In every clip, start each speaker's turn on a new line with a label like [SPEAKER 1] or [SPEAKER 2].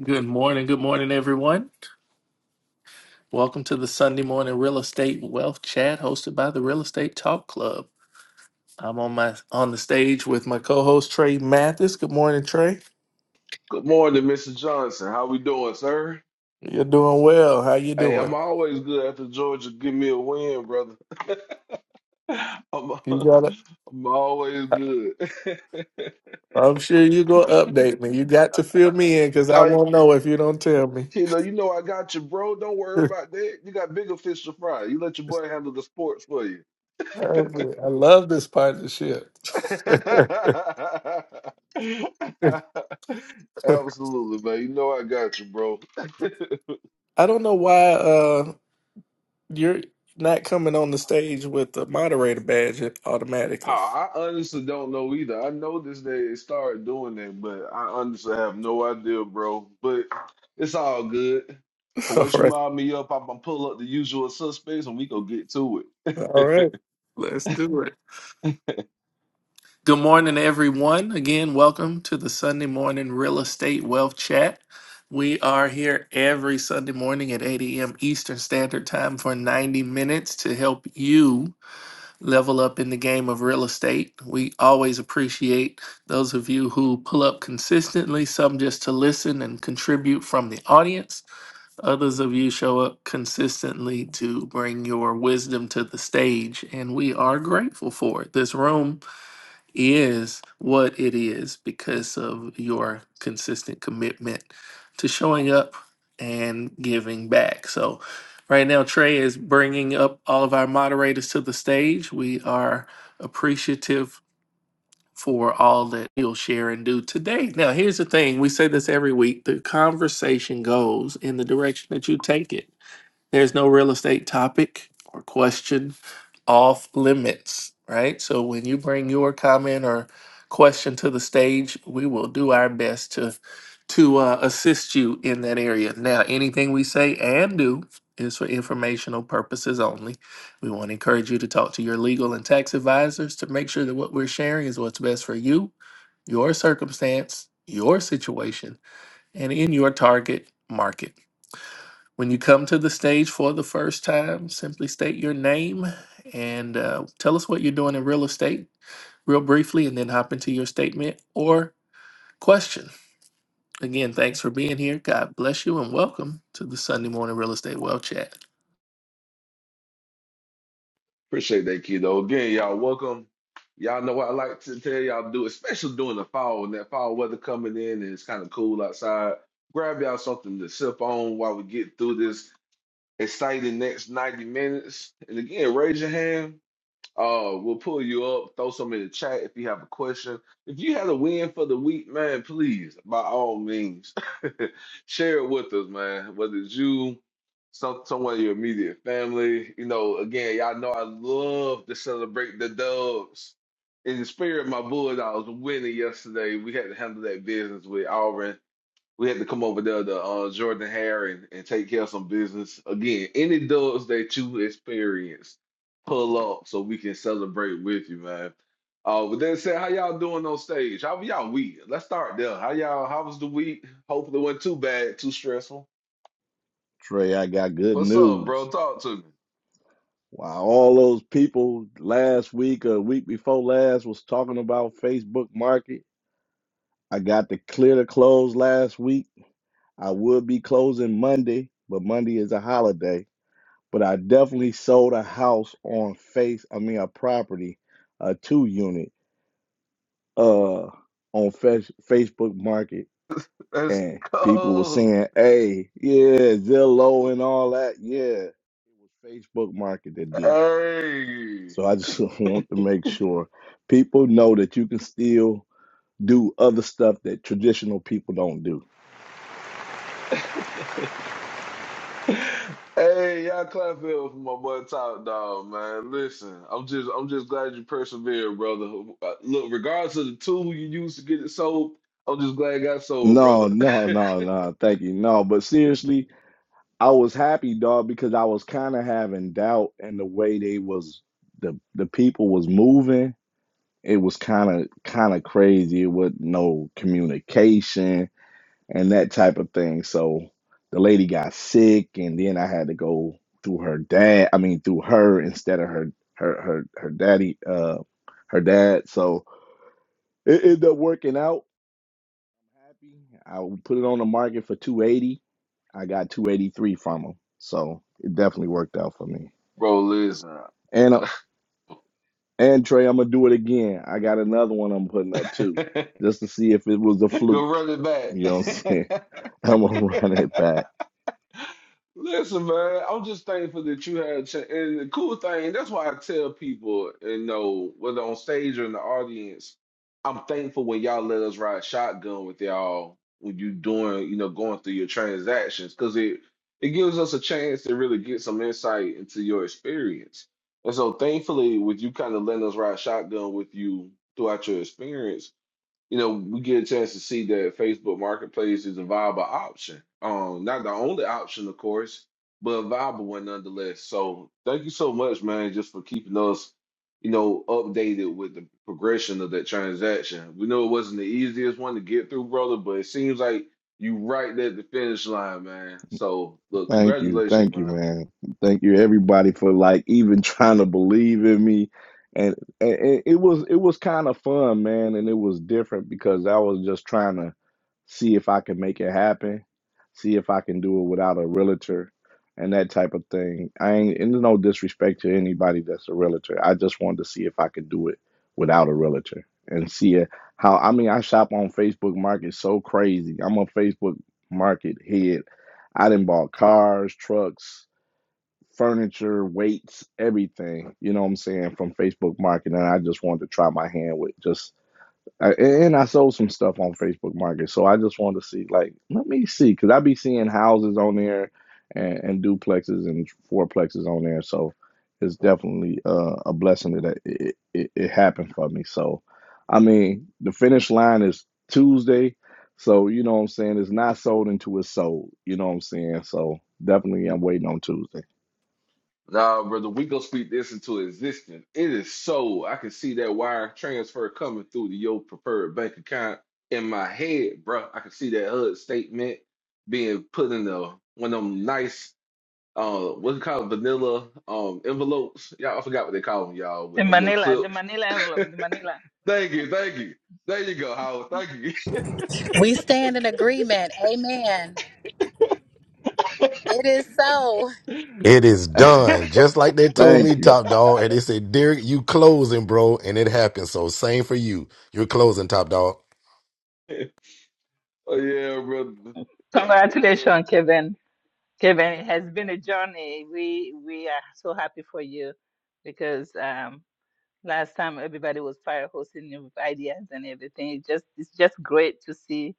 [SPEAKER 1] Good morning. Good morning, everyone. Welcome to the Sunday morning real estate wealth chat hosted by the Real Estate Talk Club. I'm on my on the stage with my co-host Trey Mathis. Good morning, Trey.
[SPEAKER 2] Good morning, Mr. Johnson. How we doing, sir?
[SPEAKER 1] You're doing well. How you
[SPEAKER 2] Hey, I'm
[SPEAKER 1] doing?
[SPEAKER 2] always good after Georgia. Give me a win, brother. I'm,
[SPEAKER 1] You got to
[SPEAKER 2] I'm always
[SPEAKER 1] I-
[SPEAKER 2] good.
[SPEAKER 1] I'm sure you're gonna update me. You got to fill me in because I
[SPEAKER 2] All right,
[SPEAKER 1] won't know if you don't tell me.
[SPEAKER 2] Kilo, you know I got you, bro. Don't worry about that. You got bigger fish to fry. You let your boy handle the sports for you.
[SPEAKER 1] I love this partnership. I
[SPEAKER 2] Absolutely, man. You know I got you, bro.
[SPEAKER 1] don't know why. uh, You're not coming on the stage with the moderator badge
[SPEAKER 2] Oh,
[SPEAKER 1] automatically.
[SPEAKER 2] I honestly don't know either. I know this they started doing that, but I honestly have no idea, bro. But it's all good. Cause
[SPEAKER 1] All
[SPEAKER 2] once you
[SPEAKER 1] right.
[SPEAKER 2] mob me up, I'm gonna pull up the usual suspects and we go get to it.
[SPEAKER 1] All right. Let's do it. Good morning, everyone. Again, welcome to the Sunday Morning Real Estate Wealth Chat. We are here every Sunday morning at 8 a.m. Eastern Standard Time for 90 minutes to help you level up in the game of real estate. We always appreciate those of you who pull up consistently, some just to listen and contribute from the audience. Others of you show up consistently to bring your wisdom to the stage, and we are grateful for it. This room is what it is because of your consistent commitment to showing up and giving back. So, right now, Trey is bringing up all of our moderators to the stage. We are appreciative for all that you'll share and do today. Now, here's the thing we say this every week the conversation goes in the direction that you take it. There's no real estate topic or question off limits, right? So when you bring your comment or question to the stage, we will do our best to to uh, assist you in that area. Now, anything we say and do is for informational purposes only. We want to encourage you to talk to your legal and tax advisors to make sure that what we're sharing is what's best for you, your circumstance, your situation, and in your target market. When you come to the stage for the first time, simply state your name and uh, tell us what you're doing in real estate, real briefly, and then hop into your statement or question. Again, thanks for being here. God bless you and welcome to the Sunday Morning Real Estate Well Chat.
[SPEAKER 2] Appreciate that, kiddo. Again, y'all welcome. Y'all know what I like to tell y'all to do, especially during the fall and that fall weather coming in and it's kind of cool outside. Grab y'all something to sip on while we get through this exciting next 90 minutes. And again, raise your hand Uh, we'll pull you up, throw some in the chat if you have a question. If you had a win for the week, man, please, by all means, share it with us, man. Whether it's you, some someone in your immediate family, you know, again, y'all know I love to celebrate the dubs. In the spirit, my Bulldogs winning yesterday. We had to handle that business with Auburn. We had to come over there to uh, Jordan Hare and, and take care of some business. Again, any dogs that you experience, pull up so we can celebrate with you, man. Uh, with that said, how y'all doing on stage? How was y'all week? Let's start there. How y'all? How was the week? Hopefully, it wasn't too bad, too stressful.
[SPEAKER 3] Trey, I got good
[SPEAKER 2] What's up,
[SPEAKER 3] news.
[SPEAKER 2] bro? Talk to me.
[SPEAKER 3] While all those people last week or week before last was talking about Facebook Market, I got to clear the close last week. I would be closing Monday, but Monday is a holiday. But I definitely sold a house on face, I mean a property, a two unit, uh, on Fe- Facebook Market,
[SPEAKER 2] Let's
[SPEAKER 3] and people were
[SPEAKER 2] go.
[SPEAKER 3] saying, "Hey, yeah, Zillow and all that, yeah." It was Facebook Market that did it
[SPEAKER 2] Hey.
[SPEAKER 3] So I just want to make sure people know that you can still do other stuff that traditional people don't do.
[SPEAKER 2] Hey, y'all clap it up for my boy Top Dog, man. Listen, I'm just I'm just glad you persevered, brother. Uh, Look, regardless of the tool you used to get it sold, I'm just glad it got sold,
[SPEAKER 3] No,
[SPEAKER 2] brother.
[SPEAKER 3] no, no, no. Thank you. No, but seriously, I was happy, dog, because I was kind of having doubt in the way they was the the people was moving. It was kind of kind of crazy. It was no communication and that type of thing. So the lady got sick, and then I had to go through her dad. I mean, through her instead of her her her her daddy, uh, her dad. So it ended up working out. Happy. I put it on the market for two eighty. I got two eighty three from him. So it definitely worked out for me.
[SPEAKER 2] Bro, listen.
[SPEAKER 3] And uh, and Trey, I'm gonna do it again. I got another one I'm putting up too,
[SPEAKER 2] Go
[SPEAKER 3] just to see if it was a fluke.
[SPEAKER 2] run
[SPEAKER 3] You know what I'm
[SPEAKER 2] it
[SPEAKER 3] saying? I'm gonna
[SPEAKER 2] back.
[SPEAKER 3] run it back.
[SPEAKER 2] Listen, man, I'm just thankful that you had a chance. And the cool thing, that's why I tell people, you know, whether on stage or in the audience, I'm thankful when y'all let us ride shotgun with y'all when you doing, you know, going through your transactions, because it it gives us a chance to really get some insight into your experience. And so, thankfully, with you kind of letting us ride shotgun with you throughout your experience, you know, we get a chance to see that Facebook Marketplace is a viable option. Um, not the only option, of course, but a viable one nonetheless. So thank you so much, man, just for keeping us, you know, updated with the progression of that transaction. We know it wasn't the easiest one to get through, brother, but it seems like you right there at the finish line, man. So look,
[SPEAKER 3] Thank you.
[SPEAKER 2] congratulations,
[SPEAKER 3] Thank you,
[SPEAKER 2] man.
[SPEAKER 3] man. Thank you everybody for like even trying to believe in me. And, and and it was it was kind of fun, man, and it was different because I was just trying to see if I could make it happen, see if I can do it without a realtor and that type of thing. I ain't and there's no disrespect to anybody that's a realtor. I just wanted to see if I could do it without a realtor and see it how I mean I shop on Facebook market so crazy. I'm a Facebook market head I didn't bought cars, trucks, furniture, weights, everything. You know what I'm saying from Facebook Marketing. I just wanted to try my hand with just I, and I sold some stuff on Facebook Market, so I just wanted to see, like, let me see, because I be seeing houses on there and, and duplexes and fourplexes on there, so it's definitely uh, a blessing that it, it it happened for me. So, I mean, the finish line is Tuesday, so you know what I'm saying. It's not sold until it's sold. You know what I'm saying. So definitely, I'm waiting on Tuesday.
[SPEAKER 2] Nah, brother, we gonna speak this into existence. It is so I can see that wire transfer coming through to your preferred bank account in my head, bro. I can see that HUD statement being put in the one of them nice, uh, what's it called, vanilla um envelopes. Y'all, I forgot what they call them, y'all, with
[SPEAKER 4] The
[SPEAKER 2] the little
[SPEAKER 4] Manila, the
[SPEAKER 2] clips.
[SPEAKER 4] Manila envelope, the Manila.
[SPEAKER 2] Thank you, thank you. There you go, Howard. Thank
[SPEAKER 5] We stand in agreement. Amen. It is so.
[SPEAKER 6] It is done. Just like they told me,
[SPEAKER 3] Thank you.
[SPEAKER 6] Top Dog. And they said, Derek, you closing, bro. And it happened. So same for you. You're closing, Top Dog.
[SPEAKER 2] you. oh yeah, brother.
[SPEAKER 4] Congratulations, Kevin. Kevin, it has been a journey. We we are so happy for you because um last time everybody was fire hosting you with ideas and everything. It's just it's just great to see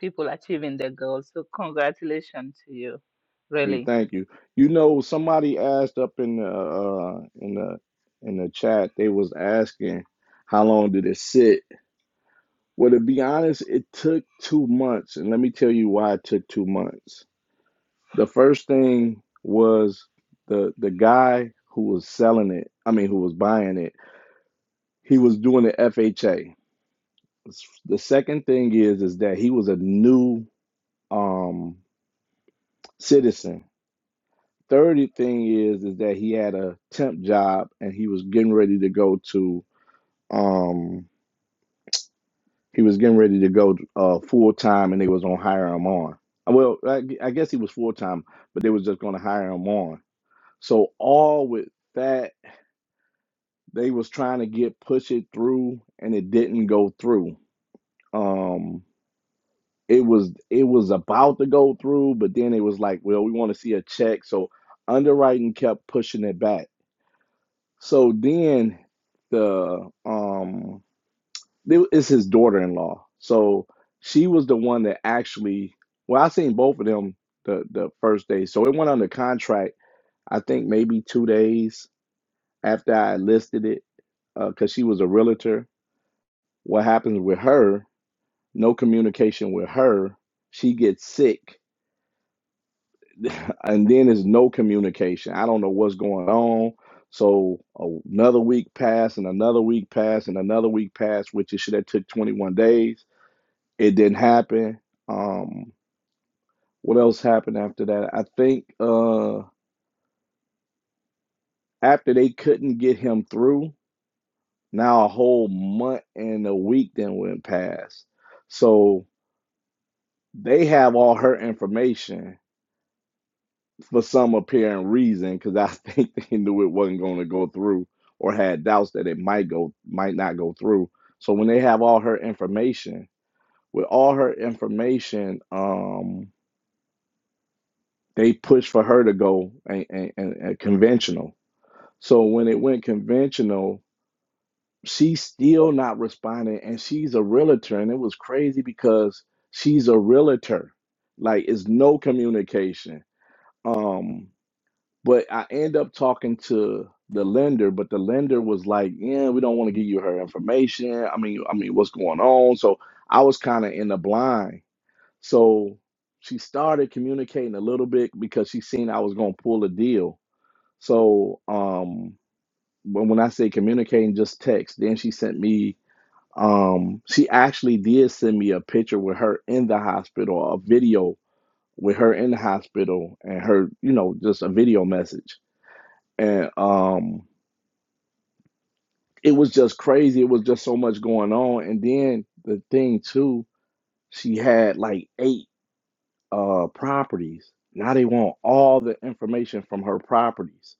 [SPEAKER 4] people achieving their goals. So congratulations to you,
[SPEAKER 3] you,
[SPEAKER 4] really.
[SPEAKER 3] thank you. You know, somebody asked up in the uh, uh, in the in the chat. They was asking how long did it sit. Well, to be honest, it took two months, and let me tell you why it took two months. The first thing was the the guy who was selling it. I mean, who was buying it. He was doing the FHA. The second thing is is that he was a new um, citizen Third thing is is that he had a temp job and he was getting ready to go to um he was getting ready to go uh full time and they was gonna hire him on. Uh, Well, I, I guess he was full time, but they was just gonna hire him on. So all with that, they was trying to get push it through and it didn't go through. Um it was it was about to go through, but then it was like, well, we want to see a check. So underwriting kept pushing it back So then the um it- it's his daughter-in-law. So she was the one that actually well I seen both of them the the first day. So it went under contract I think maybe 2 days after I listed it uh, cuz she was a realtor. What happens with her? No communication with her. She gets sick and then there's no communication. I don't know what's going on. So uh, another week passed, and another week passed, and another week passed, which it should have took 21 days. It didn't happen. Um, what else happened after that? I think uh, after they couldn't get him through, now a whole month and a week then went past. So they have all her information for some apparent reason, because I think they knew it wasn't going to go through or had doubts that it might go, might not go through. So when they have all her information, with all her information, um, they pushed for her to go and, and, and, conventional. So when it went conventional, she's still not responding, and she's a realtor, and it was crazy because she's a realtor. Like, it's no communication. Um, But I end up talking to the lender, but the lender was like, "Yeah, we don't want to give you her information. I mean, I mean, what's going on?" So I was kind of in the blind. So she started communicating a little bit because she seen I was gonna pull a deal. So um, when when I say communicating, just text. Then she sent me. Um, she actually did send me a picture with her in the hospital, a video with her in the hospital, and her, you know, just a video message and um it was just crazy it was just so much going on and then the thing too she had like eight uh properties now they want all the information from her properties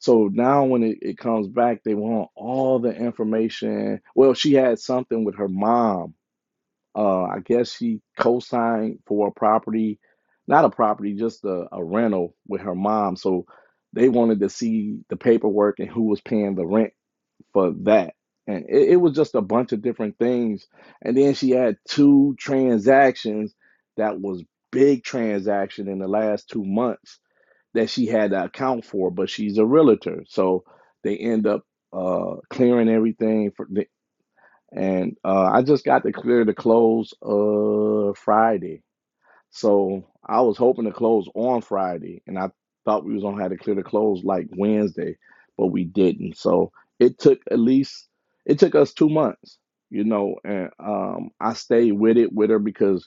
[SPEAKER 3] so now when it, it comes back they want all the information well she had something with her mom Uh, I guess she co-signed for a property, not a property, just a, a rental with her mom. So they wanted to see the paperwork and who was paying the rent for that. And it, it was just a bunch of different things. And then she had two transactions that was big transaction in the last two months that she had to account for, but she's a realtor. So they end up uh, clearing everything. for and uh, I just got to clear the close uh Friday. So I was hoping to close on Friday, and I thought we was gonna have to clear the close like Wednesday, but we didn't. So it took at least it took us two months, you know. And um, I stayed with it with her because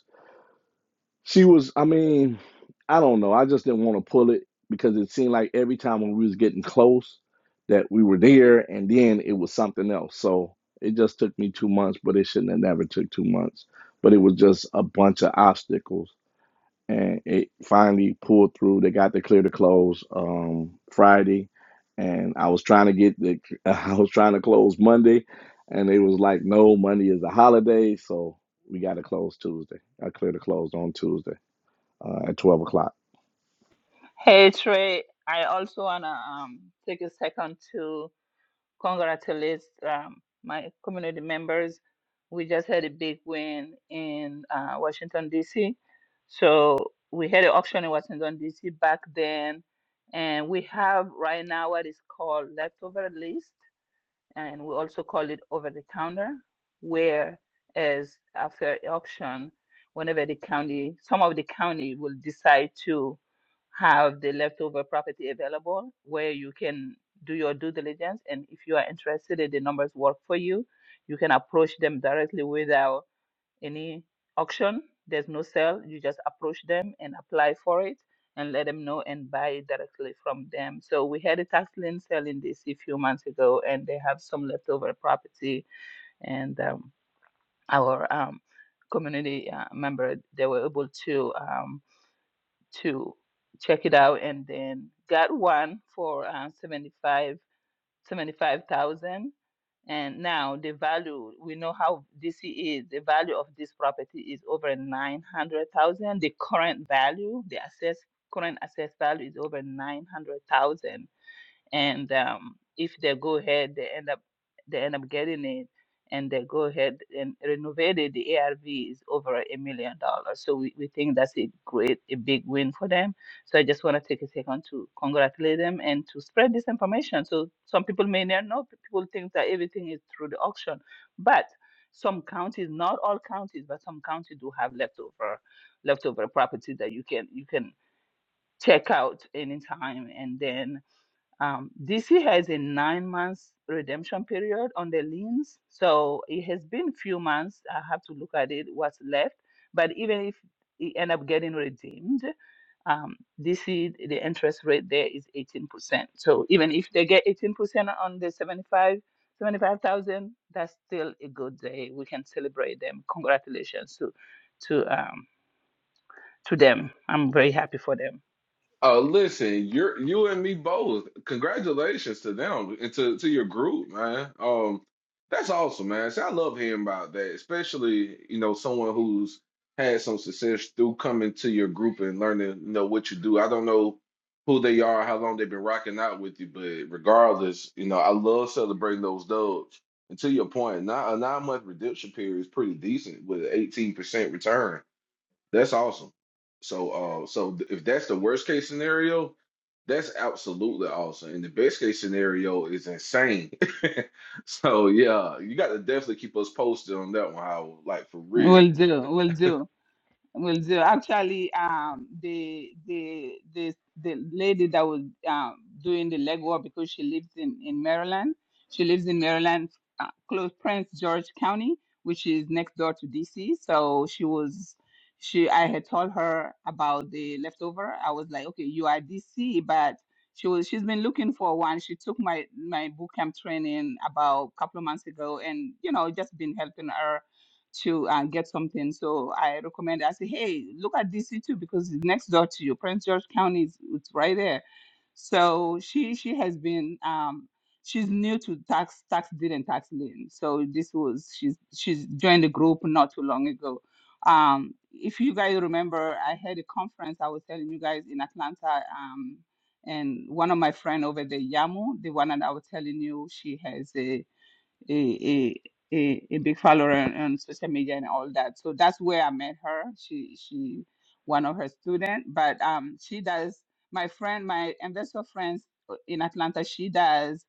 [SPEAKER 3] she was, I mean, I don't know. I just didn't want to pull it because it seemed like every time when we was getting close that we were there and then it was something else. So it just took me two months, but it shouldn't have never took two months. But it was just a bunch of obstacles. And it finally pulled through. They got to clear the close um, Friday, and I was trying to get the I was trying to close Monday, and they was like, "No, Monday is a holiday, so we got to close Tuesday." I cleared the close on Tuesday uh, at 12 o'clock.
[SPEAKER 4] Hey Trey, I also wanna um take a second to congratulate um, my community members. We just had a big win in uh, Washington, D.C. So we had an auction in Washington, D.C. back then. And we have right now what is called leftover list and we also call it over the counter, whereas after auction, whenever the county, some of the county will decide to have the leftover property available where you can do your due diligence. And if you are interested in the numbers work for you, you can approach them directly without any auction. There's no sale. You just approach them and apply for it and let them know and buy it directly from them. So we had a tax lien sale in DC a few months ago, and they have some leftover property. And um, our um, community uh, member, they were able to um, to check it out and then got one for uh, 75000 75,000 and now the value we know how DC is the value of this property is over 900,000 the current value the assessed current assessed value is over 900,000 and um, if they go ahead, they end up they end up getting it, and they go ahead and renovate it. The ARV is over a million dollars, so we, we think that's a great a big win for them. So I just want to take a second to congratulate them and to spread this information. So some people may not know. People think that everything is through the auction, but some counties, not all counties, but some counties do have leftover leftover property that you can you can check out anytime, and then um, DC has a nine months redemption period on the liens, so it has been few months. I have to look at it what's left, but even if it end up getting redeemed, um, DC the interest rate there is 18%. So even if they get 18% on the 75 75,000, that's still a good day. We can celebrate them. Congratulations to to um to them. I'm very happy for them.
[SPEAKER 2] Oh, listen, you're you and me both. Congratulations to them and to, to your group, man. Um, that's awesome, man. See, I love hearing about that, especially, you know, someone who's had some success through coming to your group and learning, you know, what you do. I don't know who they are, how long they've been rocking out with you, but regardless, you know, I love celebrating those dubs. And to your point, not a nine month redemption period is pretty decent with an 18% return. That's awesome. So, uh, so th- if that's the worst case scenario, that's absolutely awesome. And the best case scenario is insane. So, yeah, you got to definitely keep us posted on that one, Howard. Like for real.
[SPEAKER 4] Will do, will do. Will do. Actually, um, the the the the lady that was um, doing the legwork because she lives in in Maryland. She lives in Maryland, uh, close Prince George County, which is next door to DC. So she was, she I had told her about the leftover. I was like, okay, you are DC, but she was she's been looking for one. She took my my boot camp training about a couple of months ago, and you know, just been helping her to uh, get something. So I recommend, I say, hey, look at DC too, because it's next door to you. Prince George County is it's right there. So she she has been um she's new to tax tax deed and tax lien. So this was she's she's joined the group not too long ago. Um if you guys remember I had a conference I was telling you guys in Atlanta um and one of my friend over there, Yamu, the one that I was telling you, she has a a, a a a big follower on, on social media and all that. So that's where I met her. She she one of her students, but um she does my friend, my investor friends uh, in Atlanta. She does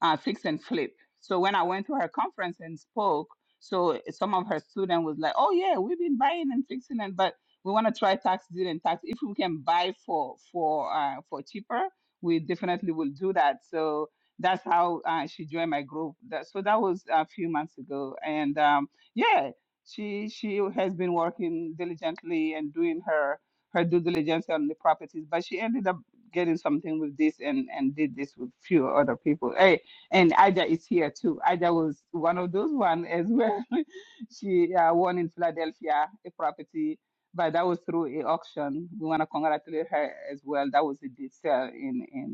[SPEAKER 4] uh, fix and flip. So when I went to her conference and spoke, so some of her students was like, "Oh yeah, we've been buying and fixing and but." We want to try tax deal and tax. If we can buy for for uh, for cheaper, we definitely will do that. So that's how uh, she joined my group. That, so that was a few months ago, and um, yeah, she she has been working diligently and doing her her due diligence on the properties, but she ended up getting something with this and and did this with few other people. Hey, and Ida is here too. Ida was one of those one as well. she uh, won in Philadelphia a property. But that was through a auction. We want to congratulate her as well. That was a big sale in in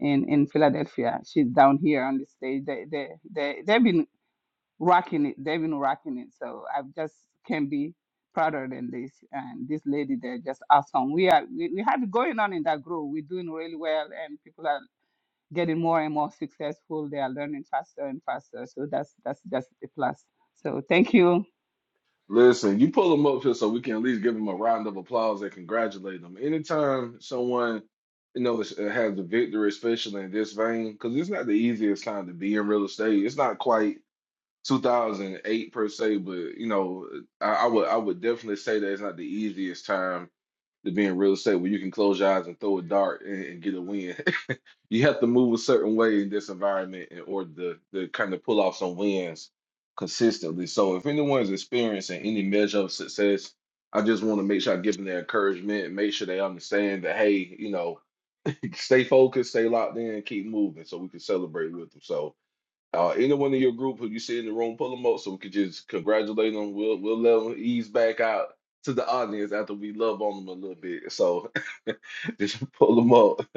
[SPEAKER 4] in in Philadelphia. She's down here on the stage. They they they they've been rocking it. They've been rocking it. So I just can't be prouder than this. And this lady, they're just awesome. We are we, we have it going on in that group. We're doing really well, and people are getting more and more successful. They are learning faster and faster. So that's that's just a plus. So thank you
[SPEAKER 2] Listen, you pull them up here so we can at least give them a round of applause and congratulate them. Anytime someone, you know, is- has the victory, especially in this vein, because it's not the easiest time to be in real estate. It's not quite. 2008 per se, but you know, I, I would I would definitely say that it's not the easiest time to be in real estate where you can close your eyes and throw a dart and, and get a win. you have to move a certain way in this environment in order to, to kind of pull off some wins consistently. So if anyone's experiencing any measure of success, I just want to make sure I give them the encouragement and make sure they understand that hey, you know, stay focused, stay locked in, keep moving so we can celebrate with them. So uh, anyone in your group who you see in the room, pull them up so we could just congratulate them. We'll we'll let them ease back out to the audience after we love on them a little bit. So just pull them up.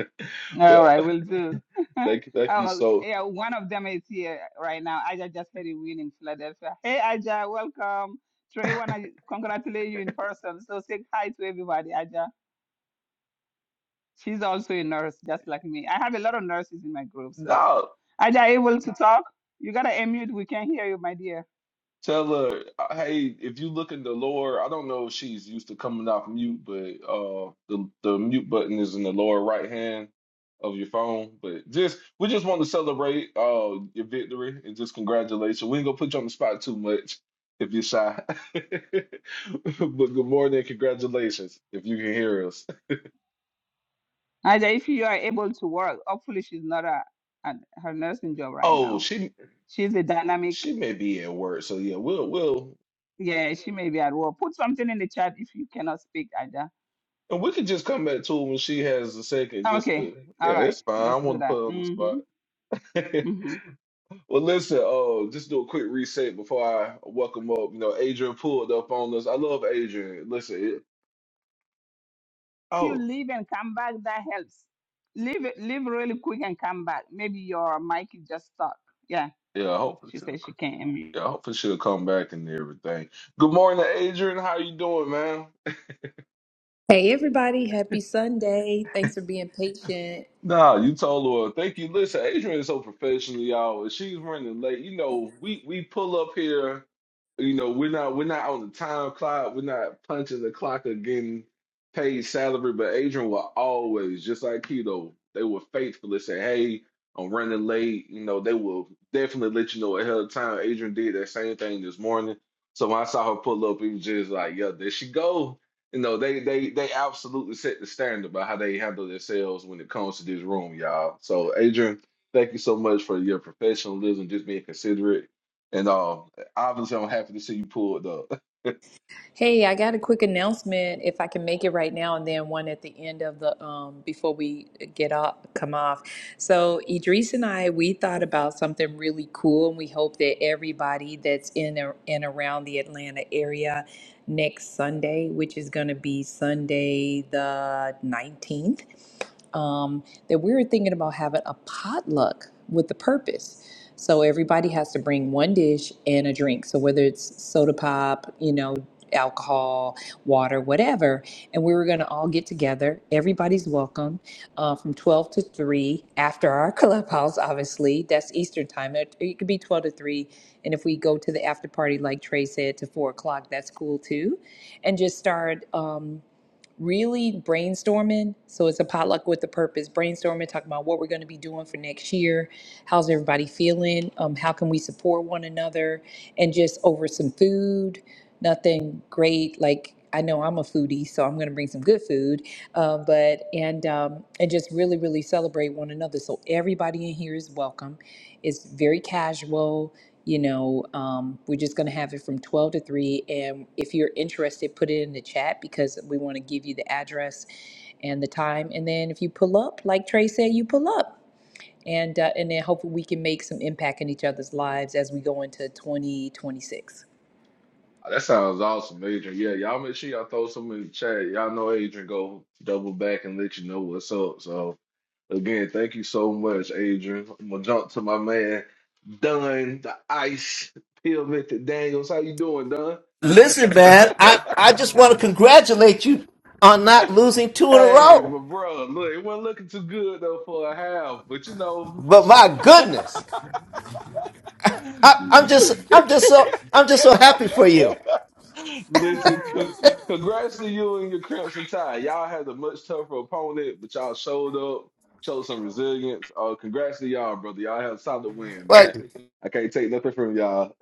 [SPEAKER 4] All
[SPEAKER 2] Well,
[SPEAKER 4] right, will do.
[SPEAKER 2] thank you, thank you.
[SPEAKER 4] oh,
[SPEAKER 2] So
[SPEAKER 4] yeah, one of them is here right now. Aja just had a win in Philadelphia. Hey, Aja, welcome. Trey, want to congratulate you in person. So say hi to everybody, Aja. She's also a nurse, just like me. I have a lot of nurses in my group. So,
[SPEAKER 2] no,
[SPEAKER 4] Aja, able to talk? You got to unmute. We can't hear you, my dear.
[SPEAKER 2] Tell her, uh, hey, if you look in the lower, I don't know if she's used to coming off mute, but uh, the the mute button is in the lower right hand of your phone. But just we just want to celebrate uh your victory and just congratulations. We ain't gonna put you on the spot too much if you're shy. But good morning, congratulations if you can hear us.
[SPEAKER 4] Aja, if you are able to work, hopefully she's not a, at her nursing job right
[SPEAKER 2] Oh,
[SPEAKER 4] now.
[SPEAKER 2] she
[SPEAKER 4] She's a dynamic.
[SPEAKER 2] she may be at work, so yeah, we'll we'll
[SPEAKER 4] Yeah, she may be at work. Put something in the chat if you cannot speak, Aja
[SPEAKER 2] and we could just come back to it when she has a second. Just
[SPEAKER 4] Okay.
[SPEAKER 2] to
[SPEAKER 4] All
[SPEAKER 2] yeah,
[SPEAKER 4] right.
[SPEAKER 2] it's fine. I
[SPEAKER 4] Let's do
[SPEAKER 2] want to put
[SPEAKER 4] that.
[SPEAKER 2] her on the spot.
[SPEAKER 4] Mm-hmm. Mm-hmm.
[SPEAKER 2] well, listen, uh, just do a quick reset before I welcome up. You know, Adrian pulled up on us. I love Adrian. Listen, it,
[SPEAKER 4] If you
[SPEAKER 2] oh,
[SPEAKER 4] leave and come back, that helps. Leave it. Leave really quick and come back. Maybe your mic is just stuck. Yeah.
[SPEAKER 2] yeah, hopefully
[SPEAKER 4] She
[SPEAKER 2] she'll,
[SPEAKER 4] says she can't unmute.
[SPEAKER 2] yeah, hopefully she'll come back and everything. Good morning, Adrian. How you doing, man?
[SPEAKER 7] Hey, everybody, happy Sunday. Thanks for being patient.
[SPEAKER 2] Nah, you told her. Thank you. Listen, Adrian is so professional, y'all. If she's running late, you know, we we pull up here. You know, we're not we're not on the time clock. We're not punching the clock or getting paid salary. But Adrian will always, just like Keto, they were faithful to say, "Hey, I'm running late." You know, they will definitely let you know ahead of time. Adrian did that same thing this morning. So when I saw her pull up, it was just like, "Yeah, there she go." You know, they they they absolutely set the standard by how they handle themselves when it comes to this room, y'all. So, Adrian, thank you so much for your professionalism, just being considerate, and uh, obviously, I'm happy to see you pulled up.
[SPEAKER 7] Hey, I got a quick announcement if I can make it right now, and then one at the end of the um before we get off come off. So, Idris and I we thought about something really cool, and we hope that everybody that's in a- and around the Atlanta area next Sunday, which is going to be Sunday the 19th. um, that we were thinking about having a potluck with the purpose. So everybody has to bring one dish and a drink. So whether it's soda pop, you know, alcohol, water, whatever, and we were going to all get together. Everybody's welcome uh, from 12 to 3 after our clubhouse, obviously. That's Eastern time. It, it could be 12 to 3. And if we go to the after party, like Trey said, to 4 o'clock, that's cool too. And just start. Um, really brainstorming. So it's a potluck with a purpose. Brainstorming, talking about what we're going to be doing for next year. How's everybody feeling? Um, how can we support one another? And just over some food, nothing great. Like I know I'm a foodie, so I'm going to bring some good food. Um, but and um, and just really, really celebrate one another. So everybody in here is welcome it's very casual. You know, um, we're just going to have it from 12 to 3. And if you're interested, put it in the chat because we want to give you the address and the time. And then if you pull up, like Trey said, you pull up. And, uh, and then hopefully we can make some impact in each other's lives as we go into 2026.
[SPEAKER 2] that sounds awesome, Adrian. Yeah, y'all make sure y'all throw some in the chat. Y'all know Adrian go double back and let you know what's up. So, again, thank you so much, Adrian. I'm gonna jump to my man, Dunn, the Ice Peel Daniels. How you doing, Dunn?
[SPEAKER 8] Listen, man, I, I just want to congratulate you on not losing two in a
[SPEAKER 2] Hey,
[SPEAKER 8] row.
[SPEAKER 2] my bro, look, it wasn't looking too good though for a half, but you know,
[SPEAKER 8] But my goodness, I, I'm just I'm just so I'm just so happy for you.
[SPEAKER 2] listen, c- congrats to you and your Crimson Tide. Y'all had a much tougher opponent, but y'all showed up, showed some resilience. Uh, congrats to y'all, brother. Y'all had a solid win,
[SPEAKER 8] Like
[SPEAKER 2] man.
[SPEAKER 8] to
[SPEAKER 2] I can't take nothing from y'all.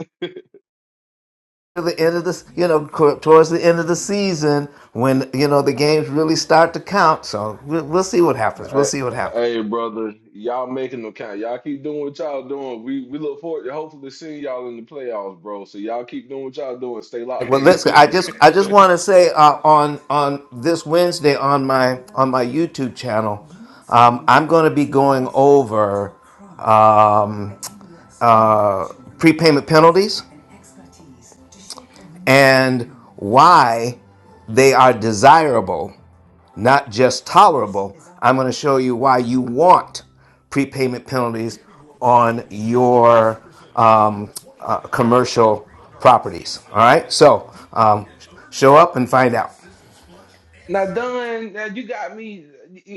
[SPEAKER 8] the end of this, you know, co- towards the end of the season when you know the games really start to count. So we'll, we'll see what happens. We'll
[SPEAKER 2] Hey,
[SPEAKER 8] see what happens.
[SPEAKER 2] hey, brother, y'all making them count. Y'all keep doing what y'all doing. We we look forward to hopefully seeing y'all in the playoffs, bro. So y'all keep doing what y'all doing. Stay locked
[SPEAKER 8] Well,
[SPEAKER 2] in.
[SPEAKER 8] listen, I just I just want to say uh, on on this Wednesday on my on my YouTube channel, um, I'm going to be going over. Um, prepayment penalties and why they are desirable, not just tolerable. I'm going to show you why you want prepayment penalties on your um, uh, commercial properties. All right, so um, show up and find out.
[SPEAKER 2] Now, Don, now you got me.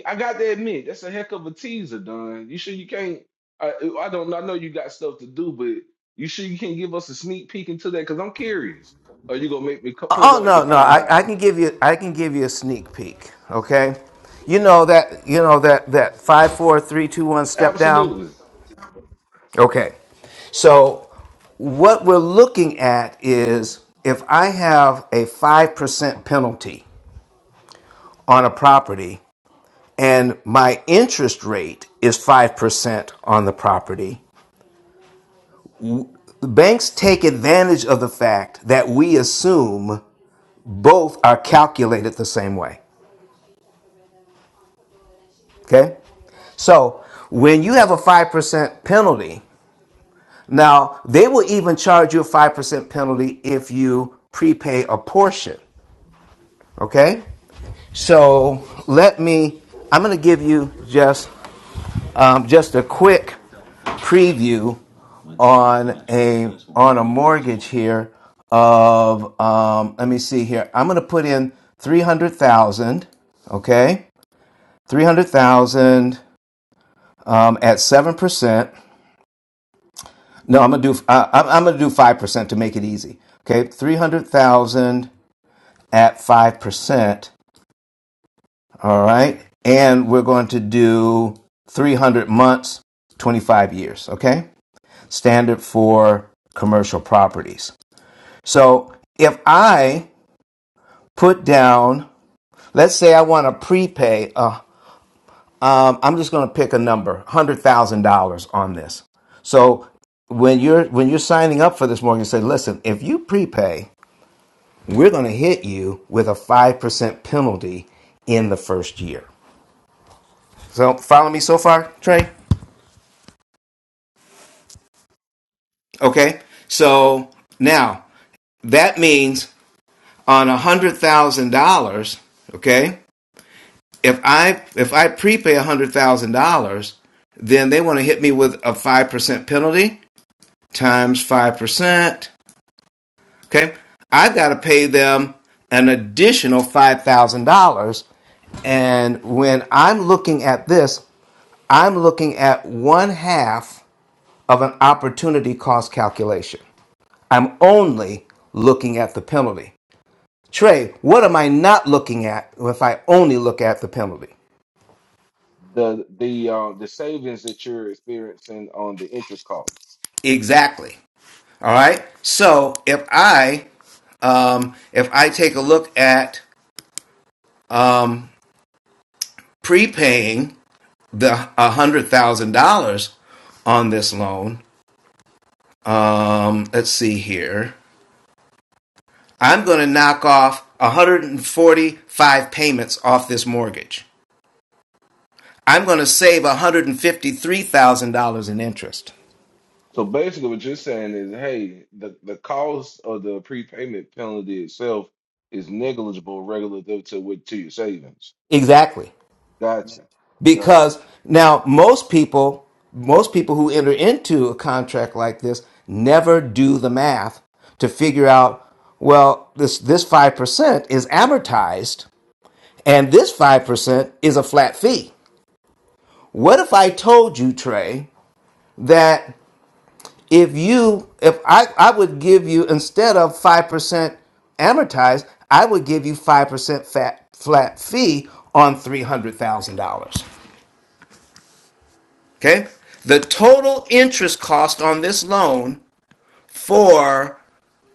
[SPEAKER 2] I got to admit, that's a heck of a teaser, Don. You sure you can't? I, I don't. I know you got stuff to do, but you sure you can't give us a sneak peek into that? Because I'm curious. Are you gonna make me co-
[SPEAKER 8] Oh
[SPEAKER 2] pull up to
[SPEAKER 8] no, no,
[SPEAKER 2] find
[SPEAKER 8] I,
[SPEAKER 2] out?
[SPEAKER 8] I can give you I can give you a sneak peek. Okay, you know that you know that that five four three two one step down.
[SPEAKER 2] Absolutely.
[SPEAKER 8] Okay. So what we're looking at is if I have a 5% penalty on a property and my interest rate is 5% on the property, the banks take advantage of the fact that we assume both are calculated the same way. Okay? So when you have a 5% penalty, now they will even charge you a 5% penalty if you prepay a portion. Okay? So let me, I'm going to give you just, um, just a quick preview on a, on a mortgage here of, um, let me see here. I'm going to put in 300,000. Okay? 300,000, um, at 7%. No, I'm going to do, I, I'm I'm going to do 5% to make it easy. Okay? 300,000 at 5%. All right. And we're going to do 300 months, 25 years. Okay. Standard for commercial properties. So if I put down, let's say I want to prepay, uh, um, I'm just going to pick a number, $100,000 on this. So when you're when you're signing up for this mortgage, you say, listen, if you prepay, we're going to hit you with a 5% penalty in the first year. So follow me so far, Trey? Okay? So now that means on a hundred thousand dollars, okay, if I if I prepay a hundred thousand dollars, then they want to hit me with a five percent penalty times five percent. Okay. I've got to pay them an additional five thousand dollars. And when I'm looking at this, I'm looking at one half of an opportunity cost calculation. I'm only looking at the penalty. Trey, what am I not looking at if I only look at the penalty?
[SPEAKER 2] The the um the savings that you're experiencing on the interest cost.
[SPEAKER 8] Exactly. All right. So if I um, if I take a look at um, prepaying the one hundred thousand dollars on this loan, um, let's see here. I'm going to knock off 145 payments off this mortgage. I'm going to save $153,000 in interest.
[SPEAKER 2] So basically, what you're saying is, hey, the the cost of the prepayment penalty itself is negligible relative to what to your savings.
[SPEAKER 8] Exactly.
[SPEAKER 2] Gotcha. Gotcha.
[SPEAKER 8] Because now most people, most people who enter into a contract like this never do the math to figure out, well, this this 5% is amortized and this 5% is a flat fee. What if I told you, Trey, that if you if I I would give you instead of 5% amortized, I would give you 5% fat, flat fee on $300,000. Okay? The total interest cost on this loan for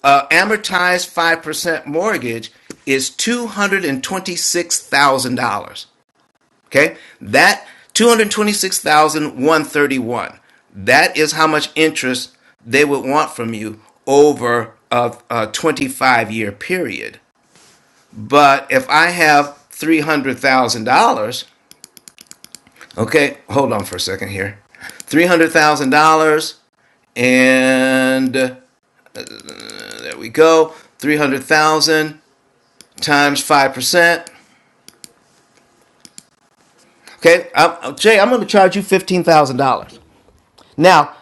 [SPEAKER 8] uh, amortized 5% mortgage is $226,000. Okay? That 226,131. That is how much interest they would want from you over a, a 25 year period. But if I have $300,000 Okay, hold on for a second here. Three hundred thousand dollars, and uh, there we go. Three hundred thousand dollars times five percent. Okay, I'm, uh, Jay, I'm going to charge you fifteen thousand dollars. Now,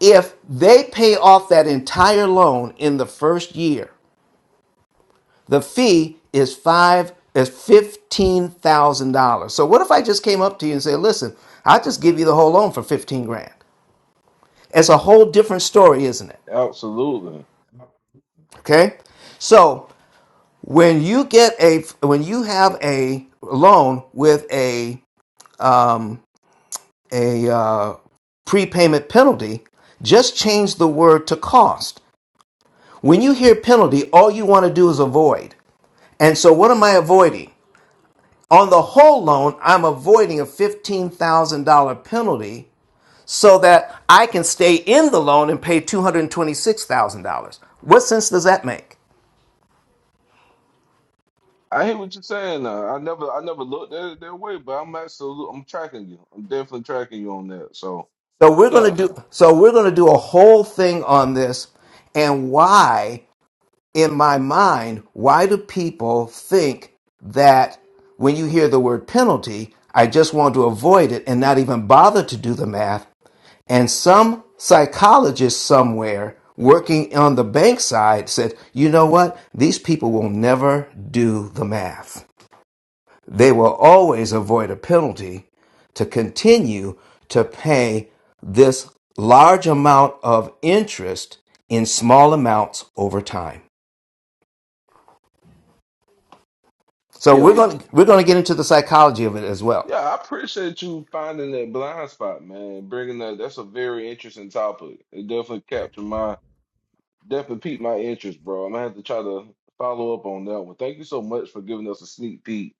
[SPEAKER 8] if they pay off that entire loan in the first year, the fee is five is fifteen thousand dollars. So what if I just came up to you and said, "Listen, I'll just give you the whole loan for fifteen grand." It's a whole different story, isn't it?
[SPEAKER 2] Absolutely.
[SPEAKER 8] Okay. So when you get a when you have a loan with a a uh, prepayment penalty just change the word to cost when you hear penalty all you want to do is avoid and so what am i avoiding on the whole loan i'm avoiding a $15000 penalty so that i can stay in the loan and pay $226000 what sense does that make
[SPEAKER 2] I hear what you're saying. Now. I never, I never looked at it that way, but I'm absolutely, I'm tracking you. I'm definitely tracking you on that. So
[SPEAKER 8] so we're going
[SPEAKER 2] yeah,
[SPEAKER 8] to do so we're going to do a whole thing on this and why in my mind, why do people think that when you hear the word penalty, I just want to avoid it and not even bother to do the math? And some psychologist somewhere working on the bank side said, you know what? These people will never do the math. They will always avoid a penalty to continue to pay this large amount of interest in small amounts over time. So we're
[SPEAKER 2] yo,
[SPEAKER 8] going to we're going to get into the psychology of it as well.
[SPEAKER 2] yeah, I appreciate you finding that blind spot, man. Bringing that, that's a very interesting topic. It definitely captured my, definitely piqued my interest, bro. I'm gonna have to try to follow up on that one. Thank you so much for giving us a sneak peek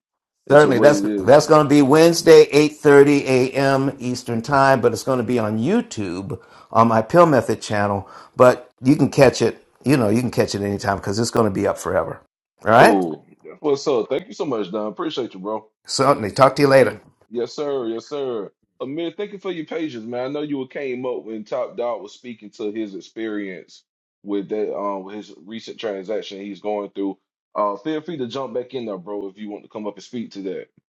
[SPEAKER 2] into
[SPEAKER 8] Certainly,
[SPEAKER 2] what
[SPEAKER 8] that's
[SPEAKER 2] it is.
[SPEAKER 8] that's going to be Wednesday, eight thirty a.m. Eastern time, but it's going to be on YouTube on my Pill Method channel. But you can catch it, you know, you can catch it anytime because it's going to be up forever. All right.
[SPEAKER 2] Cool. What's up? Thank you so much, Don. Appreciate you, bro.
[SPEAKER 8] Certainly. Talk to you later.
[SPEAKER 2] Yes, sir. Yes, sir. Amir, thank you for your patience, man. I know you came up when Top Dog was speaking to his experience with that, um, with his recent transaction he's going through. Uh, feel free to jump back in there, bro, if you want to come up and speak to that.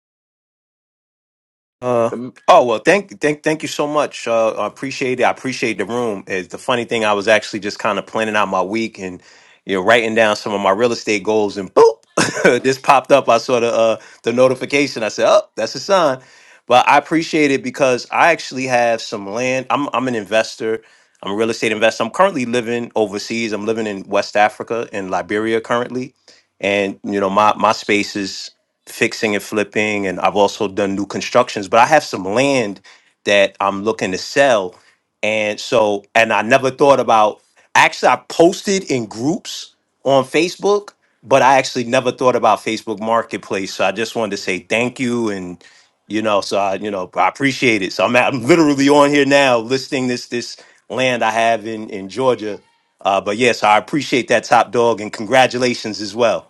[SPEAKER 9] Uh oh well thank thank thank you so much. Uh I appreciate it. I appreciate the room. It's the funny thing I was actually just kind of planning out my week and you know writing down some of my real estate goals and boop this popped up. I saw the uh the notification. I said, Oh, that's a sign. But I appreciate it because I actually have some land. I'm I'm an investor. I'm a real estate investor. I'm currently living overseas. I'm living in West Africa in Liberia currently. And you know, my my space is fixing and flipping, and I've also done new constructions. But I have some land that I'm looking to sell, and so and I never thought about. Actually, I posted in groups on Facebook, but I actually never thought about Facebook Marketplace. So I just wanted to say thank you and. You know, so I, you know, I appreciate it. So I'm, I'm literally on here now listing this this land I have in in Georgia. Uh, but yes, I appreciate that top dog and congratulations as well.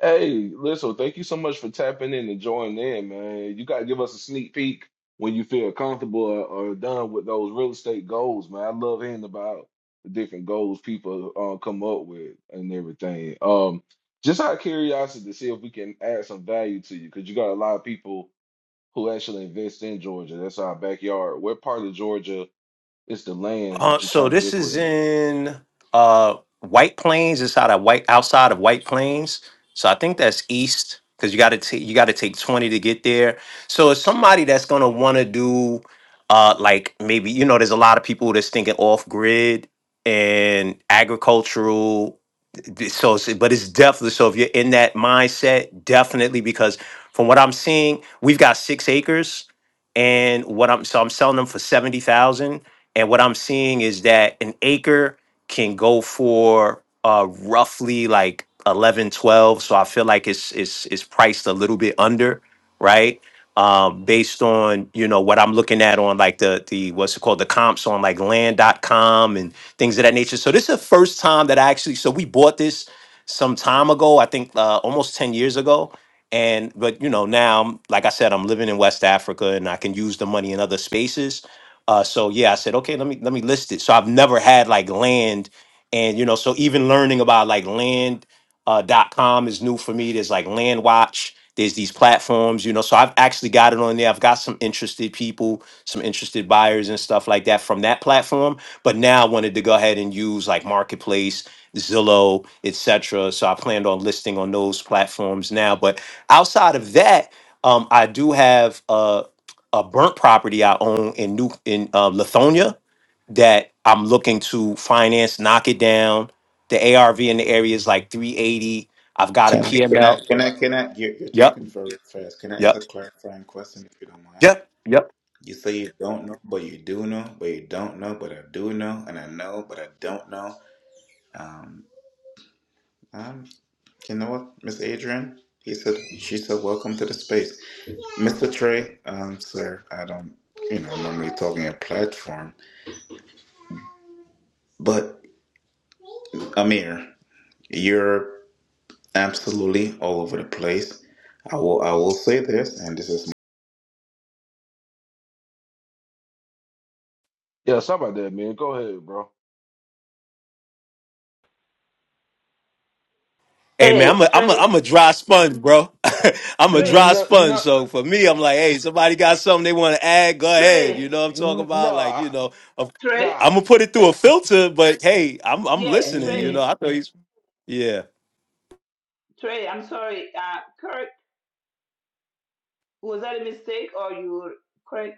[SPEAKER 2] Hey, listen, thank you so much for tapping in and joining in, man. You got to give us a sneak peek when you feel comfortable or, or done with those real estate goals, man. I love hearing about the different goals people uh, come up with and everything. Um, just out of curiosity to see if we can add some value to you, because you got a lot of people who actually invest in Georgia. That's our backyard. What part of Georgia is the land
[SPEAKER 9] Uh,
[SPEAKER 2] that you're
[SPEAKER 9] so
[SPEAKER 2] trying to
[SPEAKER 9] this is
[SPEAKER 2] liquidate?
[SPEAKER 9] in uh White Plains, It's out of White outside of White Plains. So I think that's east because you got to take you got to take twenty to get there. So it's somebody that's gonna want to do uh like maybe you know there's a lot of people that's thinking off grid and agricultural. th- So, it's- but it's definitely so if you're in that mindset, definitely because from what I'm seeing, we've got six acres, and what I'm so I'm selling them for seventy thousand and what I'm seeing is that an acre can go for uh, roughly like 11, 12. So I feel like it's it's it's priced a little bit under, right? Um, based on you know what I'm looking at on like the the what's it called the comps on like land.com and things of that nature. So this is the first time that I actually so we bought this some time ago, I think uh, almost 10 years ago. And but you know now I'm- like I said I'm living in West Africa and I can use the money in other spaces uh, so yeah, I said, okay, let me let me list it. So I've never had like land, and you know, so even learning about like land uh, dot com is new for me. There's like Land Watch. There's these platforms, you know. So I've actually got it on there. I've got some interested people, some interested buyers and stuff like that from that platform. But now I wanted to go ahead and use like Marketplace, Zillow, etc. So I planned on listing on those platforms now. But outside of that, um, I do have. a a burnt property I own in New in uh, Lithonia that I'm looking to finance, knock it down. The ARV in the area is like 380. I've got a
[SPEAKER 10] Can I, can I,
[SPEAKER 9] PML.
[SPEAKER 10] can I, can I, you're, you're
[SPEAKER 9] Yep,
[SPEAKER 10] talking very fast. Can I ask a
[SPEAKER 9] yep,
[SPEAKER 10] clarifying question if you don't mind?
[SPEAKER 9] yep, yep.
[SPEAKER 10] You say you don't know, but you do know, but you don't know, but I do know, and I know, but I don't know. Um, um, you know what, Miss Adrian? He said, she said, welcome to the space. Mr. Trey, um, sir, I don't, you know, normally talking a platform, but Amir, you're absolutely all over the place. I will, I will say this, and this is
[SPEAKER 2] Yeah, stop about that, man. Go ahead, bro.
[SPEAKER 9] Hey man, I'm
[SPEAKER 4] Hey,
[SPEAKER 9] a I'm a
[SPEAKER 4] Trey,
[SPEAKER 9] I'm a dry sponge, bro. I'm a
[SPEAKER 4] Trey,
[SPEAKER 9] dry
[SPEAKER 2] No,
[SPEAKER 9] sponge.
[SPEAKER 2] no,
[SPEAKER 9] So for me, I'm like, hey, somebody got something they want to add, go ahead.
[SPEAKER 4] Trey,
[SPEAKER 9] You know what I'm talking
[SPEAKER 2] n-
[SPEAKER 9] about?
[SPEAKER 2] no.
[SPEAKER 9] Like,
[SPEAKER 2] I-
[SPEAKER 9] you know, of-
[SPEAKER 4] Trey.
[SPEAKER 2] Nah,
[SPEAKER 9] I'm gonna put it through a filter, but hey, I'm I'm
[SPEAKER 4] Yeah,
[SPEAKER 9] listening, you know.
[SPEAKER 2] Mm,
[SPEAKER 4] Trey,
[SPEAKER 9] I thought he's yeah.
[SPEAKER 4] Trey. I'm sorry. Uh, Kirk, was that a mistake or you? Kirk,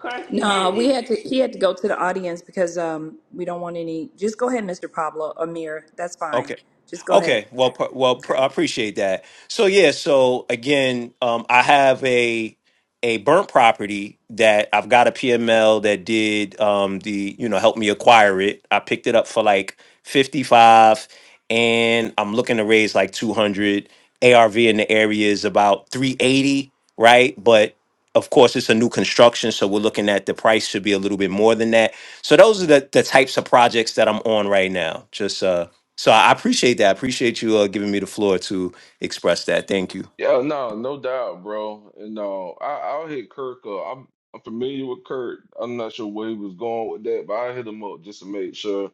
[SPEAKER 4] Kirk is
[SPEAKER 7] No,
[SPEAKER 4] the
[SPEAKER 7] we
[SPEAKER 4] A.
[SPEAKER 7] had to. He had to go to the audience because um, we don't want any. Just go ahead, Mr. Pablo Amir. That's fine.
[SPEAKER 9] okay.
[SPEAKER 7] Just go ahead.
[SPEAKER 9] Okay, well, pr- well, pr-
[SPEAKER 7] Okay.
[SPEAKER 9] I appreciate that. So yeah, so again, um, I have a a burnt property that I've got a PML that did um, the you know help me acquire it. I picked it up for like fifty five, and I'm looking to raise like two hundred. ARV in the area is about three eighty, right? But of course, it's a new construction, so we're looking at the price should be a little bit more than that. So those are the the types of projects that I'm on right now. Just uh. So I appreciate that. I appreciate you uh, giving me the floor to express that. Thank you.
[SPEAKER 2] Yeah, no, no doubt, bro. And no, I I'll hit Kirk up. I'm I'm familiar with Kirk. I'm not sure where he was going with that, but I hit him up just to make sure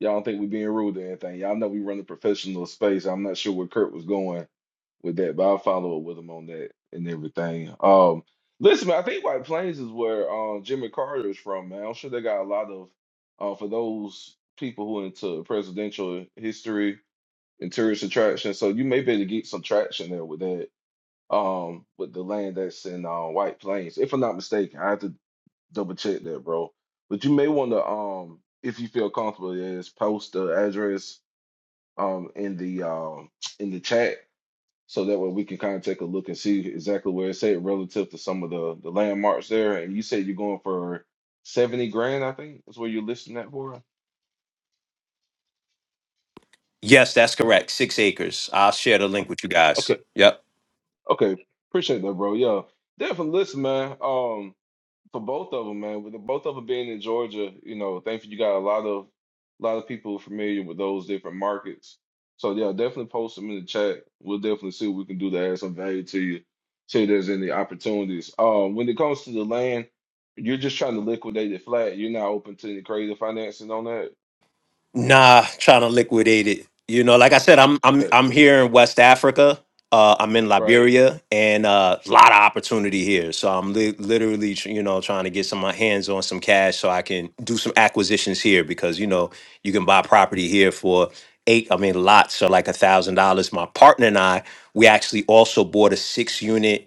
[SPEAKER 2] y'all don't think we being rude or anything. Y'all know we run a professional space. I'm not sure where Kirk was going with that, but I'll follow up with him on that and everything. Um, listen, man, I think White Plains is where uh, Jimmy Carter is from, man. I'm sure they got a lot of uh, for those people who are into presidential history and tourist attraction. So you may be able to get some traction there with that, um, with the land that's in uh, White Plains, if I'm not mistaken. I have to double check that, bro. But you may want to, um, if you feel comfortable, yes, post the address um in the um in the chat so that way we can kind of take a look and see exactly where it's at relative to some of the the landmarks there. And you said you're going for seventy grand, I think is where you're listing that for.
[SPEAKER 9] Yes, that's correct. Six acres. I'll share the link with you guys.
[SPEAKER 2] Okay,
[SPEAKER 9] Yep.
[SPEAKER 2] okay, appreciate that, bro. Yeah. Definitely listen, man. Um, for both of them, man. With the, both of them being in Georgia, you know, thankfully you got a lot of a lot of people familiar with those different markets. So yeah, definitely post them in the chat. We'll definitely see what we can do to add some value to you. See if there's any opportunities. Um, when it comes to the land, you're just trying to liquidate it flat. You're not open to any creative financing on that.
[SPEAKER 9] Nah, trying to liquidate it. You know, like I said, I'm I'm
[SPEAKER 2] Okay,
[SPEAKER 9] I'm here in West Africa. Uh, I'm in
[SPEAKER 2] right?
[SPEAKER 9] Liberia, and a uh, lot of opportunity here. So I'm li- literally, tr- you know, trying to get some of my hands on some cash so I can do some acquisitions here because you know you can buy property here for eight. I mean, lots, so like a thousand dollars. My partner and I, we actually also bought a six unit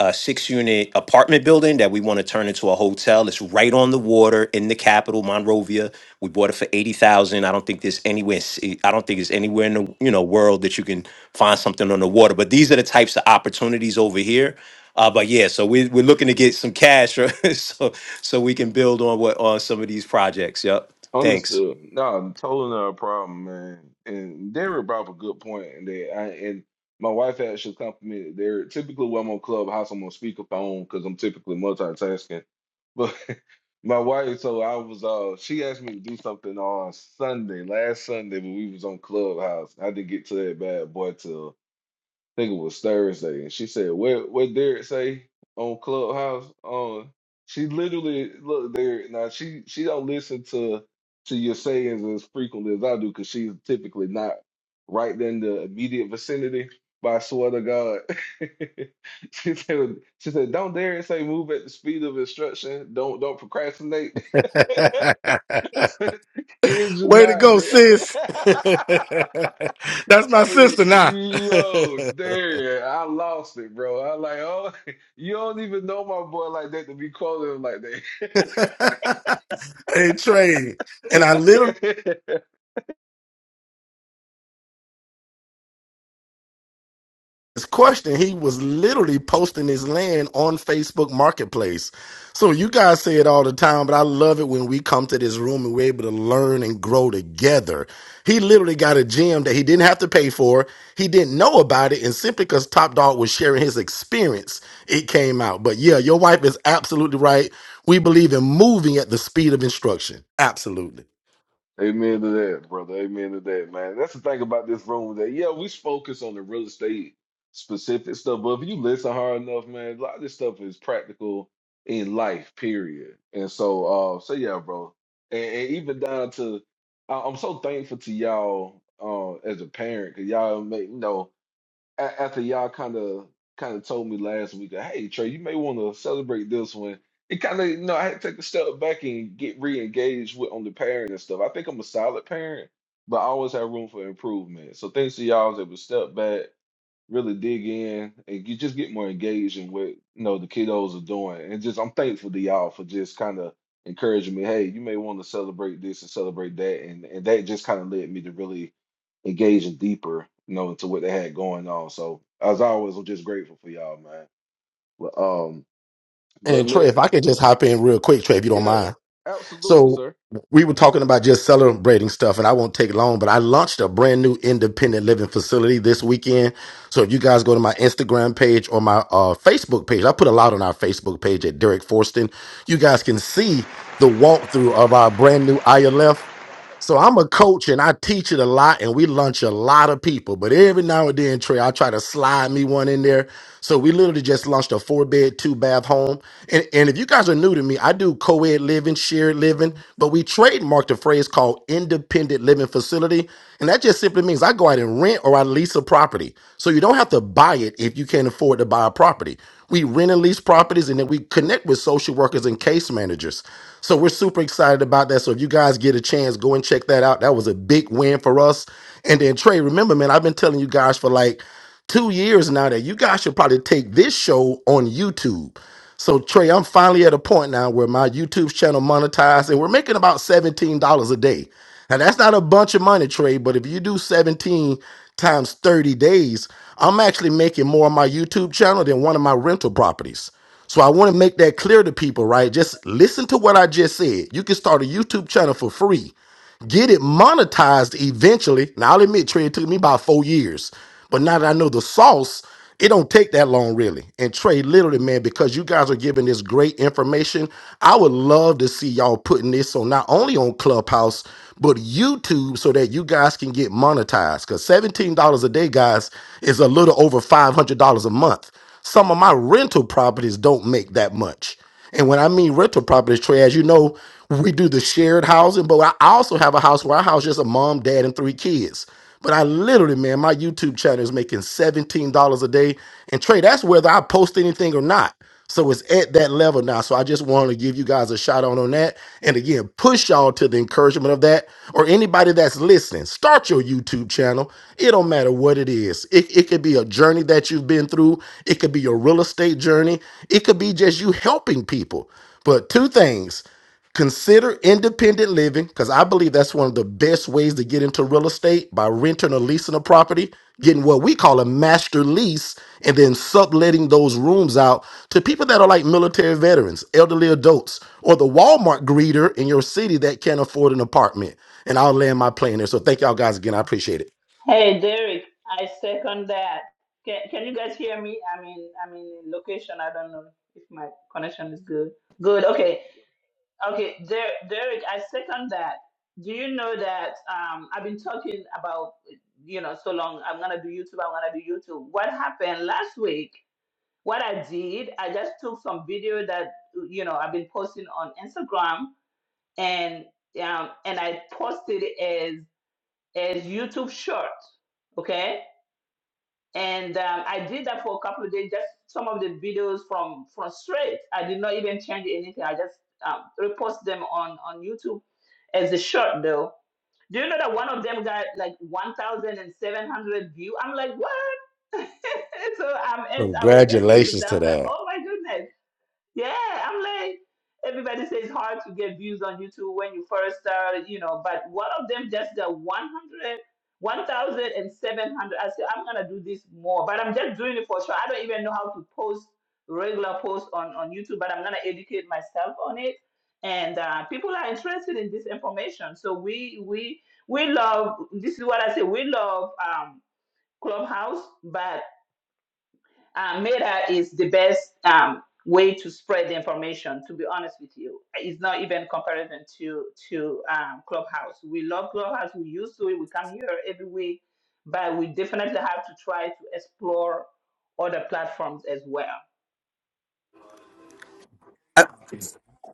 [SPEAKER 9] a six unit apartment building that we want to turn into a hotel. It's right on the water in the capital, Monrovia. We bought it for eighty thousand. I don't think there's anywhere. s- I don't think it's anywhere in the you know world that you can find something on the water. But these are the types of opportunities over here. Uh, but yeah, so we we're looking to get some cash, so so we can build on what on some of these projects. Yep. Thanks.
[SPEAKER 2] Understood. No, totally not a problem, man. And Derek brought up a good point, and that I and my wife actually complimented Derek. Typically, when I'm on Clubhouse, I'm on speakerphone because I'm typically multitasking. But my wife, so I was uh, she asked me to do something on Sunday, last Sunday, when we was on Clubhouse. I didn't get to that bad boy till think it was Thursday, and she said, "What what Derek say on Clubhouse?" Um, she literally look Derek. Now she she don't listen to to your sayings as frequently as I do because she's typically not right in the immediate vicinity. But I swear to God, she said she said, "Don't Derek say move at the speed of instruction. Don't don't procrastinate." I said, Kids, you
[SPEAKER 6] Way to
[SPEAKER 2] not
[SPEAKER 6] go,
[SPEAKER 2] there.
[SPEAKER 6] sis. That's my
[SPEAKER 2] Hey,
[SPEAKER 6] sister now.
[SPEAKER 2] yo, there, I lost it, bro. I like, oh, you don't even know my boy like that to be calling him like that.
[SPEAKER 6] hey, Trey. And I literally his question, he was literally posting his land on Facebook Marketplace. So you guys say it all the time, but I love it when we come to this room and we're able to learn and grow together. He literally got a gem that he didn't have to pay for. He didn't know about it, and simply because Top Dog was sharing his experience, it came out. But yeah, your wife is absolutely right. We believe in moving at the speed of instruction. Absolutely.
[SPEAKER 2] Amen to that, brother. Amen to that, man. That's the thing about this room that, yeah, we focus on the real estate specific stuff, but if you listen hard enough, man, a lot of this stuff is practical in life, period. And so, uh, so yeah, bro. And, and even down to, I, I'm so thankful to y'all, uh, as a parent, because y'all make, you know. a- after y'all kind of kind of told me last week, uh, hey Trey, you may want to celebrate this one. It kind of you know I had to take a step back and get re-engaged with on the parent and stuff. I think I'm a solid parent, but I always have room for improvement. So thanks to y'all, I was able to step back really dig in and you just get more engaged in what you know the kiddos are doing. And just I'm thankful to y'all for just kind of encouraging me. Hey, you may want to celebrate this and celebrate that, and and that just kind of led me to really engage in deeper, you know, into what they had going on. So as always, I'm just grateful for y'all, man. But um,
[SPEAKER 6] And
[SPEAKER 2] but
[SPEAKER 6] Trey, if
[SPEAKER 2] Mir,
[SPEAKER 6] I could just hop in real quick, Trey, if you don't
[SPEAKER 2] yeah,
[SPEAKER 6] mind.
[SPEAKER 2] absolutely,
[SPEAKER 6] So
[SPEAKER 2] sir.
[SPEAKER 6] we were talking about just celebrating stuff, and I won't take long, but I launched a brand new independent living facility this weekend. So if you guys go to my Instagram page or my uh, Facebook page, I put a lot on our Facebook page at Derek Forston. You guys can see the walkthrough of our brand new ILF. So I'm a coach and I teach it a lot, and we lunch a lot of people. But every now and then, Trey, I try to slide me one in there. So we literally just launched a four bed, two bath home. And, and if you guys are new to me, I do co ed living, shared living, but we trademarked a phrase called independent living facility. And that just simply means I go out and rent or I lease a property. So you don't have to buy it if you can't afford to buy a property. We rent and lease properties and then we connect with social workers and case managers. So we're super excited about that. So if you guys get a chance, go and check that out. That was a big win for us. And then Trey, remember, man, I've been telling you guys for like two years now that you guys should probably take this show on YouTube. So Trey, I'm finally at a point now where my YouTube channel monetized, and we're making about $17 a day. Now that's not a bunch of money, Trey, but if you do 17 times 30 days, I'm actually making more on my YouTube channel than one of my rental properties. So I want to make that clear to people, right? Just listen to what I just said. You can start a YouTube channel for free get it monetized eventually. Now I'll admit, Trey, it took me about four years, but now that I know the sauce, it don't take that long really. And Trey, literally, man, because you guys are giving this great information, I would love to see y'all putting this on not only on Clubhouse but YouTube, so that you guys can get monetized. Because seventeen dollars a day, guys, is a little over five hundred dollars a month. Some of my rental properties don't make that much. And when I mean rental properties, Trey, as you know, we do the shared housing, but I also have a house where I house just a mom, dad, and three kids. But I literally, man, my YouTube channel is making $17 a day. And Trey, that's whether I post anything or not. So it's at that level now. So I just want to give you guys a shout out on that. And again, push y'all to the encouragement document of that, or anybody that's listening, start your YouTube channel. It don't matter what it is. It, it could be a journey that you've been through, it could be your real estate journey, it could be just you helping people. But two things consider independent living because I believe that's one of the best ways to get into real estate by renting or leasing a property, getting what we call a master lease, and then subletting those rooms out to people that are like military veterans, elderly adults, or the Walmart greeter in your city that can't afford an apartment. And I'll land my plane there. So thank y'all guys again. I appreciate it.
[SPEAKER 4] Hey, Derek, I second that. Can, can you guys hear me? I mean, I mean, location, I don't know if my connection is good. Good, okay. Okay, Der- Derek, I second that. Do you know that um, I've been talking about, you know, so long, I'm going to do YouTube, I'm going to do YouTube. What happened last week, what I did, I just took some video that, you know, I've been posting on Instagram and um, and I posted it as as YouTube short, okay? and um, I did that for a couple of days. Just some of the videos from from straight. I did not even change anything. I just um, repost them on on YouTube as a short though. Do you know that one of them got like one thousand and seven hundred view? I'm like, what? so I'm ent- I was entering with
[SPEAKER 6] Congratulations to
[SPEAKER 4] them. like,
[SPEAKER 6] that.
[SPEAKER 4] oh my goodness. Yeah, I'm like, everybody says it's hard to get views on YouTube when you first start, you know, but one of them just got 100, 1,700. I said, I'm going to do this more, but I'm just doing it for sure. I don't even know how to post regular posts on, on YouTube, but I'm going to educate myself on it. And uh, people are interested in this information. So we, we, we love, this is what I say, we love um, Clubhouse, but uh, Meta is the best um, way to spread the information. To be honest with you, it's not even comparison to to um, Clubhouse. We love Clubhouse. We used to it. We come here every week, but we definitely have to try to explore other platforms as well.
[SPEAKER 8] Uh,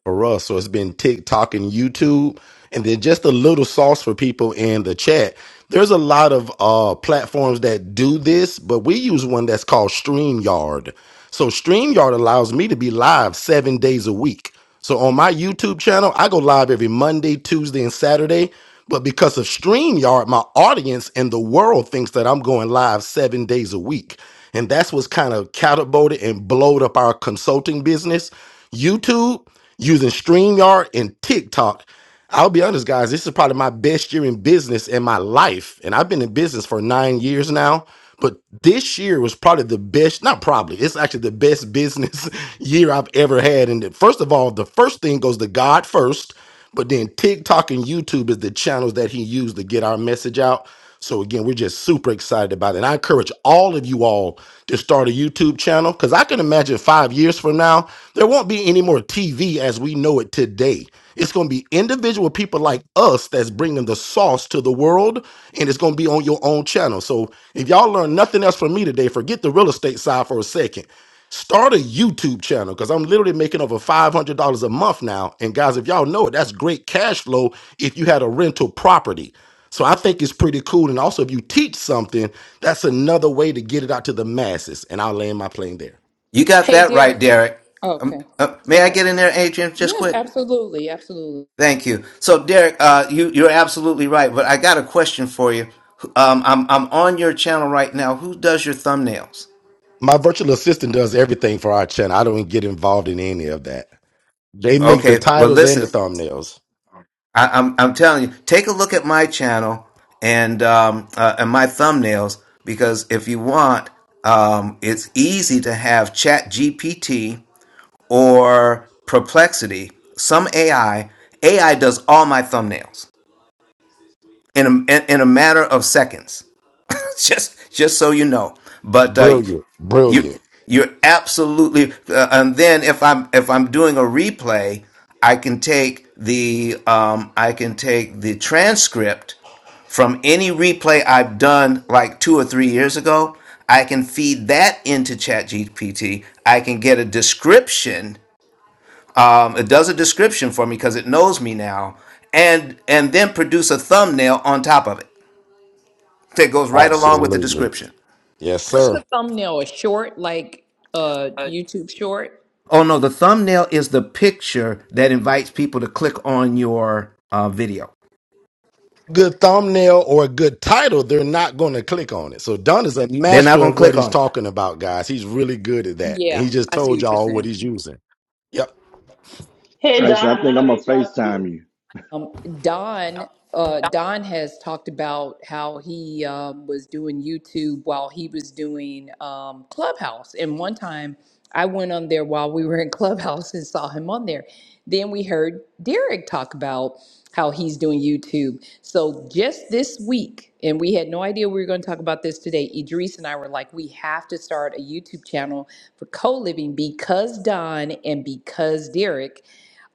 [SPEAKER 6] for us. So it's been TikTok and YouTube. And then just a little sauce for people in the chat. There's a lot of uh, platforms that do this, but we use one that's called StreamYard. So StreamYard allows me to be live seven days a week. So on my YouTube channel, I go live every Monday, Tuesday, and Saturday. But because of StreamYard, my audience and the world thinks that I'm going live seven days a week. And that's what's kind of catapulted and blowed up our consulting business. YouTube using StreamYard and TikTok. I'll be honest, guys, this is probably my best year in business in my life. And I've been in business for nine years now. But this year was probably the best, not probably, it's actually the best business year I've ever had. And the- first of all, the first thing goes to God first. But then TikTok and YouTube is the channels that he used to get our message out. So again, we're just super excited about it. And I encourage all of you all to start a YouTube channel because I can imagine five years from now, there won't be any more TV as we know it today. It's going to be individual people like us that's bringing the sauce to the world, and it's going to be on your own channel. So if y'all learn nothing else from me today, forget the real estate side for a second. Start a YouTube channel because I'm literally making over $500 a month now. And guys, if y'all know it, that's great cash flow if you had a rental property. So I think it's pretty cool. And also, if you teach something, that's another way to get it out to the masses. And I'll land my plane there.
[SPEAKER 8] You got
[SPEAKER 7] Hey,
[SPEAKER 8] that right,
[SPEAKER 7] Derek.
[SPEAKER 8] Derek.
[SPEAKER 7] Oh,
[SPEAKER 8] Um,
[SPEAKER 7] okay,
[SPEAKER 8] uh,
[SPEAKER 7] go
[SPEAKER 8] may I
[SPEAKER 7] ahead.
[SPEAKER 8] get in there, Adrian, just
[SPEAKER 7] Yeah,
[SPEAKER 8] quick?
[SPEAKER 7] absolutely, absolutely.
[SPEAKER 8] Thank you. So, Derek, uh, you you're absolutely right. But I got a question for you. Um, I'm I'm on your channel right now. Who does your thumbnails?
[SPEAKER 6] My virtual assistant does everything for our channel. I don't get involved in any of that. They make the
[SPEAKER 8] Okay. Well,
[SPEAKER 6] titles and the
[SPEAKER 8] listen,
[SPEAKER 6] thumbnails.
[SPEAKER 8] I, I'm I'm telling you, take a look at my channel and um, uh, and my thumbnails because if you want, um, it's easy to have Chat GPT or Perplexity, some AI. AI does all my thumbnails in a, in a matter of seconds. just just so you know but uh,
[SPEAKER 6] Brilliant.
[SPEAKER 8] you
[SPEAKER 6] Brilliant.
[SPEAKER 8] you're absolutely uh, and then if i'm if i'm doing a replay i can take the um i can take the transcript from any replay i've done like two or three years ago i can feed that into ChatGPT. i can get a description um, it does a description for me because it knows me now and and then produce a thumbnail on top of it that goes right along with the
[SPEAKER 6] Absolutely.
[SPEAKER 8] description
[SPEAKER 6] Yes,
[SPEAKER 7] What's
[SPEAKER 6] sir.
[SPEAKER 7] a thumbnail? A short, like uh, YouTube short?
[SPEAKER 8] Oh no, the thumbnail is the picture that invites people to click on your uh, video.
[SPEAKER 6] good thumbnail or a good title, they're not going to click on it. So Don is a
[SPEAKER 8] They're not
[SPEAKER 6] master
[SPEAKER 8] gonna
[SPEAKER 6] of what
[SPEAKER 8] click
[SPEAKER 6] he's
[SPEAKER 8] on it.
[SPEAKER 6] talking about, guys. He's really good at that. And
[SPEAKER 7] Yeah,
[SPEAKER 6] he just
[SPEAKER 7] I see
[SPEAKER 6] told
[SPEAKER 7] what you're
[SPEAKER 6] y'all what
[SPEAKER 7] saying.
[SPEAKER 6] he's using. Yep.
[SPEAKER 4] Hey
[SPEAKER 3] I
[SPEAKER 4] Don,
[SPEAKER 3] said, I
[SPEAKER 4] I'm
[SPEAKER 3] think I'm
[SPEAKER 4] gonna
[SPEAKER 3] going to
[SPEAKER 4] reach out to you.
[SPEAKER 3] FaceTime you.
[SPEAKER 7] Um, Don, uh, Don has talked about how he um, was doing YouTube while he was doing um, Clubhouse. And one time I went on there while we were in Clubhouse and saw him on there. Then we heard Derek talk about how he's doing YouTube. So just this week, and we had no idea we were going to talk about this today, Idris and I were like, we have to start a YouTube channel for co living because Don and because Derek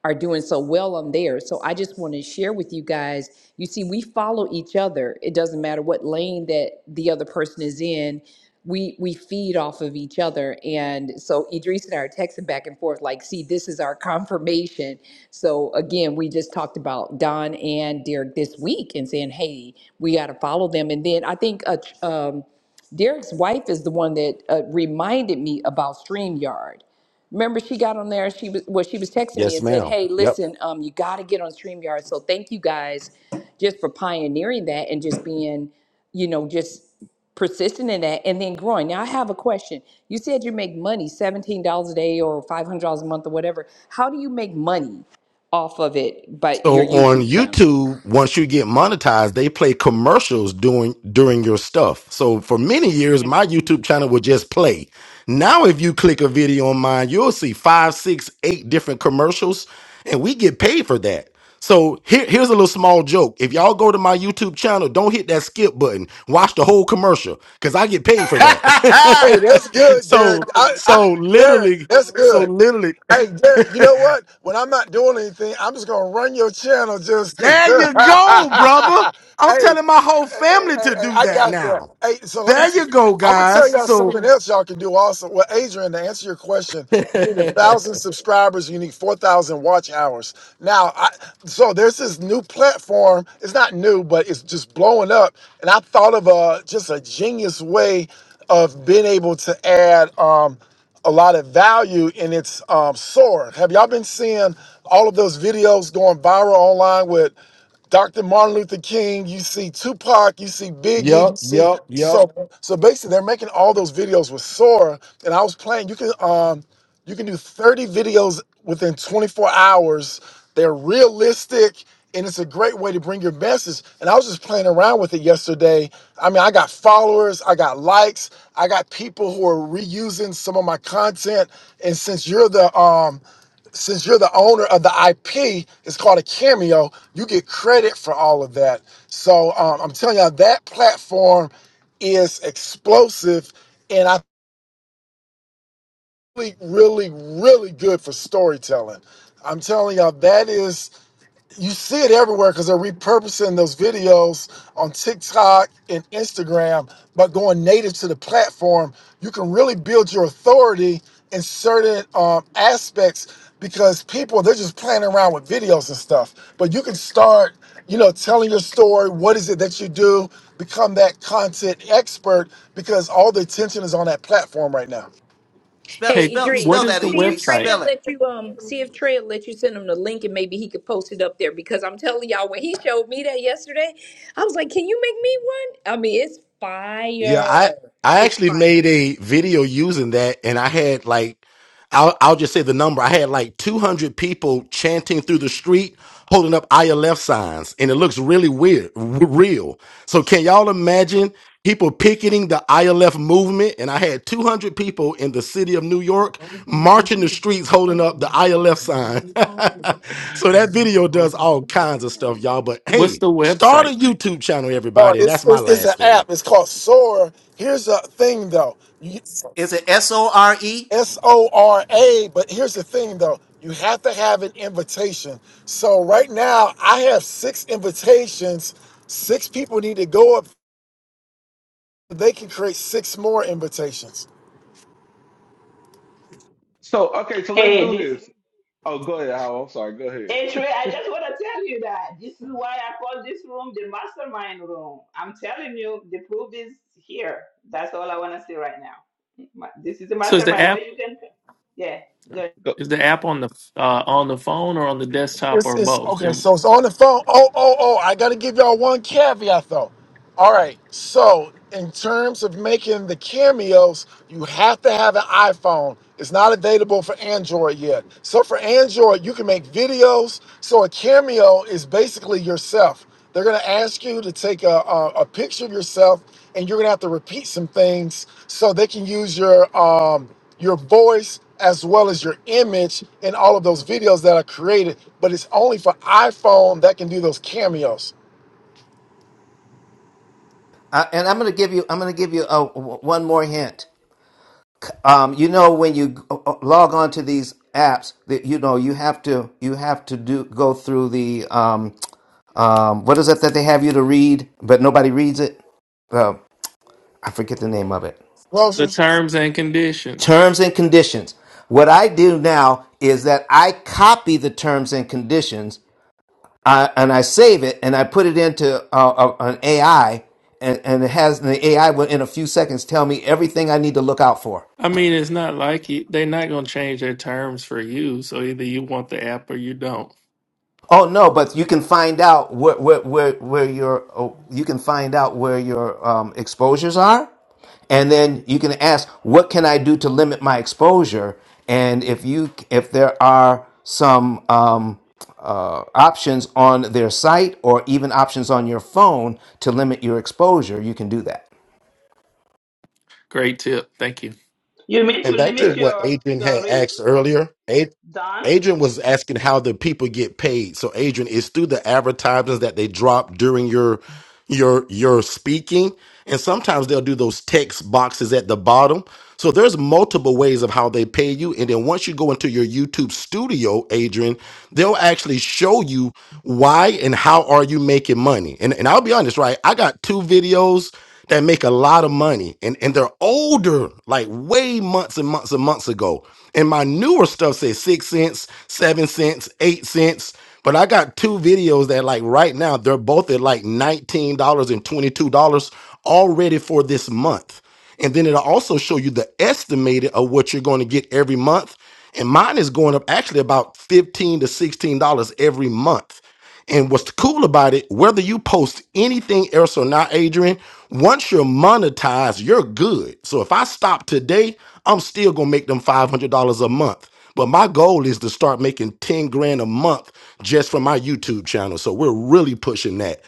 [SPEAKER 7] are doing so well on there. So I just want to share with you guys. You see, we follow each other. It doesn't matter what lane that the other person is in. We we feed off of each other. And so Idris and I are texting back and forth, like, see, this is our confirmation. So again, we just talked about Don and Derek this week and saying, hey, we got to follow them. And then I think uh, um, Derek's wife is the one that uh, reminded me about StreamYard. Remember, she got on there. She was well. She was texting me
[SPEAKER 6] Yes,
[SPEAKER 7] and said,
[SPEAKER 6] ma'am.
[SPEAKER 7] "Hey,
[SPEAKER 6] Yep.
[SPEAKER 7] listen, um, you got to get on StreamYard." So thank you guys, just for pioneering that and just being, you know, just persistent in that and then growing. Now I have a question. You said you make money seventeen dollars a day or five hundred dollars a month or whatever. How do you make money off of it? But your
[SPEAKER 6] So on
[SPEAKER 7] YouTube channel.
[SPEAKER 6] YouTube, once you get monetized, they play commercials during during your stuff. So for many years,
[SPEAKER 11] Hey,
[SPEAKER 6] my YouTube channel would just play. Now, if you click a video on mine, you'll see five, six, eight different commercials, and we get paid for that. So here, here's a little small joke. If y'all go to my YouTube channel, don't hit that skip button. Watch the whole commercial because I get paid for that.
[SPEAKER 11] that's good, Derek.
[SPEAKER 6] so
[SPEAKER 11] I, I,
[SPEAKER 6] so
[SPEAKER 11] Derek,
[SPEAKER 6] literally,
[SPEAKER 11] that's
[SPEAKER 6] so
[SPEAKER 11] good.
[SPEAKER 6] literally.
[SPEAKER 11] Hey, Derek, you know what? When I'm not doing anything, I'm just gonna run your channel. Just
[SPEAKER 6] There you go, brother. I'm
[SPEAKER 11] hey,
[SPEAKER 6] telling my whole
[SPEAKER 11] Hey, hey,
[SPEAKER 6] family to
[SPEAKER 11] hey,
[SPEAKER 6] do
[SPEAKER 11] I
[SPEAKER 6] that
[SPEAKER 11] got that.
[SPEAKER 6] now.
[SPEAKER 11] Hey, so let me.
[SPEAKER 6] There you go,
[SPEAKER 11] I'm gonna tell
[SPEAKER 6] guys.
[SPEAKER 11] y'all
[SPEAKER 6] So,
[SPEAKER 11] something else y'all can do also. Well, Adrian, to answer your question, you need a
[SPEAKER 6] yep,
[SPEAKER 11] thousand subscribers. You need four thousand watch hours. Now, I, so there's this new platform. It's not new, but it's just blowing up. And I thought of a just a genius way of being able to add um, a lot of value in its um, soar. Have y'all been seeing all of those videos going viral online with? Dr. Martin Luther King, you see Tupac, you see Biggie, you see
[SPEAKER 6] yep, yep.
[SPEAKER 11] so so basically they're making all those videos with Sora and I was playing you can um you can do 30 videos within 24 hours. They're realistic and it's a great way to bring your message. And I was just playing around with it yesterday. I mean, I got followers, I got likes, I got people who are reusing some of my content. And since you're the um since you're the owner of the IP, it's called a cameo. You get credit for all of that. So um, I'm telling y'all, that platform is explosive, and I think really, really good for storytelling. I'm telling y'all, that is you see it everywhere because they're repurposing those videos on TikTok and Instagram, but going native to the platform, you can really build your authority in certain um, aspects because people they're just playing around with videos and stuff. But you can start, you know, telling your story. What is it that you do? Become that content expert because all the attention is on that platform right now.
[SPEAKER 8] spell
[SPEAKER 1] Hey,
[SPEAKER 7] Hey,
[SPEAKER 8] spell
[SPEAKER 1] what
[SPEAKER 8] spell
[SPEAKER 7] Idris,
[SPEAKER 1] is
[SPEAKER 8] that
[SPEAKER 1] the
[SPEAKER 7] see if
[SPEAKER 8] Idris.
[SPEAKER 7] Trey
[SPEAKER 1] website?
[SPEAKER 7] will
[SPEAKER 8] Spell it.
[SPEAKER 7] let you um see if Trey will let you send him the link and maybe he could post it up there because I'm telling y'all when he showed me that yesterday, I was like, Can you make me one? I mean, it's
[SPEAKER 6] Yeah,
[SPEAKER 7] fire.
[SPEAKER 6] I I
[SPEAKER 7] It's
[SPEAKER 6] actually
[SPEAKER 7] fire.
[SPEAKER 6] made a video using that, and I had like, I'll I'll just say the number. I had like 200 people chanting through the street, holding up ILF signs, and it looks really weird, w- real. So can y'all imagine people picketing the ILF movement? And I had 200 people in the city of New York marching the streets, holding up the ILF sign. so that video does all kinds of stuff, y'all. But
[SPEAKER 1] What's
[SPEAKER 6] hey,
[SPEAKER 1] the
[SPEAKER 6] start a
[SPEAKER 1] website?
[SPEAKER 6] YouTube channel,
[SPEAKER 11] No,
[SPEAKER 6] everybody, and
[SPEAKER 11] it's
[SPEAKER 6] that's my
[SPEAKER 11] it's, it's an
[SPEAKER 6] last thing.
[SPEAKER 11] app. It's called Soar. Here's the thing, though.
[SPEAKER 8] Is it S O R E?
[SPEAKER 11] S O R A. But here's the thing, though. You have to have an invitation. So right now, I have six invitations. Six people need to go up. so They can create six more invitations.
[SPEAKER 2] So okay, so let's
[SPEAKER 4] Hey,
[SPEAKER 2] do
[SPEAKER 4] this
[SPEAKER 2] this. Oh, go ahead, Howell. I'm sorry. Go ahead.
[SPEAKER 4] Hey Trey, I just want to tell you that this is why I call this room the mastermind room. I'm telling you, the proof is here. That's all I want to say right now. Ma- This is the
[SPEAKER 1] So is
[SPEAKER 4] mastermind
[SPEAKER 1] the
[SPEAKER 4] where you can, yeah. yeah.
[SPEAKER 2] Go-
[SPEAKER 1] Is the app on the uh, on the phone or on the desktop
[SPEAKER 11] It's
[SPEAKER 1] or
[SPEAKER 11] it's
[SPEAKER 1] both?
[SPEAKER 11] okay.
[SPEAKER 1] And
[SPEAKER 11] So it's on the phone. Oh oh oh! I gotta give y'all one caveat though. All right. So in terms of making the cameos, you have to have an iPhone. It's not available for Android yet. So for Android, you can make videos. So a cameo is basically yourself. They're going to ask you to take a, a, a picture of yourself, and you're going to have to repeat some things so they can use your um, your voice as well as your image in all of those videos that are created. But it's only for iPhone that can do those cameos.
[SPEAKER 8] Uh, and I'm gonna give you I'm gonna give you uh, w- one more hint. Um, you know when you uh, uh, log on to these apps, that you know you have to you have to do go through the um, um, what is it that they have you to read, but nobody reads it. Oh, I forget the name of it.
[SPEAKER 1] the
[SPEAKER 11] Closers,
[SPEAKER 1] terms and conditions.
[SPEAKER 8] terms and conditions. What I do now is that I copy the terms and conditions uh, and I save it and I put it into uh, uh, an AI and, and it has and the AI will in a few seconds tell me everything I need to look out for.
[SPEAKER 1] I mean, it's not like you, they're not going to change their terms for you. So either you want the app or you don't.
[SPEAKER 8] Oh no, but you can find out where where where, where your oh, you can find out where your um, exposures are, and then you can ask, what can I do to limit my exposure? And if you if there are some um, uh, options on their site or even options on your phone to limit your exposure, you can do that.
[SPEAKER 1] Great tip. Thank you.
[SPEAKER 4] You mean to
[SPEAKER 6] And back to
[SPEAKER 2] yeah.
[SPEAKER 4] limit
[SPEAKER 6] what
[SPEAKER 4] your
[SPEAKER 6] Adrian
[SPEAKER 4] your
[SPEAKER 6] had
[SPEAKER 4] risk,
[SPEAKER 6] asked earlier, Ad-
[SPEAKER 4] Don?
[SPEAKER 6] Adrian was asking how the people get paid. So Adrian, it's through the advertisements that they drop during your your your speaking. And sometimes they'll do those text boxes at the bottom. So there's multiple ways of how they pay you. And then once you go into your YouTube studio, Adrian, they'll actually show you why and how are you making money. And, and I'll be honest, right? I got two videos that make a lot of money and, and they're older, like way months and months and months ago. And my newer stuff says six cents, seven cents, eight cents. But I got two videos that like right now, they're both at like $19 and $22 already for this month. And then it'll also show you the estimated of what you're going to get every month. And mine is going up actually about 15 to $16 every month. And what's cool about it, whether you post anything else or not, Adrian, once you're monetized, you're good. So if I stop today, I'm still gonna make them $500 a month. But my goal is to start making 10 grand a month just from my YouTube channel. So we're really pushing that.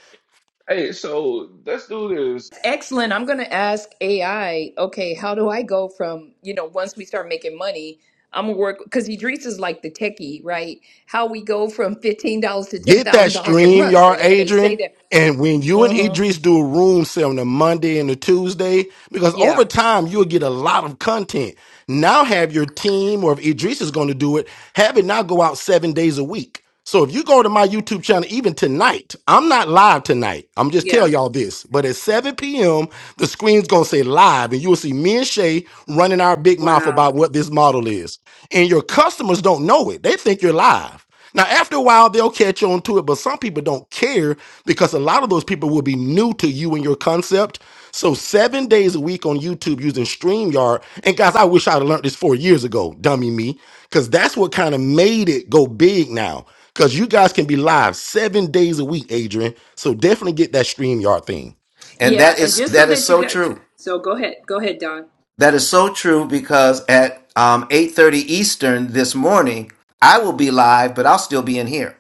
[SPEAKER 2] Hey, so let's do this.
[SPEAKER 7] Excellent. I'm gonna ask AI, okay, how do I go from, you know, once we start making money, I'm gonna work because Idris is like the techie, right? How we go from fifteen dollars to ten
[SPEAKER 6] Get that
[SPEAKER 7] thousand dollars a
[SPEAKER 6] stream,
[SPEAKER 7] month.
[SPEAKER 6] y'all,
[SPEAKER 7] And if they say
[SPEAKER 6] Adrian.
[SPEAKER 7] that,
[SPEAKER 6] And when you and
[SPEAKER 7] mhm,
[SPEAKER 6] Idris do a room set on the Monday and the Tuesday, because over
[SPEAKER 7] yeah.
[SPEAKER 6] time you'll get a lot of content. Now have your team, or if Idris is going to do it, have it now go out seven days a week. So if you go to my YouTube channel, even tonight, I'm not live tonight. I'm just tell
[SPEAKER 7] Yeah.
[SPEAKER 6] y'all this. But at 7 p.m., the screen's gonna say live, and you'll see me and Shay running our big mouth
[SPEAKER 7] Wow.
[SPEAKER 6] about what this model is. And your customers don't know it. They think you're live. Now, after a while, they'll catch on to it, but some people don't care because a lot of those people will be new to you and your concept. So, seven days a week on YouTube using StreamYard. And guys, I wish I'd have learned this four years ago, dummy me, because that's what kind of made it go big now. Because you guys can be live seven days a week, Adrian. So, definitely get that StreamYard thing.
[SPEAKER 8] And
[SPEAKER 7] Yeah,
[SPEAKER 8] that
[SPEAKER 7] and
[SPEAKER 8] is
[SPEAKER 7] just so
[SPEAKER 8] that is
[SPEAKER 7] that you
[SPEAKER 8] so
[SPEAKER 7] got,
[SPEAKER 8] true.
[SPEAKER 7] so go ahead, go ahead, Don.
[SPEAKER 8] That is so true because at um, eight thirty Eastern this morning, I will be live, but I'll still be in here.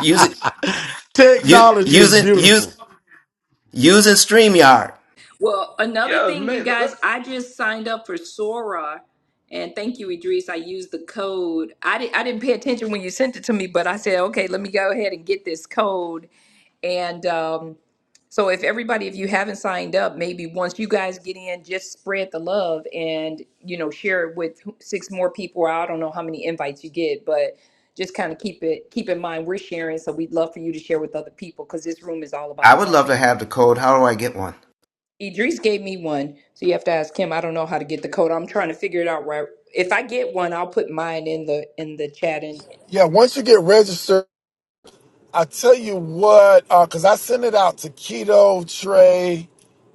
[SPEAKER 8] Use it. Use
[SPEAKER 6] Technology
[SPEAKER 8] use
[SPEAKER 6] is
[SPEAKER 8] it.
[SPEAKER 6] beautiful.
[SPEAKER 8] Use using Streamyard.
[SPEAKER 7] Well, another
[SPEAKER 2] Yeah,
[SPEAKER 7] thing, you
[SPEAKER 2] man.
[SPEAKER 7] guys, I just signed up for Sora, and thank you, Idris. I used the code. I didn't, I didn't pay attention when you sent it to me, but I said, okay, let me go ahead and get this code, and um, So if everybody, if you haven't signed up, maybe once you guys get in, just spread the love and, you know, share it with who- six more people. I don't know how many invites you get, but just kind of keep it, keep in mind, we're sharing. So we'd love for you to share with other people because this room is all
[SPEAKER 8] I
[SPEAKER 7] about
[SPEAKER 8] would love
[SPEAKER 7] growing.
[SPEAKER 8] to have the code. How do I get one?
[SPEAKER 7] Idris gave me one. So you have to ask him. I don't know how to get the code. I'm trying to figure it out right. If I get one, I'll put mine in the, in the chat and
[SPEAKER 11] yeah. Once you get registered, I tell you what, because I send it out to Keto Trey,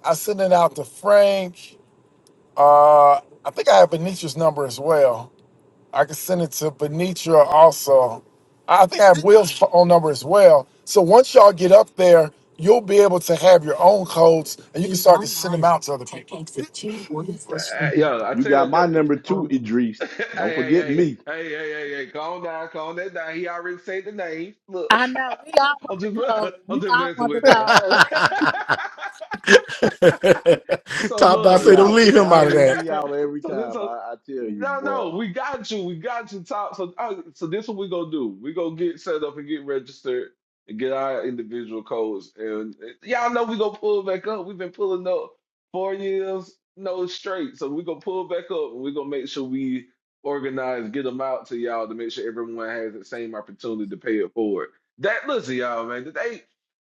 [SPEAKER 11] I send it out to Frank. Uh, I think I have Benitra's number as well. I can send it to Benitra also. I think I have Will's phone number as well. So once y'all get up there, you'll be able to have your own codes and you can start to send them out to other people.
[SPEAKER 2] Uh, yo, I
[SPEAKER 3] You
[SPEAKER 2] tell you,
[SPEAKER 3] got my
[SPEAKER 2] the,
[SPEAKER 3] number too,
[SPEAKER 2] hey,
[SPEAKER 3] Idris. Don't
[SPEAKER 2] hey,
[SPEAKER 3] forget
[SPEAKER 2] hey, hey,
[SPEAKER 3] me.
[SPEAKER 2] hey, hey, hey, hey, calm down, calm that down. He already said the name. Look,
[SPEAKER 5] I know we all
[SPEAKER 2] I'm
[SPEAKER 5] want
[SPEAKER 2] just,
[SPEAKER 5] the code.
[SPEAKER 2] I'm
[SPEAKER 5] We
[SPEAKER 2] just
[SPEAKER 5] all
[SPEAKER 2] messing
[SPEAKER 5] want the
[SPEAKER 2] with that.
[SPEAKER 5] code.
[SPEAKER 2] So
[SPEAKER 6] Top Dog say,
[SPEAKER 2] look,
[SPEAKER 6] don't
[SPEAKER 3] Y'all,
[SPEAKER 6] leave him
[SPEAKER 3] y'all
[SPEAKER 6] out of that.
[SPEAKER 3] leave me out every
[SPEAKER 2] so this,
[SPEAKER 3] time. I,
[SPEAKER 2] so
[SPEAKER 3] I tell you,
[SPEAKER 2] no, no,
[SPEAKER 3] boy.
[SPEAKER 2] we got you, we got you, top. So, uh, so this what we gonna do? We gonna get set up and get registered and get our individual codes. And uh, y'all know we gonna pull back up. We've been pulling up four years, no straight. So we gonna pull back up and we gonna make sure we organize, get them out to y'all to make sure everyone has the same opportunity to pay it forward. That listen, y'all, man. Today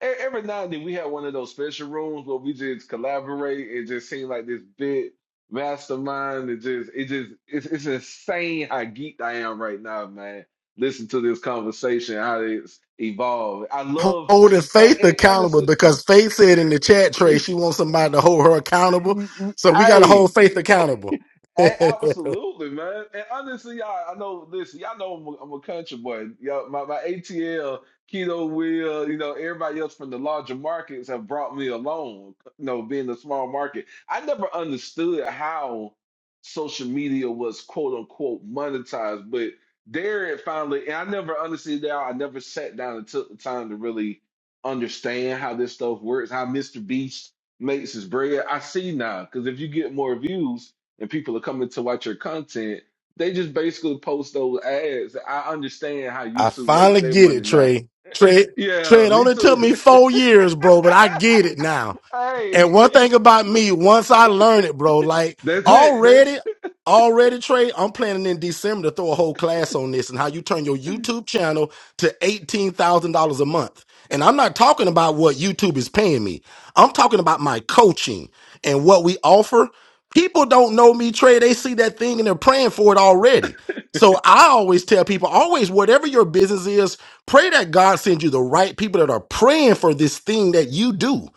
[SPEAKER 2] e- every now and then we had one of those special rooms where we just collaborate. It just seemed like this big mastermind. It just, it just, it's, it's insane how geeked I am right now, man. Listen to this conversation, how it's evolved. I love,
[SPEAKER 6] holding
[SPEAKER 2] and,
[SPEAKER 6] Faith
[SPEAKER 2] and
[SPEAKER 6] accountable
[SPEAKER 2] honestly,
[SPEAKER 6] because Faith said in the chat tray she wants somebody to hold her accountable. So we got to
[SPEAKER 2] I
[SPEAKER 6] hold Faith accountable.
[SPEAKER 2] Hey,
[SPEAKER 6] I
[SPEAKER 2] absolutely, man. And honestly, y'all, I know, listen, y'all know I'm a, I'm a country boy. Y'all, my, my ATL, Keto Wheel, you know, everybody else from the larger markets have brought me along, you know, being a small market. I never understood how social media was quote unquote monetized, but there it finally, and I never understood that. I never sat down and took the time to really understand how this stuff works, how Mr. Beast makes his bread. I see now, because if you get more views, and people are coming to watch your content, they just basically post those ads. I understand how YouTube makes
[SPEAKER 6] finally
[SPEAKER 2] their
[SPEAKER 6] get
[SPEAKER 2] money
[SPEAKER 6] it,
[SPEAKER 2] now.
[SPEAKER 6] Trey. Trey, Trey,
[SPEAKER 2] Yeah,
[SPEAKER 6] it
[SPEAKER 2] me
[SPEAKER 6] only took
[SPEAKER 2] too.
[SPEAKER 6] me four years, bro, but I get it now.
[SPEAKER 2] Hey,
[SPEAKER 6] And one thing about me, once I learn it, bro, like
[SPEAKER 2] that's it.
[SPEAKER 6] already,
[SPEAKER 2] That's
[SPEAKER 6] already, Trey, I'm planning in December to throw a whole class on this and how you turn your YouTube channel to eighteen thousand dollars a month. And I'm not talking about what YouTube is paying me. I'm talking about my coaching and what we offer. People don't know me, Trey. They see that thing and they're praying for it already. So I always tell people, always, whatever your business is, pray that God sends you the right people that are praying for this thing that you do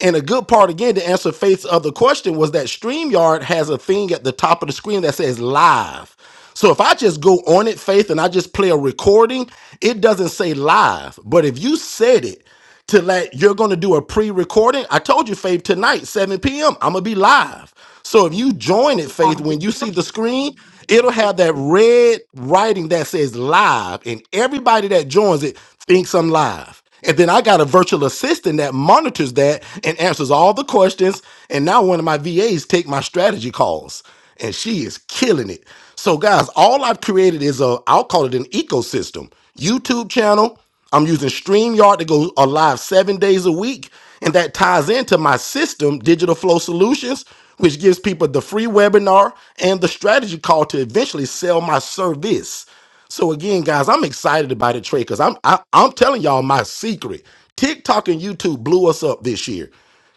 [SPEAKER 6] and a good part, again, to answer Faith's other question was that StreamYard has a thing at the top of the screen that says live. So if I just go on it, Faith, and I just play a recording, it doesn't say live. But if you said it to let you're going to do a pre recording, I told you, Faith, tonight, 7 p.m., I'm going to be live. So if you join it, Faith, when you see the screen, it'll have that red writing that says live, and everybody that joins it thinks I'm live. And then I got a virtual assistant that monitors that and answers all the questions. And now one of my VAs take my strategy calls, and she is killing it. So guys, all I've created is a I'll call it an ecosystem. YouTube channel, I'm using StreamYard to go uh, live seven days a week. And that ties into my system, Digital Flow Solutions, which gives people the free webinar and the strategy call to eventually sell my service. So again, guys, I'm excited about it, Trey, because I'm I, I'm telling y'all my secret. TikTok and YouTube blew us up this year.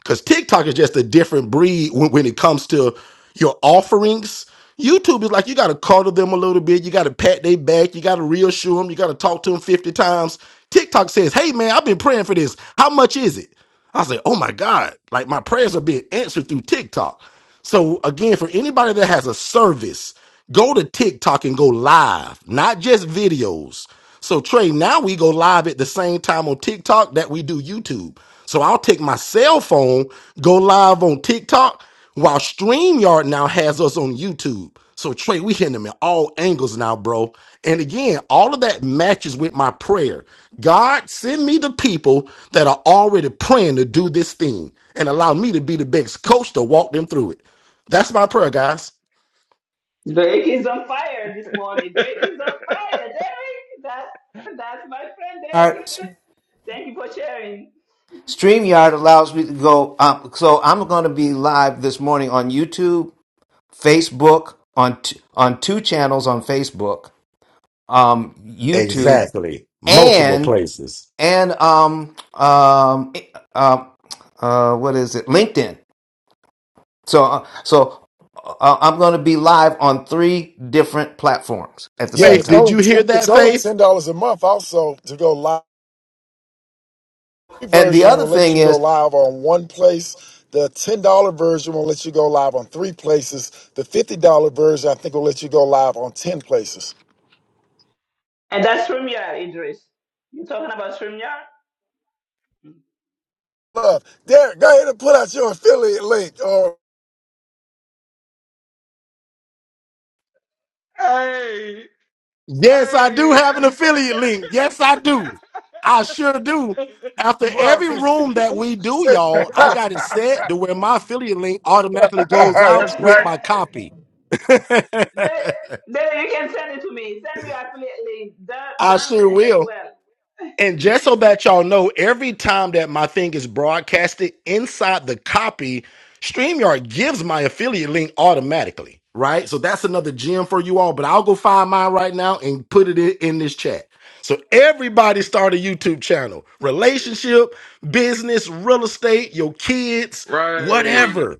[SPEAKER 6] Because TikTok is just a different breed when, when it comes to your offerings. YouTube is like you got to cuddle them a little bit. You got to pat their back. You got to reassure them. You got to talk to them 50 times. TikTok says, Hey, man, I've been praying for this. How much is it? I say, Oh my God. Like my prayers are being answered through TikTok. So, again, for anybody that has a service, go to TikTok and go live, not just videos. So Trey, now we go live at the same time on TikTok that we do YouTube. So I'll take my cell phone, go live on TikTok, while StreamYard now has us on YouTube. So Trey, we hitting them in all angles now, bro. And again, all of that matches with my prayer. God, send me the people that are already praying to do this thing and allow me to be the best coach to walk them through it. That's my prayer, guys.
[SPEAKER 4] Drake is on fire this morning. Drake is on fire. Derek, that that's my friend
[SPEAKER 8] All
[SPEAKER 4] Derek.
[SPEAKER 8] right.
[SPEAKER 4] Thank you for sharing.
[SPEAKER 8] Streamyard allows me to go. Um, so I'm going to be live this morning on YouTube, Facebook, on t- on two channels on Facebook, um, YouTube,
[SPEAKER 6] Exactly. Multiple
[SPEAKER 8] and
[SPEAKER 6] places.
[SPEAKER 8] and um um uh, uh what is it? LinkedIn. So uh, so uh, I'm going to be live on three different platforms at the
[SPEAKER 11] Yeah, and
[SPEAKER 8] same
[SPEAKER 6] Faith,
[SPEAKER 11] it's
[SPEAKER 8] time.
[SPEAKER 6] did
[SPEAKER 11] only
[SPEAKER 6] you hear that,
[SPEAKER 11] it's
[SPEAKER 6] Faith?
[SPEAKER 11] only ten dollars a month. Also, to go live The free
[SPEAKER 8] And the
[SPEAKER 11] version
[SPEAKER 8] other
[SPEAKER 11] will let
[SPEAKER 8] thing
[SPEAKER 11] you go
[SPEAKER 8] is,
[SPEAKER 11] live on one place. The ten dollar version will let you go live on three places. The fifty dollar version, I think, will let you go live on ten places.
[SPEAKER 4] And that's StreamYard, Idris. You talking about StreamYard?
[SPEAKER 11] Love, Derek, go ahead and put out your affiliate link
[SPEAKER 2] hey,
[SPEAKER 6] Yes, I do
[SPEAKER 2] hey.
[SPEAKER 6] have an affiliate link. Yes, I do. I sure do. After
[SPEAKER 11] Well,
[SPEAKER 6] every
[SPEAKER 11] sis-
[SPEAKER 6] room that we do,
[SPEAKER 11] sis-
[SPEAKER 6] y'all, I
[SPEAKER 11] That's
[SPEAKER 6] got it set to where my affiliate link automatically goes out with
[SPEAKER 11] right.
[SPEAKER 6] my copy.
[SPEAKER 4] Then, then you can send it to me. Send me affiliate link. Don,
[SPEAKER 6] I
[SPEAKER 4] Don
[SPEAKER 6] sure
[SPEAKER 4] as
[SPEAKER 6] will.
[SPEAKER 4] well.
[SPEAKER 6] And just so that y'all know, every time that my thing is broadcasted inside the copy, StreamYard gives my affiliate link automatically, right? So that's another gem for you all, but I'll go find mine right now and put it in, in this chat. So everybody start a YouTube channel. Relationship, business, real estate, your kids,
[SPEAKER 2] right.
[SPEAKER 6] whatever.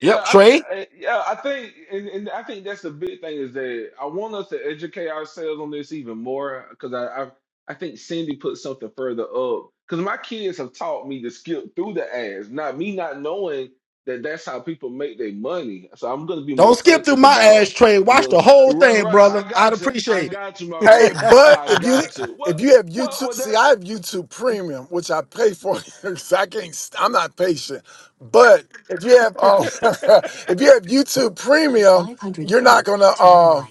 [SPEAKER 2] Yeah,
[SPEAKER 6] Yep,
[SPEAKER 2] I,
[SPEAKER 6] Trey.
[SPEAKER 2] I yeah, I think, and, and I think that's the big thing is that I want us to educate ourselves on this even more because I, I I think Cindy put something further up because my kids have taught me to skip through the ads, not me not knowing that that's how people make their money. So I'm gonna be
[SPEAKER 6] Don't
[SPEAKER 2] more
[SPEAKER 6] skip through
[SPEAKER 2] conscious
[SPEAKER 6] my ass,
[SPEAKER 2] about
[SPEAKER 6] Trey. Watch
[SPEAKER 2] no,
[SPEAKER 6] the whole
[SPEAKER 2] right,
[SPEAKER 6] thing,
[SPEAKER 2] right.
[SPEAKER 6] brother.
[SPEAKER 2] I
[SPEAKER 6] I'd
[SPEAKER 2] got you, I
[SPEAKER 6] appreciate
[SPEAKER 2] got you, my
[SPEAKER 11] Hey,
[SPEAKER 2] bro,
[SPEAKER 6] it.
[SPEAKER 11] but
[SPEAKER 2] I
[SPEAKER 11] if you
[SPEAKER 2] got you.
[SPEAKER 11] if
[SPEAKER 2] What,
[SPEAKER 11] you have
[SPEAKER 2] what,
[SPEAKER 11] YouTube,
[SPEAKER 2] what
[SPEAKER 11] see, I have YouTube Premium, which I pay for. 'cause I can't. st- I'm not patient. But if you have um,
[SPEAKER 2] that?
[SPEAKER 11] if you have YouTube Premium, you're not gonna um,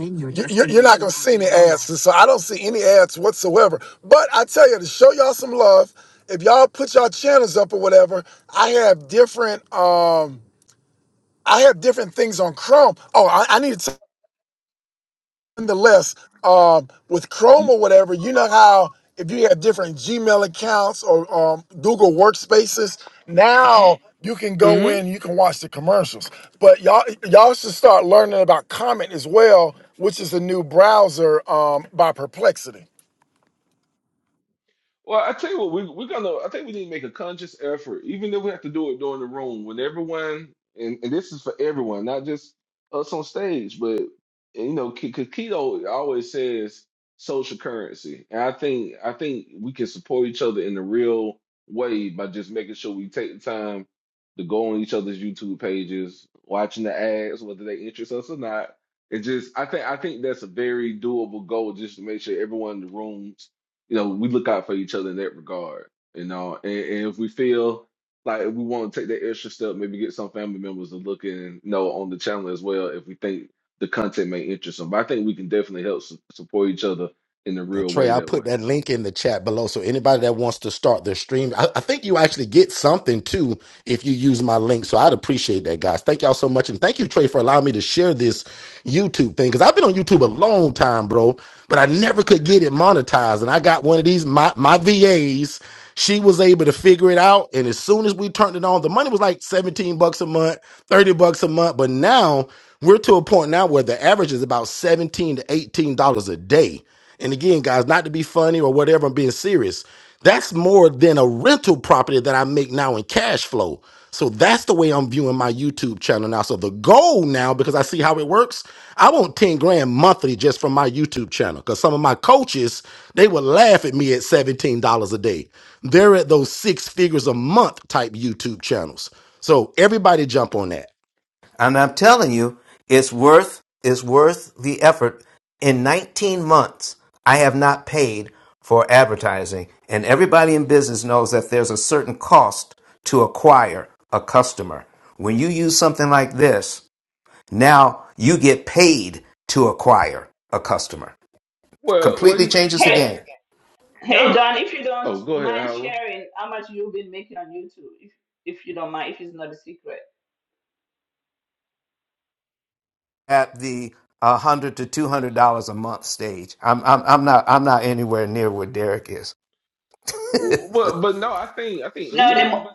[SPEAKER 11] you- you're, you're not gonna see any ads. And So I don't see any ads whatsoever. But I tell you to show y'all some love. If y'all put y'all channels up or whatever, I have different. um I have different things on Chrome. Oh, I, I need to send the list. Um, with Chrome or whatever, you know how if you have different Gmail accounts or um, Google Workspaces, now you can go
[SPEAKER 2] Hmm.
[SPEAKER 11] in, you can watch the commercials. But y'all, y'all should start learning about Comet as well, which is a new browser um, by Perplexity.
[SPEAKER 2] Well, I tell you what, we, we're gonna. I think we need to make a conscious effort, even if we have to do it during the room, when everyone, and, and this is for everyone, not just us on stage, but and, you know, because keto always says social currency, and I think I think we can support each other in the real way by just making sure we take the time to go on each other's YouTube pages, watching the ads, whether they interest us or not. It just, I think, I think that's a very doable goal, just to make sure everyone in the room you know, we look out for each other in that regard, you know. And, and if we feel like we want to take that extra step, maybe get some family members to look in, you know, on the channel as well if we think the content may interest them. But I think we can definitely help su- support each other in a
[SPEAKER 6] And
[SPEAKER 2] real
[SPEAKER 6] Trey,
[SPEAKER 2] way
[SPEAKER 6] I
[SPEAKER 2] that way.
[SPEAKER 6] put that link in the chat below. So anybody that wants to start their stream, I, I think you actually get something too if you use my link. So I'd appreciate that, guys. Thank y'all so much. And thank you, Trey, for allowing me to share this YouTube thing. Cause I've been on YouTube a long time, bro, but I never could get it monetized. And I got one of these, my, my VAs, she was able to figure it out. And as soon as we turned it on, the money was like 17 bucks a month, 30 bucks a month. But now we're to a point now where the average is about 17 to $18 a day and again, guys, not to be funny or whatever, I'm being serious. That's more than a rental property that I make now in cash flow. So that's the way I'm viewing my YouTube channel now. So the goal now, because I see how it works, I want 10 grand monthly just from my YouTube channel. Because some of my coaches, they would laugh at me at $17 a day. They're at those six figures a month type YouTube channels. So everybody jump on that.
[SPEAKER 8] and I'm telling you, it's worth it's worth the effort. In 19 months, I have not paid for advertising, and everybody in business knows that there's a certain cost to acquire a customer. When you use something like this, now you get paid to acquire a customer.
[SPEAKER 2] Well, well,
[SPEAKER 8] Completely
[SPEAKER 2] you
[SPEAKER 8] changes the
[SPEAKER 4] Hey,
[SPEAKER 8] game
[SPEAKER 4] hey
[SPEAKER 2] now,
[SPEAKER 4] Don, if you don't
[SPEAKER 2] oh, go ahead,
[SPEAKER 4] mind
[SPEAKER 2] Howard.
[SPEAKER 4] sharing how much you've been making on YouTube, if, if you don't mind, if it's not a secret.
[SPEAKER 8] at the a hundred to two hundred dollars a month stage. I'm I'm I'm not I'm not anywhere near where Derek is.
[SPEAKER 2] But but no, I think I think in
[SPEAKER 4] No, the,
[SPEAKER 2] the
[SPEAKER 4] mo-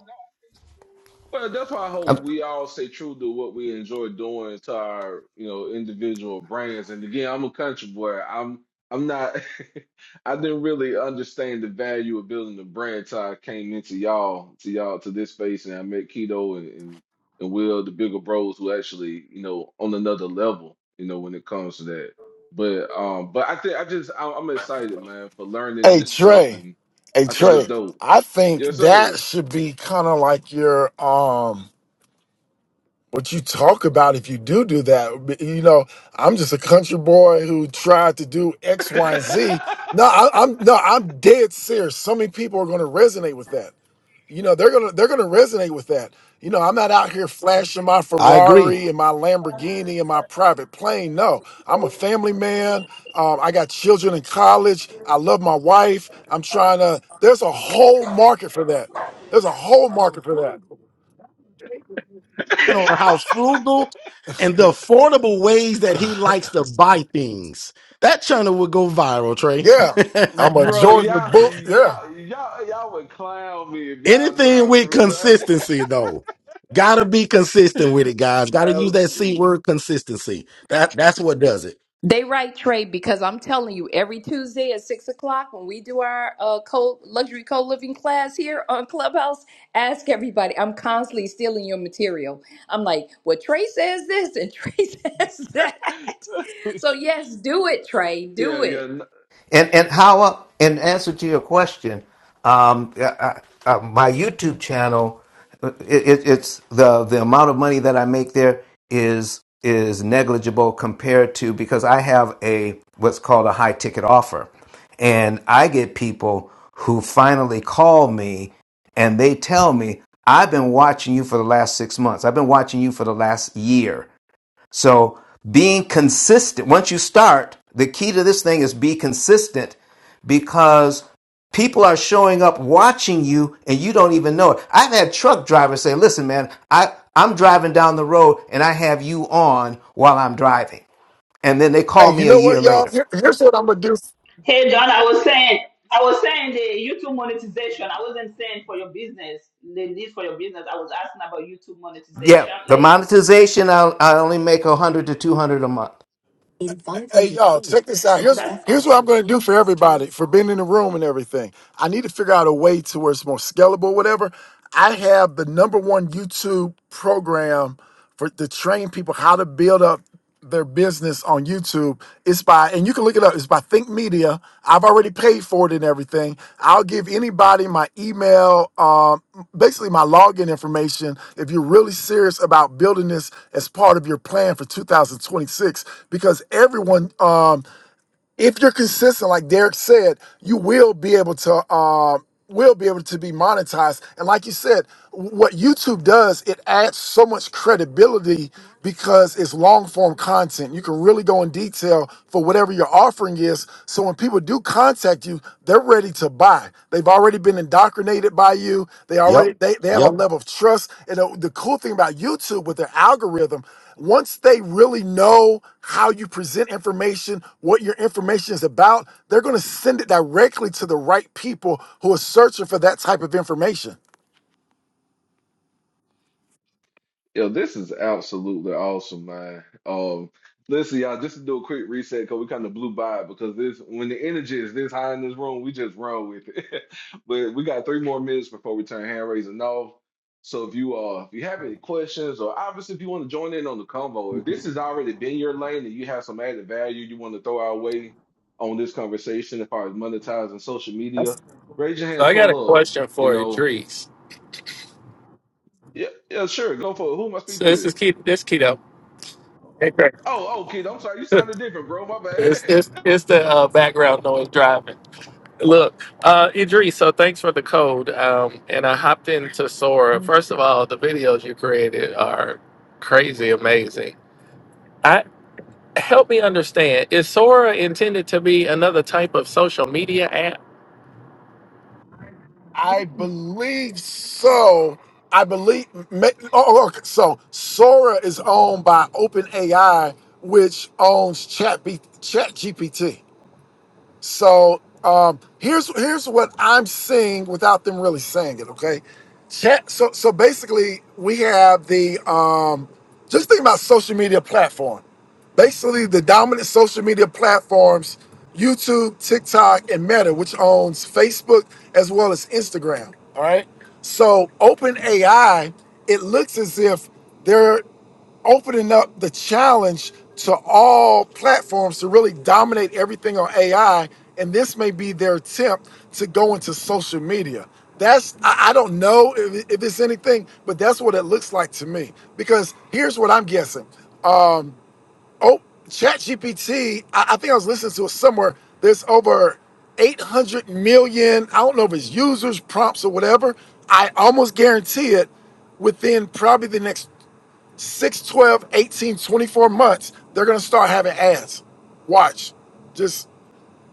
[SPEAKER 2] Well, that's why I
[SPEAKER 8] I'm
[SPEAKER 2] hope we all stay true to what we enjoy doing to our, you know, individual brands. And again, I'm a country boy. I'm I'm not I didn't really understand the value of building a brand till I came into y'all, to y'all to this space and I met Keto and, and, and Will, the bigger bros who actually, you know, on another level, you know, when it comes to that. But um but I think I just I, I'm excited, man, for learning
[SPEAKER 11] Hey
[SPEAKER 2] this stuff
[SPEAKER 11] Trey,
[SPEAKER 2] and
[SPEAKER 11] hey
[SPEAKER 2] I think it's
[SPEAKER 11] Trey,
[SPEAKER 2] dope.
[SPEAKER 11] I think
[SPEAKER 2] Yes,
[SPEAKER 11] that
[SPEAKER 2] sir.
[SPEAKER 11] should be kind of like your um what you talk about if you do do that. You know, I'm just a country boy who tried to do X, Y, and Z. No, I, I'm no, I'm dead serious. So many people are going to resonate with that. You know, they're gonna they're gonna resonate with that. You know, I'm not out here flashing my
[SPEAKER 6] I agree.
[SPEAKER 11] Ferrari and my Lamborghini and my private plane. No, I'm a family man. Um, I got children in college. I love my wife. I'm trying to. There's a whole market for that. There's a whole market for
[SPEAKER 6] on how frugal and the affordable ways that he
[SPEAKER 11] that.
[SPEAKER 6] likes to buy things. That channel would go viral, Trey.
[SPEAKER 11] Yeah, I'm a
[SPEAKER 2] Bro,
[SPEAKER 11] Georgia
[SPEAKER 2] y'all,
[SPEAKER 11] book. Yeah.
[SPEAKER 2] y'all, y'all, y'all would clown me if y'all knew
[SPEAKER 6] Anything
[SPEAKER 2] how
[SPEAKER 6] with
[SPEAKER 2] frugal I
[SPEAKER 6] consistency, though. Gotta be consistent with
[SPEAKER 2] get.
[SPEAKER 6] it, guys. Gotta use that C
[SPEAKER 2] Absolutely.
[SPEAKER 6] word consistency. That that's what does it.
[SPEAKER 7] They right, Trey, because I'm telling you, every Tuesday at six o'clock when we do our uh, co luxury co living class here on Clubhouse, ask everybody. I'm constantly stealing your material. I'm like, well, Trey says this and Trey says that. So yes, do it, Trey.
[SPEAKER 2] yeah,
[SPEAKER 7] Do
[SPEAKER 2] yeah.
[SPEAKER 7] it.
[SPEAKER 8] And and how uh, in answer to your question, um, uh, uh, uh, my YouTube channel, uh, it, it, it's the the amount of money that I make there is is negligible compared to because I have a what's called a high ticket offer, and I get people who finally call me and they tell me I've been watching you for the last six months. I've been watching you for the last year. So being consistent, once you start, the key to this thing is be consistent because people are showing up watching you and you don't even know it. I've had truck drivers say, listen, man, I, I'm driving down the road and I have you on while I'm driving. And then they call
[SPEAKER 11] Hey, you
[SPEAKER 8] me a
[SPEAKER 11] know what,
[SPEAKER 8] year
[SPEAKER 11] y'all?
[SPEAKER 8] later.
[SPEAKER 11] Here- here's what I'm gonna do.
[SPEAKER 4] hey Don, I was saying, I was saying the YouTube monetization. I wasn't saying for your business, the need for your business. I was asking about YouTube
[SPEAKER 8] Yeah,
[SPEAKER 4] monetization.
[SPEAKER 8] the
[SPEAKER 4] Like
[SPEAKER 8] monetization, I'll, I only make 100 to 200 a month.
[SPEAKER 11] Hey, y'all, check this out. Here's
[SPEAKER 4] that's
[SPEAKER 11] here's
[SPEAKER 4] all.
[SPEAKER 11] what I'm gonna do for everybody for being in the room and everything. I need to figure out a way to where it's more scalable, whatever. I have the number one YouTube program for to train people how to build up their business on YouTube. It's by, and you can look it up. It's by Think Media. I've already paid for it and everything. I'll give anybody my email, um, basically my login information, if you're really serious about building this as part of your plan for 2026, because everyone, um, if you're consistent, like Derek said, you will be able to uh, will be able to be monetized. And like you said, what YouTube does, it adds so much credibility because it's long form content. You can really go in detail for whatever your offering is. So when people do contact you, they're ready to buy. They've already been indoctrinated by you. They
[SPEAKER 6] Yep.
[SPEAKER 11] already they, they have a
[SPEAKER 6] Yep.
[SPEAKER 11] level of trust. And the the cool thing about YouTube with their algorithm once they really know how you present information, what your information is about, they're going to send it directly to the right people who are searching for that type of information.
[SPEAKER 2] Yo, this is absolutely awesome, man. Um, listen, y'all, just to do a quick reset because we kind of blew by it because this when the energy is this high in this room, we just run with it. But we got three more minutes before we turn hand raising off. So if you uh if you have any questions or obviously if you want to join in on the convo, if this has already been your lane and you have some added value you want to throw our way on this conversation as far as monetizing social
[SPEAKER 1] So
[SPEAKER 2] media, raise your hand,
[SPEAKER 1] I got a
[SPEAKER 2] pull up.
[SPEAKER 1] question
[SPEAKER 2] You
[SPEAKER 1] for you,
[SPEAKER 2] know, yeah, yeah, sure, go for it. Who am I
[SPEAKER 1] So
[SPEAKER 2] speaking
[SPEAKER 1] this
[SPEAKER 2] with?
[SPEAKER 1] is Keith. This Keto. Hey, Craig.
[SPEAKER 2] Oh, oh, kid, I'm sorry. You sounded different, bro. My
[SPEAKER 1] It's, it's,
[SPEAKER 2] bad.
[SPEAKER 1] it's the uh, background noise driving. Look, uh, Idris, so thanks for the code. Um, and I hopped into Sora. First of all, the videos you created are crazy amazing. I help me understand, is Sora intended to be another type of social media app?
[SPEAKER 11] I believe so. I believe. ma- Oh, oh, okay. So Sora is owned by OpenAI, which owns Chat, B, Chat So um, here's here's what I'm seeing without them really saying it. Okay, chat. So so basically, we have the um, just think about social media platform. Basically, the dominant social media platforms: YouTube, TikTok, and Meta, which owns Facebook as well as Instagram. All right. So OpenAI, it looks as if they're opening up the challenge to all platforms to really dominate everything on AI. And this may be their attempt to go into social media. That's, I, I don't know if, if it's anything, but that's what it looks like to me. Because here's what I'm guessing. Um, oh, ChatGPT, I, I think I was listening to it somewhere. There's over 800 million, I don't know if it's users, prompts, or whatever. I almost guarantee it within probably the next Six, twelve, eighteen, twenty-four months, they're going to start having ads. Watch. Just,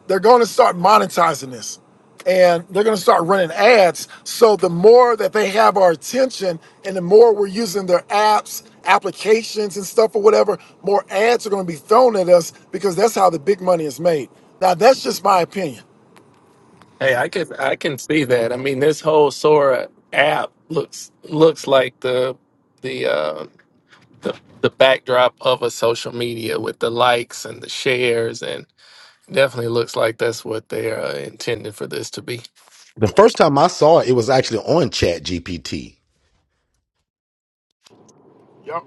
[SPEAKER 11] they're going to start monetizing this and they're going to start running ads. So the more that they have our attention and the more we're using their apps, applications, and stuff or whatever, more ads are going to be thrown at us because that's how the big money is made. Now, that's just my opinion.
[SPEAKER 1] Hey, I could I can see that. I mean, this whole Sora app looks looks like the the uh the, the backdrop of a social media with the likes and the shares and definitely looks like that's what they are intended for this to be.
[SPEAKER 6] The first time I saw it, it was actually on Chat GPT.
[SPEAKER 11] Yep.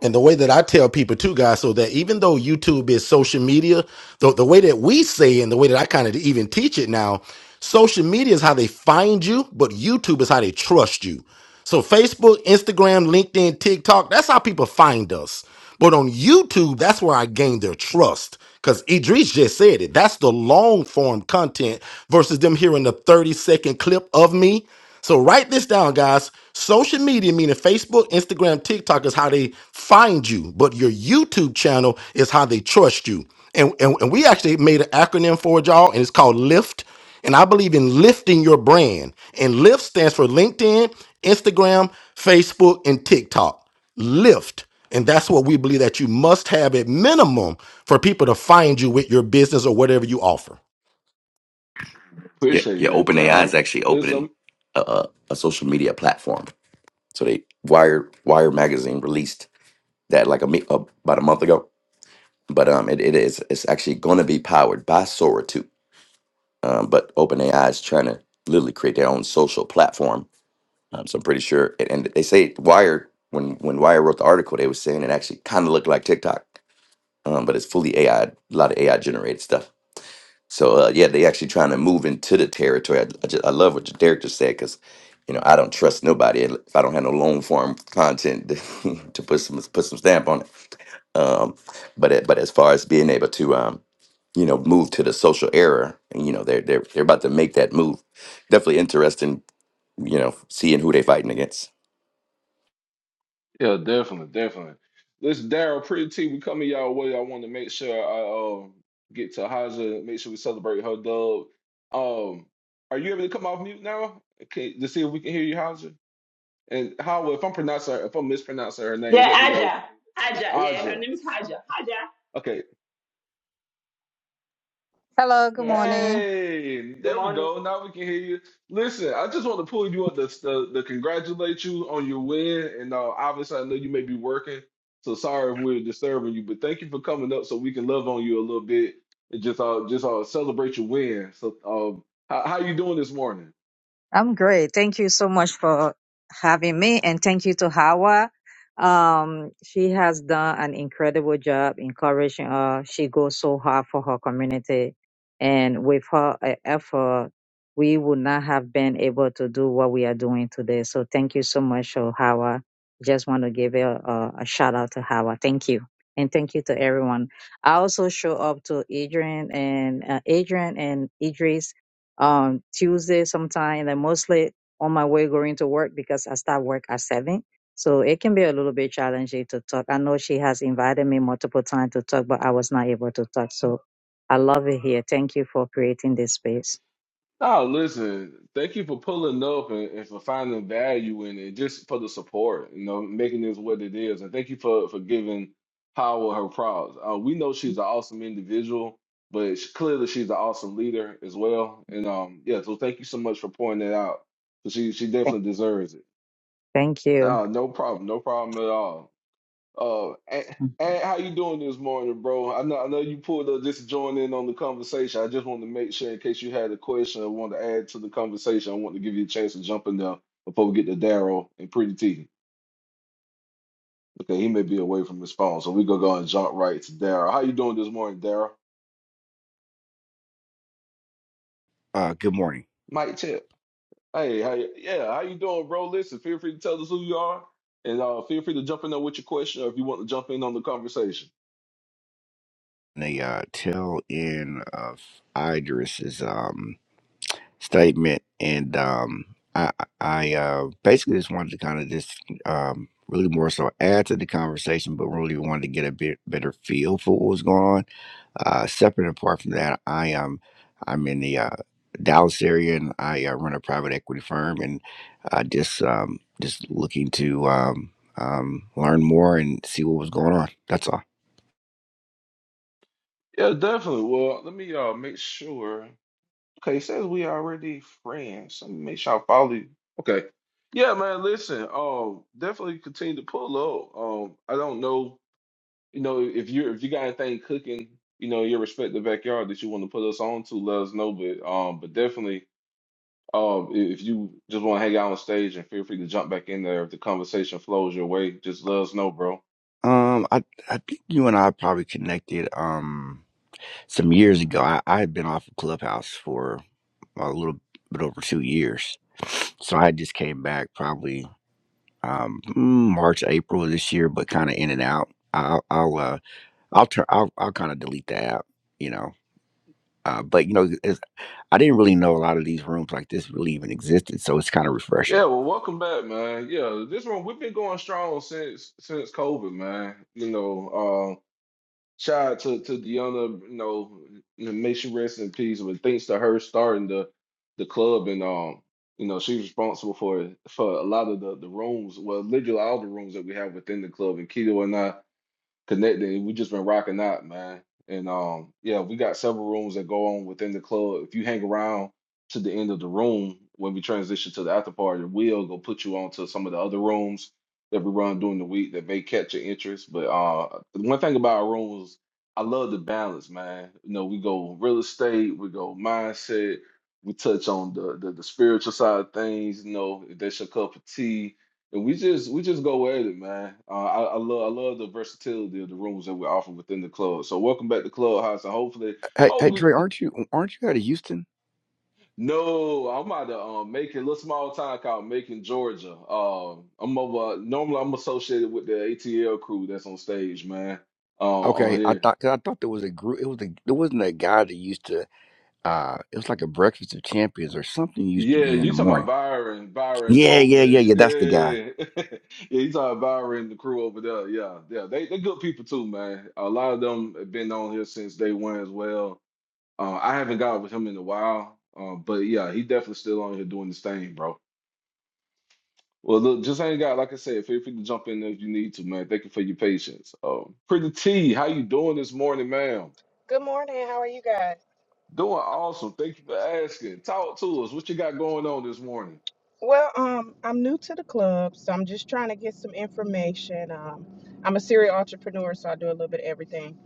[SPEAKER 6] And the way that I tell people too, guys, so that even though YouTube is social media, the, the way that we say and the way that I kind of even teach it now, social media is how they find you, but YouTube is how they trust you. So Facebook, Instagram, LinkedIn, TikTok, that's how people find us. But on YouTube, that's where I gain their trust. Because Idris just said it. That's the long form content versus them hearing the 30 second clip of me. So write this down, guys. Social media, meaning Facebook, Instagram, TikTok, is how they find you. But your YouTube channel is how they trust you. And, and, and we actually made an acronym for it, y'all, and it's called LIFT. And I believe in lifting your brand. And lift stands for LinkedIn, Instagram, Facebook, and TikTok. Lift. And that's what we believe that you must have at minimum for people to find you with your business or whatever you offer.
[SPEAKER 12] Yeah,
[SPEAKER 2] Appreciate
[SPEAKER 12] yeah.
[SPEAKER 2] that.
[SPEAKER 12] OpenAI is
[SPEAKER 2] Um,
[SPEAKER 12] actually opening
[SPEAKER 2] listen,
[SPEAKER 12] a, a, a social media platform. So they Wired Wired magazine released that like a me- uh, about a month ago. But um, it, it is it's actually going to be powered by Sora too. Um, but OpenAI is trying to literally create their own social platform. Um, so I'm pretty sure. And, and they say Wired when when Wired wrote the article, they were saying it actually kind of looked like TikTok. Um, but it's fully AI, a lot of AI generated stuff. So uh, yeah, they actually trying to move into the territory. I, I, just, I love what Derek just said because you know I don't trust nobody if I don't have no long form content to, to put some put some stamp on it. Um, but it, but as far as being able to um, you know move to the social era, and, you know they're they're they're about to make that move. Definitely interesting. You know, seeing who they fighting against.
[SPEAKER 2] yeah, definitely, definitely. Listen, Daryl, pretty T, we coming y'all way. I want to make sure I um get to Haja, make sure we celebrate her dub. Um, are you able to come off mute now? Okay, to see if we can hear you, Haja. And how if I'm pronouncing her, if I'm mispronouncing her name,
[SPEAKER 4] Yeah,
[SPEAKER 2] let me know.
[SPEAKER 4] Aja, Aja. Yeah, her
[SPEAKER 2] Aja.
[SPEAKER 4] name is Haja. Haja.
[SPEAKER 2] Okay,
[SPEAKER 13] Hello, good
[SPEAKER 4] Yeah, she's
[SPEAKER 13] morning.
[SPEAKER 2] Hey,
[SPEAKER 4] good
[SPEAKER 2] there we
[SPEAKER 4] morning.
[SPEAKER 2] go. Now we can hear you. Listen, I just want to pull you up to, to, to congratulate you on your win. And uh, obviously, I know you may be working, so sorry if we're disturbing you. But thank you for coming up so we can love on you a little bit and just uh, just uh, celebrate your win. So, um, how, how you doing this morning?
[SPEAKER 13] I'm great. Thank you so much for having me and thank you to Hawa. Um, she has done an incredible job encouraging her. She goes so hard for her community and with her uh, effort, we would not have been able to do what we are doing today. So thank you so much, to Hawa. Just want to give a, a, a shout out to Hawa. Thank you. And thank you to everyone. I also show up to Adrian and uh, Adrian and Idris um, Tuesday sometime, and mostly on my way going to work because I start work at seven. So it can be a little bit challenging to talk. I know she has invited me multiple times to talk, but I was not able to talk. So I love it here. Thank you for creating this space.
[SPEAKER 2] Oh, listen, thank you for pulling up and, and for finding value in it, just for the support, you know, making this what it is. And thank you for, for giving Power her props. Uh, we know she's an awesome individual, but she, clearly she's an awesome leader as well. And um, yeah, so thank you so much for pointing that out. 'Cause She she
[SPEAKER 13] Th-
[SPEAKER 2] definitely deserves it.
[SPEAKER 13] Thank you.
[SPEAKER 2] No, no problem, no problem at all. Uh, Ed, Ed, how you doing this morning, bro? I know I know you pulled up just to join in on the conversation. I just wanted to make sure in case you had a question or wanted to add to the conversation. I want to give you a chance to jump in there before we get to Daryl and Pretty T. Okay, he may be away from his phone, so we gonna go and jump right to Daryl. How you doing this morning, Daryl?
[SPEAKER 14] Uh, good morning.
[SPEAKER 2] Mike Tip. Hey, how you, yeah, how you doing, bro? Listen, feel free to tell us who you are, and uh, feel free to jump in there with your question or if you want to jump in on the conversation.
[SPEAKER 14] The uh, tail end of Idris's um, statement, and um, I, I uh, basically just wanted to kind of just um, really more so add to the conversation, but really wanted to get a bit better feel for what was going on. Uh, separate and apart from that, I am I'm in the uh, Dallas area, and I uh, run a private equity firm, and uh, just um, just looking to um, um, learn more and see what was going on. That's all.
[SPEAKER 2] Yeah, definitely. Well, let me uh make sure. Okay, it says we already friends. Let me make sure I follow you. Okay. Yeah, man, listen. Um, definitely continue to pull up. Um, I don't know, you know, if you're if you got anything cooking, you know, in your respective backyard that you want to put us on to, let us know. But um, but definitely, um, i- if you just want to hang out on stage and feel free to jump back in there if the conversation flows your way, just let us know, bro.
[SPEAKER 14] Um, I I think you and I probably connected um some years ago. I, I had been off of Clubhouse for a little bit over two years, so I just came back probably um mm, March April of this year, but kind of in and out. I'll I'll uh, I'll turn I'll I'll kind of delete the app, you know. Uh, but you know, it's, I didn't really know a lot of these rooms like this really even existed, so it's kind of
[SPEAKER 2] Yeah,
[SPEAKER 14] refreshing.
[SPEAKER 2] well, welcome back, man. Yeah, this one we've been going strong since since COVID, man. You know, um, shout out to to Deanna, you know, and may she rest in peace. But thanks to her starting the the club and um, you know, she's responsible for for a lot of the the rooms, well, literally all the rooms that we have within the club. And Keto and I connected. We just been rocking out, man. And um, yeah, we got several rooms that go on within the club. If you hang around to the end of the room when we transition to the after party, we'll go put you on to some of the other rooms that we run during the week that may catch your interest. But uh, the one thing about our rooms, I love the balance, man. You know, we go real estate, we go mindset, we touch on the the, the spiritual side of things. You know, if that's your cup of tea and We just we just go at it, man. Uh, I, I love I love the versatility of the rooms that we offer within the club. So welcome back to Clubhouse. And hopefully,
[SPEAKER 14] Hey, hey,
[SPEAKER 2] hopefully,
[SPEAKER 14] Dre, aren't you aren't you out of Houston?
[SPEAKER 2] no, I'm out of um, Macon, a little small town called Macon, Georgia. Um, I'm over. Normally, I'm associated with the ATL crew that's on stage, man. Uh, on
[SPEAKER 14] Okay, I
[SPEAKER 2] here,
[SPEAKER 14] thought 'cause I thought there was a group. It was a, there wasn't a guy that used to uh it was like a breakfast of champions or something used to
[SPEAKER 2] yeah.
[SPEAKER 14] be in
[SPEAKER 2] You
[SPEAKER 14] the
[SPEAKER 2] talking about
[SPEAKER 14] morning
[SPEAKER 2] Byron, Byron
[SPEAKER 14] yeah yeah yeah
[SPEAKER 2] Holman?
[SPEAKER 14] yeah that's the guy
[SPEAKER 2] Yeah, yeah. You talking about Byron the crew over there? Yeah, yeah. They they good people too, man. A lot of them have been on here since day one as well Uh, I haven't got with him in a while, uh, but yeah, he definitely still on here doing this thing, bro. Well, look, just ain't got like I said. Feel free to jump in if you need to, man. Thank you for your patience. Um, Pretty T, how you doing this morning, ma'am?
[SPEAKER 15] Good morning. How are you guys?
[SPEAKER 2] Doing awesome. Thank you for asking. Talk to us. What you got going on this morning?
[SPEAKER 15] Well, um, I'm new to the club, so I'm just trying to get some information. Um, I'm a serial entrepreneur, so I do a little bit of everything.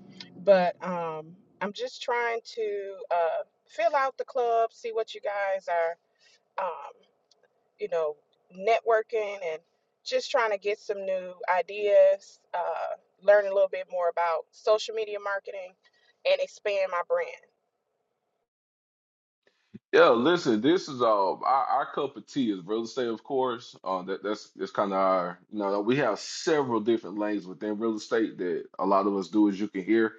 [SPEAKER 15] But um, I'm just trying to uh, fill out the club, see what you guys are. um, you know, networking and just trying to get some new ideas, uh, learn a little bit more about social media marketing and expand my brand.
[SPEAKER 2] Yeah, listen, this is um our, our cup of tea is real estate, of course. Um that, that's that's kind of our you know we have several different lanes within real estate that a lot of us do as you can hear.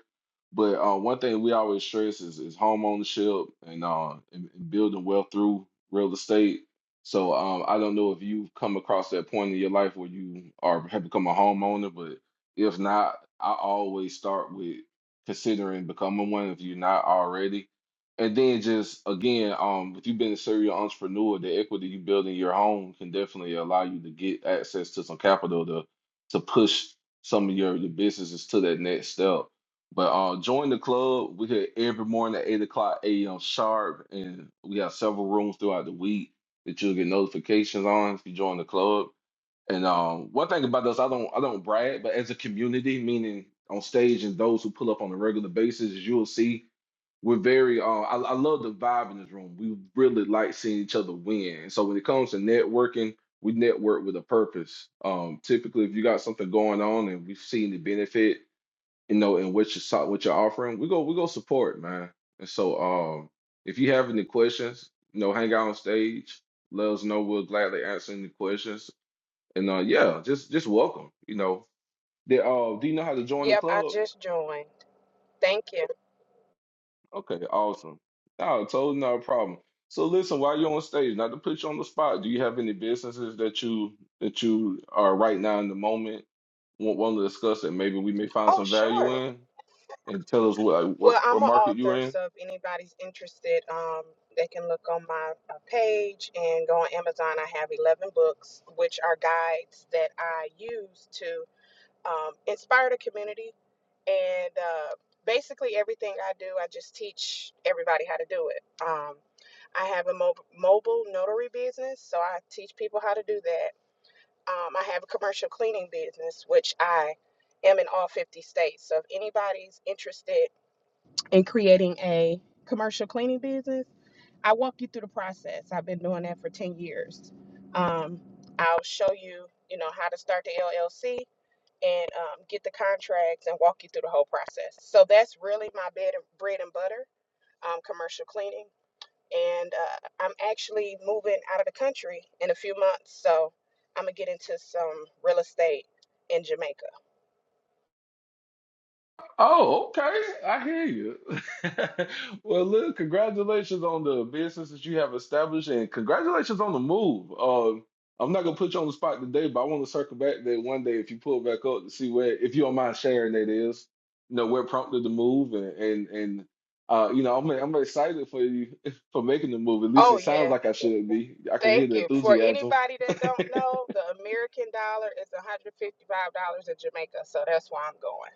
[SPEAKER 2] But uh, one thing we always stress is, is home ownership and uh and, and building wealth through real estate. So um I don't know if you've come across that point in your life where you are have become a homeowner, but if not, I always start with considering becoming one if you're not already and then just again, um, if you've been a serial entrepreneur, the equity you build in your home can definitely allow you to get access to some capital to to push some of your, your businesses to that next step. But uh, join the club. We hit every morning at eight o'clock a.m. sharp, and we have several rooms throughout the week that you'll get notifications on if you join the club. And um, one thing about us, I don't I don't brag, but as a community, meaning on stage and those who pull up on a regular basis, as you'll see we're very uh I, I love the vibe in this room. We really like seeing each other win. So when it comes to networking, we network with a purpose. Um typically if you got something going on and we've seen the benefit, you know, in what you're so- what you're offering, we go we go support, man. And so um if you have any questions, you know, hang out on stage, let us know. We'll gladly answer any questions. And uh yeah, just just welcome, you know. They, uh, do you know how to join the
[SPEAKER 15] Yep, I
[SPEAKER 2] club?
[SPEAKER 15] just joined. Thank you.
[SPEAKER 2] Okay, awesome. No, totally not a problem. So listen, while you're on stage, not to put you on the spot, do you have any businesses that you that you are right now in the moment want, want to discuss that maybe we may find
[SPEAKER 15] Oh,
[SPEAKER 2] some value
[SPEAKER 15] sure.
[SPEAKER 2] in and tell us what like, what,
[SPEAKER 15] Well, I'm
[SPEAKER 2] what
[SPEAKER 15] an
[SPEAKER 2] market you're
[SPEAKER 15] author,
[SPEAKER 2] in?
[SPEAKER 15] so if anybody's interested, um, they can look on my uh, page and go on Amazon. I have 11 books, which are guides that I use to um, inspire the community. And uh, basically, everything I do, I just teach everybody how to do it. Um, I have a mob- mobile notary business, so I teach people how to do that. Um, I have a commercial cleaning business, which I am in all 50 states. So if anybody's interested, and creating a commercial cleaning business. I walk you through the process. I've been doing that for 10 years. Um, I'll show you, you know, how to start the LLC and um, get the contracts and walk you through the whole process. So that's really my bed bread and butter, um, commercial cleaning. And uh, I'm actually moving out of the country in a few months. So I'm going to get into some real estate in Jamaica.
[SPEAKER 2] Oh, okay. I hear you. Well, look, congratulations on the business that you have established and congratulations on the move. Uh, I'm not gonna put you on the spot today, but I want to circle back that one day if you pull back up to see where, if you don't mind sharing that is, you know, where prompted the move and and and uh, you know, I'm I'm excited for you for making the move. At least
[SPEAKER 15] Oh,
[SPEAKER 2] it
[SPEAKER 15] yeah.
[SPEAKER 2] sounds like I should be. I can hear
[SPEAKER 15] Thank
[SPEAKER 2] the
[SPEAKER 15] you. For
[SPEAKER 2] enthusiasm.
[SPEAKER 15] anybody that don't know, the American dollar is $155 in Jamaica, so that's why I'm going.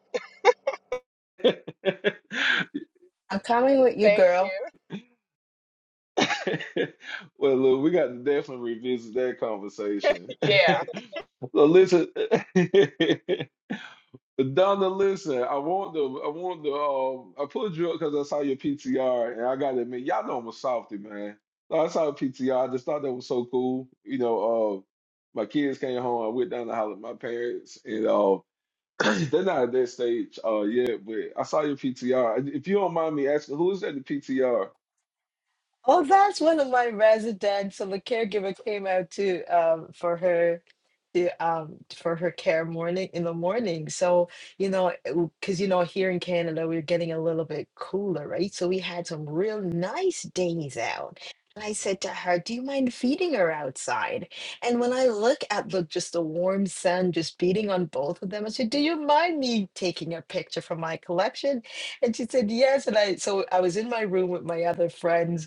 [SPEAKER 16] I'm coming with you,
[SPEAKER 15] Thank
[SPEAKER 16] girl.
[SPEAKER 15] you.
[SPEAKER 2] Well, look, we got to definitely revisit that conversation.
[SPEAKER 15] Yeah.
[SPEAKER 2] So listen, Donna, listen. I want to, I want to. Um, I pulled you up because I saw your PTR, and I gotta admit, y'all know I'm a softy, man. So I saw your PTR. I just thought that was so cool. You know, uh, my kids came home. I went down to holler at my parents, and uh, they're not at that stage uh yet. But I saw your PTR. If you don't mind me asking, who is that? The PTR?
[SPEAKER 16] Oh, that's one of my residents. So the caregiver came out to um for her to um for her care morning in the morning. So, you know, because you know here in Canada we're getting a little bit cooler, right? So we had some real nice days out. And I said to her, "Do you mind feeding her outside?" And when I look at the just the warm sun just beating on both of them, I said, "Do you mind me taking a picture from my collection?" And she said, "Yes." And I so I was in my room with my other friends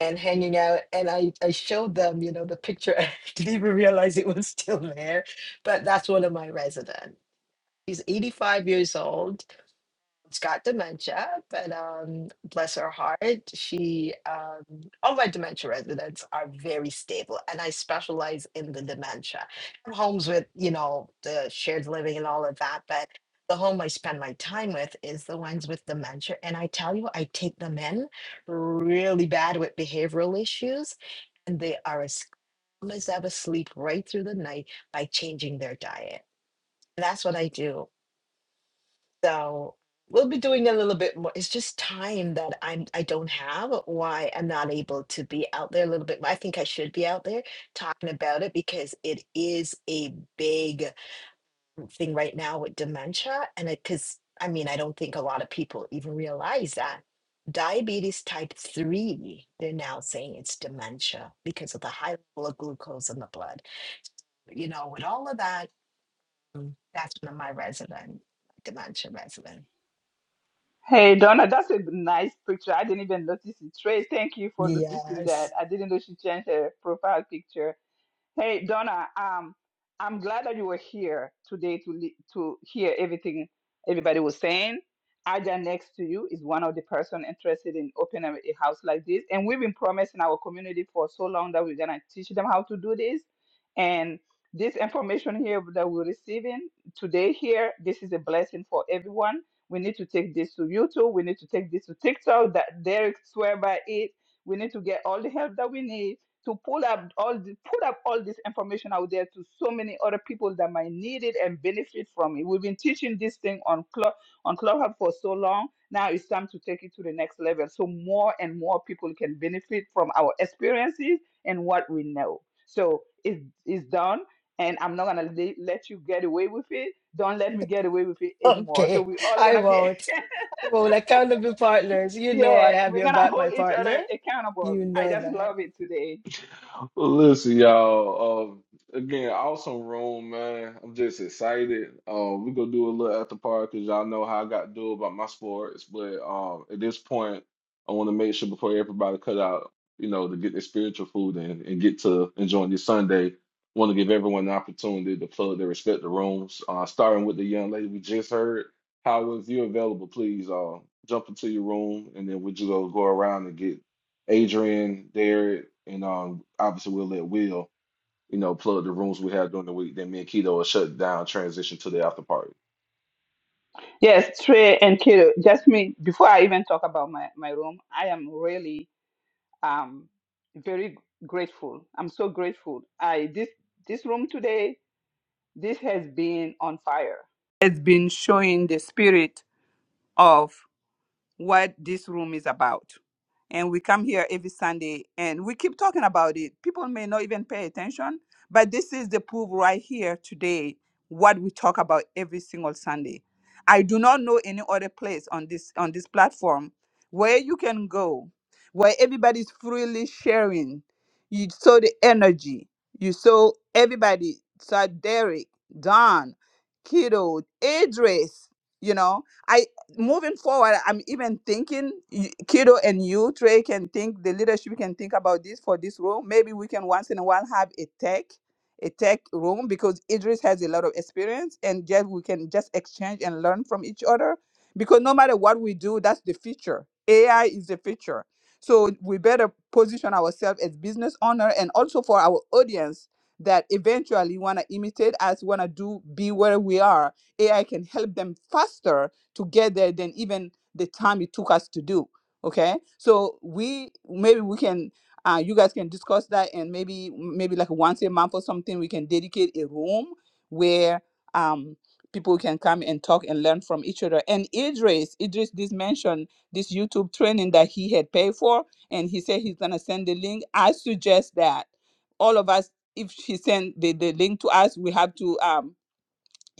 [SPEAKER 16] and hanging out. And I, I showed them, you know, the picture. I didn't even realize it was still there. But that's one of my residents. He's 85 years old it has got dementia, but um, bless her heart, she um, all my dementia residents are very stable, and I specialize in the dementia. I have homes with you know the shared living and all of that, but the home I spend my time with is the ones with dementia, and I tell you, I take them in really bad with behavioral issues, and they are as calm as ever, sleep right through the night by changing their diet. That's what I do so we'll be doing a little bit more. It's just time that I'm I don't have why I'm not able to be out there a little bit. more. I think I should be out there talking about it because it is a big thing right now with dementia. And it because I mean I don't think a lot of people even realize that. Diabetes type 3, they're now saying it's dementia because of the high level of glucose in the blood. You know, with all of that, mm, that's one of my resident, dementia resident.
[SPEAKER 4] Hey Donna, that's a nice picture. I didn't even notice it. Trey, thank you for noticing
[SPEAKER 16] Yes.
[SPEAKER 4] that. I didn't know she changed her profile picture. Hey, Donna, um, I'm glad that you were here today to li- to hear everything everybody was saying. Aja next to you is one of the person interested in opening a house like this, and we've been promising our community for so long that we're gonna teach them how to do this. And this information here that we're receiving today here, this is a blessing for everyone. We need to take this to YouTube. We need to take this to TikTok. That Derek swear by it. We need to get all the help that we need to pull up all the, put up all this information out there to so many other people that might need it and benefit from it. We've been teaching this thing on Club on Clubhouse for so long. Now it's time to take it to the next level, so more and more people can benefit from our experiences and what we know. So it is done, and I'm not gonna le- let you get away with it. Don't let me get away with it anymore. So
[SPEAKER 16] Okay,
[SPEAKER 4] we're all
[SPEAKER 16] I
[SPEAKER 4] gonna be
[SPEAKER 16] won't. I won't. Accountable partners. You know
[SPEAKER 4] yeah,
[SPEAKER 16] I have
[SPEAKER 4] we're
[SPEAKER 16] your
[SPEAKER 4] gonna
[SPEAKER 16] back, my
[SPEAKER 4] hold each
[SPEAKER 16] partner.
[SPEAKER 4] other accountable.
[SPEAKER 16] You
[SPEAKER 4] I
[SPEAKER 16] know
[SPEAKER 4] just
[SPEAKER 16] that.
[SPEAKER 4] love it today.
[SPEAKER 2] Listen, y'all. Um, again, awesome room, man. I'm just excited. Um, we gonna do a little after party because y'all know how I got to do about my sports. But um, at this point, I want to make sure before everybody cut out, you know, to get their spiritual food in and get to enjoying this Sunday. Want to give everyone the opportunity to plug their respective rooms. Uh, starting with the young lady we just heard. How if you're available, please uh, jump into your room and then we just gonna go around and get Adrian, Derek, and um, obviously we'll let Will, you know, plug the rooms we have during the week. Then me and Keto will shut down, transition to the after party.
[SPEAKER 4] Yes, Trey and Kato, just me, before I even talk about my, my room, I am really um very grateful. I'm so grateful. I this this room today, this has been on fire. It's been showing the spirit of what this room is about. And we come here every Sunday and we keep talking about it. People may not even pay attention, but this is the proof right here today what we talk about every single Sunday. I do not know any other place on this on this platform where you can go where everybody's freely sharing. You saw the energy. You saw everybody, saw Derek, Don, Kiddo, Idris, you know. I moving forward, I'm even thinking y- Kido and you, Trey, can think the leadership can think about this for this room. Maybe we can once in a while have a tech, a tech room because Idris has a lot of experience and just we can just exchange and learn from each other. Because no matter what we do, that's the future. AI is the future. So we better position ourselves as business owner and also for our audience that eventually wanna imitate us, wanna do be where we are. AI can help them faster to get there than even the time it took us to do okay so we maybe we can uh, you guys can discuss that and maybe maybe like once a month or something we can dedicate a room where um people can come and talk and learn from each other and idris idris did mention this youtube training that he had paid for and he said he's gonna send the link i suggest that all of us if she send the, the link to us we have to um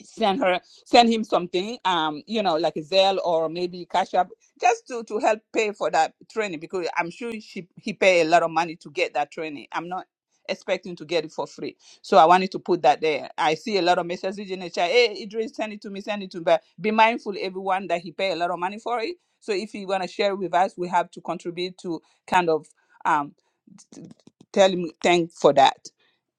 [SPEAKER 4] send her send him something um you know like a zelle or maybe cash up just to to help pay for that training because i'm sure she he pay a lot of money to get that training i'm not expecting to get it for free so i wanted to put that there i see a lot of messages in the chat hey idris send it to me send it to me but be mindful everyone that he pay a lot of money for it so if you want to share with us we have to contribute to kind of um tell him thank for that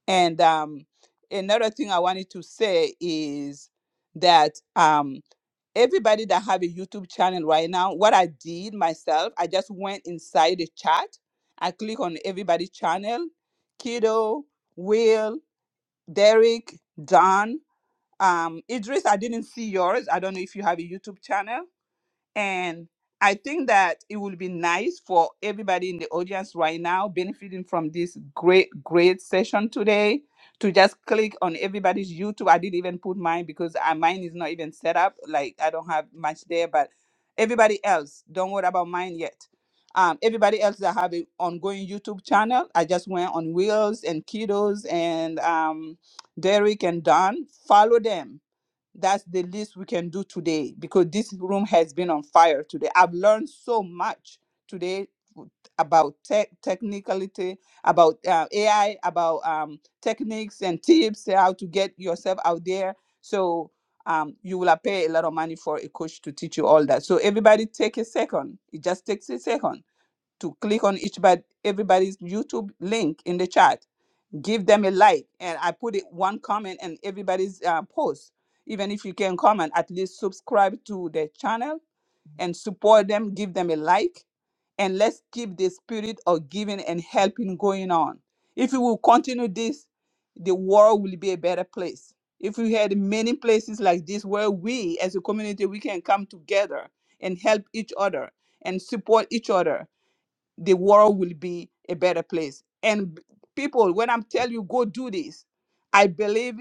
[SPEAKER 4] and um, another thing I wanted to say is that um, everybody that have a YouTube channel right now, what I did myself, I just went inside the chat. I click on everybody's channel, Kiddo, Will, Derek, Don, um, Idris. I didn't see yours. I don't know if you have a YouTube channel. And I think that it will be nice for everybody in the audience right now, benefiting from this great, great session today, to just click on everybody's YouTube. I didn't even put mine because uh, mine is not even set up. Like I don't have much there, but everybody else, don't worry about mine yet. Um, everybody else that have an ongoing YouTube channel, I just went on Wheels and Kiddos and um, Derek and Don. Follow them that's the least we can do today because this room has been on fire today. I've learned so much today about tech technicality, about uh, AI, about um, techniques and tips uh, how to get yourself out there. So um, you will pay a lot of money for a coach to teach you all that. So everybody take a second. It just takes a second to click on each but everybody's YouTube link in the chat give them a like and i put it one comment and everybody's uh, post even if you can comment at least subscribe to the channel and support them give them a like and let's keep the spirit of giving and helping going on if we will continue this the world will be a better place if we had many places like this where we as a community we can come together and help each other and support each other the world will be a better place. And people, when I'm telling you, go do this, I believe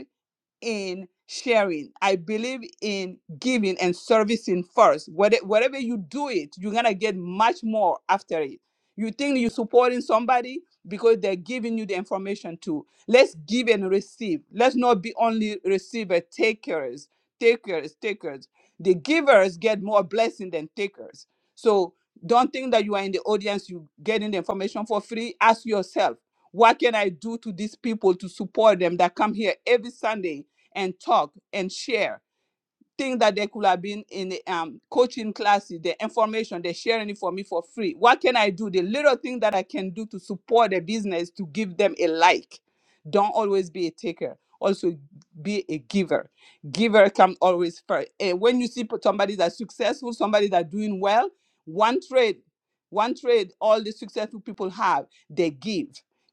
[SPEAKER 4] in sharing. I believe in giving and servicing first. Whate- Whatever you do it, you're gonna get much more after it. You think you're supporting somebody because they're giving you the information too. Let's give and receive. Let's not be only receiver, takers, takers, takers. The givers get more blessing than takers. So don't think that you are in the audience, you getting the information for free. Ask yourself, what can I do to these people to support them that come here every Sunday and talk and share things that they could have been in the, um, coaching classes, the information, they're sharing it for me for free. What can I do? The little thing that I can do to support the business to give them a like. Don't always be a taker. Also be a giver. Giver come always first. And when you see p- somebody that's successful, somebody that's doing well, one trade, one trade all the successful people have, they give.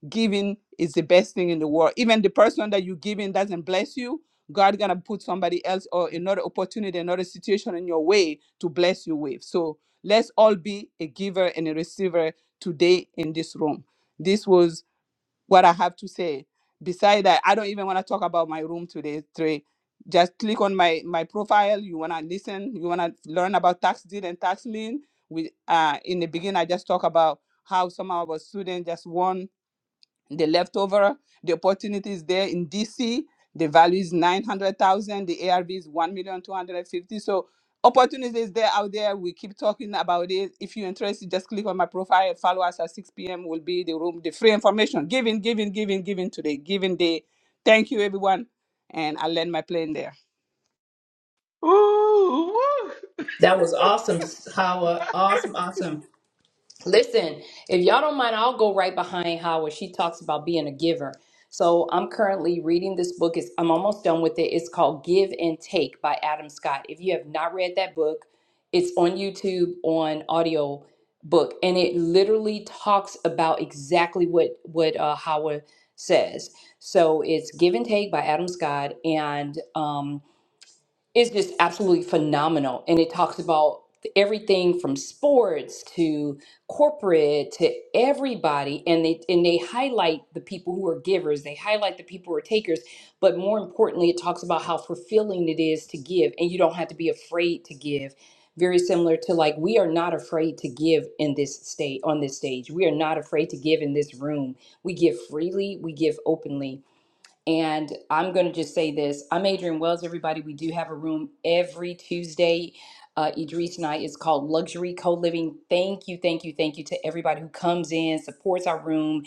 [SPEAKER 4] Giving is the best thing in the world. Even the person that you giving doesn't bless you God gonna put somebody else or another opportunity, another situation in your way to bless you with. So let's all be a giver and a receiver today in this room. This was what I have to say. Besides that, I don't even want to talk about my room today, Trey. Just click on my my profile. You wanna listen, you wanna learn about tax deed and tax lien. We uh in the beginning I just talk about how some of our students just won the leftover, the opportunity is there in DC. The value is 900,000. The ARV is 1,250,000. So opportunities there out there. We keep talking about it. If you're interested, just click on my profile. Follow us at 6 p.m. will be the room, the free information. Giving, giving, giving, giving today, giving day. Thank you, everyone. And I'll land my plane there.
[SPEAKER 2] Ooh, woo.
[SPEAKER 7] That was awesome, Hawa. Awesome, awesome. Listen, if y'all don't mind, I'll go right behind Howard. She talks about being a giver. So I'm currently reading this book. It's, I'm almost done with it. It's called Give and Take by Adam Scott. If you have not read that book, it's on YouTube on audio book, and it literally talks about exactly what what uh, Howard says. So it's Give and Take by Adam Scott, and um, it's just absolutely phenomenal and it talks about everything from sports to corporate to everybody and they and they highlight the people who are givers they highlight the people who are takers but more importantly it talks about how fulfilling it is to give and you don't have to be afraid to give very similar to like we are not afraid to give in this state on this stage we are not afraid to give in this room we give freely we give openly and I'm going to just say this. I'm Adrian Wells, everybody. We do have a room every Tuesday. Uh, Idris and I is called Luxury Co Living. Thank you, thank you, thank you to everybody who comes in, supports our room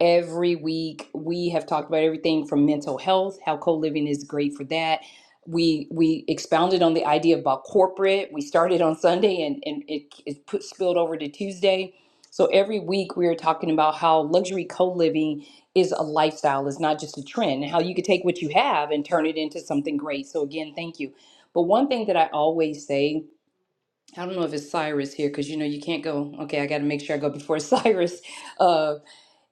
[SPEAKER 7] every week. We have talked about everything from mental health, how co living is great for that. We we expounded on the idea about corporate. We started on Sunday and, and it, it put, spilled over to Tuesday. So every week we are talking about how luxury co living is a lifestyle, is not just a trend, and how you could take what you have and turn it into something great. So, again, thank you. But one thing that I always say, I don't know if it's Cyrus here, because you know you can't go, okay, I got to make sure I go before Cyrus. uh,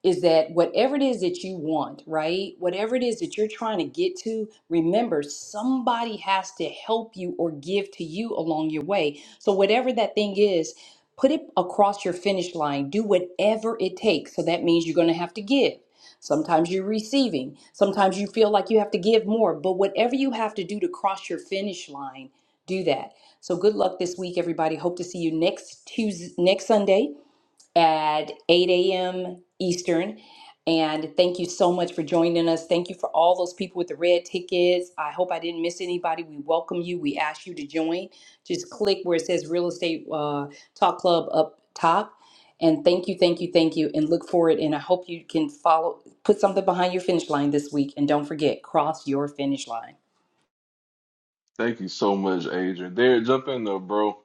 [SPEAKER 7] is that whatever it is that you want, right? Whatever it is that you're trying to get to, remember somebody has to help you or give to you along your way. So, whatever that thing is, put it across your finish line. Do whatever it takes. So, that means you're going to have to give. Sometimes you're receiving. Sometimes you feel like you have to give more. But whatever you have to do to cross your finish line, do that. So, good luck this week, everybody. Hope to see you next Tuesday, next Sunday at 8 a.m. Eastern. And thank you so much for joining us. Thank you for all those people with the red tickets. I hope I didn't miss anybody. We welcome you. We ask you to join. Just click where it says Real Estate uh, Talk Club up top. And thank you, thank you, thank you. And look forward. And I hope you can follow, put something behind your finish line this week. And don't forget, cross your finish line.
[SPEAKER 2] Thank you so much, Adrian. Derek, jump in there, bro.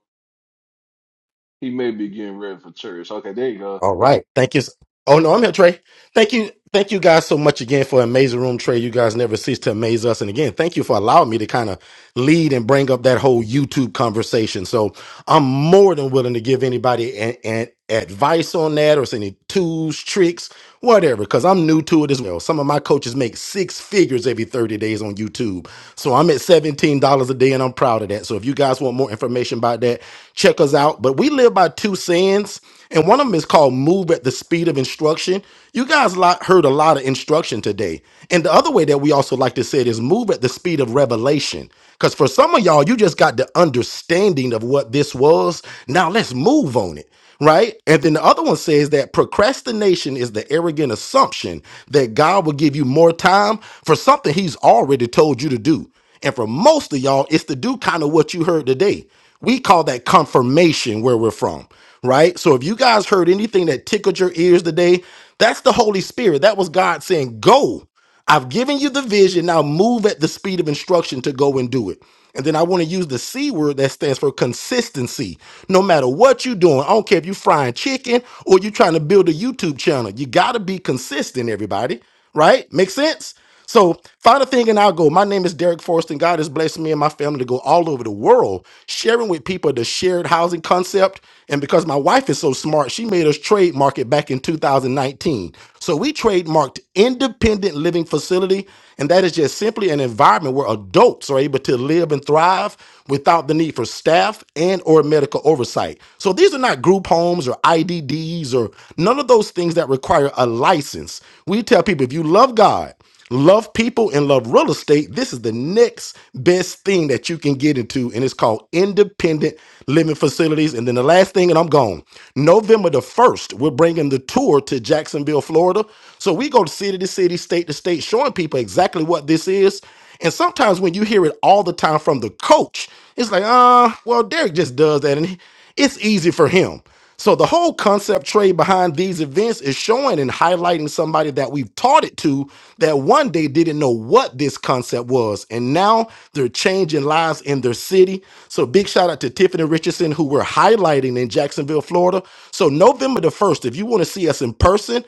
[SPEAKER 2] He may be getting ready for church. Okay, there you go.
[SPEAKER 6] All right. Thank you. s- Oh no, I'm here, Trey. Thank you. Thank you guys so much again for Amazing Room Trey. You guys never cease to amaze us. And again, thank you for allowing me to kind of lead and bring up that whole YouTube conversation. So I'm more than willing to give anybody an, an advice on that or any tools, tricks, whatever because i'm new to it as well some of my coaches make six figures every 30 days on youtube so i'm at $17 a day and i'm proud of that so if you guys want more information about that check us out but we live by two sins and one of them is called move at the speed of instruction you guys lot, heard a lot of instruction today and the other way that we also like to say it is move at the speed of revelation because for some of y'all, you just got the understanding of what this was. Now let's move on it. Right. And then the other one says that procrastination is the arrogant assumption that God will give you more time for something he's already told you to do. And for most of y'all, it's to do kind of what you heard today. We call that confirmation where we're from. Right. So if you guys heard anything that tickled your ears today, that's the Holy Spirit. That was God saying, go. I've given you the vision. Now move at the speed of instruction to go and do it. And then I want to use the C word that stands for consistency. No matter what you're doing, I don't care if you're frying chicken or you're trying to build a YouTube channel, you got to be consistent, everybody. Right? Make sense? So find a thing and I'll go. My name is Derek Forrest, and God has blessed me and my family to go all over the world sharing with people the shared housing concept. And because my wife is so smart, she made us trademark it back in 2019. So we trademarked independent living facility, and that is just simply an environment where adults are able to live and thrive without the need for staff and or medical oversight. So these are not group homes or IDDs or none of those things that require a license. We tell people if you love God Love people and love real estate. This is the next best thing that you can get into, and it's called independent living facilities. And then the last thing, and I'm gone. November the 1st, we're bringing the tour to Jacksonville, Florida. So we go city to city, state to state, showing people exactly what this is. And sometimes when you hear it all the time from the coach, it's like, ah, well, Derek just does that, and he- it's easy for him. So the whole concept trade behind these events is showing and highlighting somebody that we've taught it to that one day didn't know what this concept was. And now they're changing lives in their city. So big shout out to Tiffany Richardson, who we're highlighting in Jacksonville, Florida. So November the 1st, if you want to see us in person,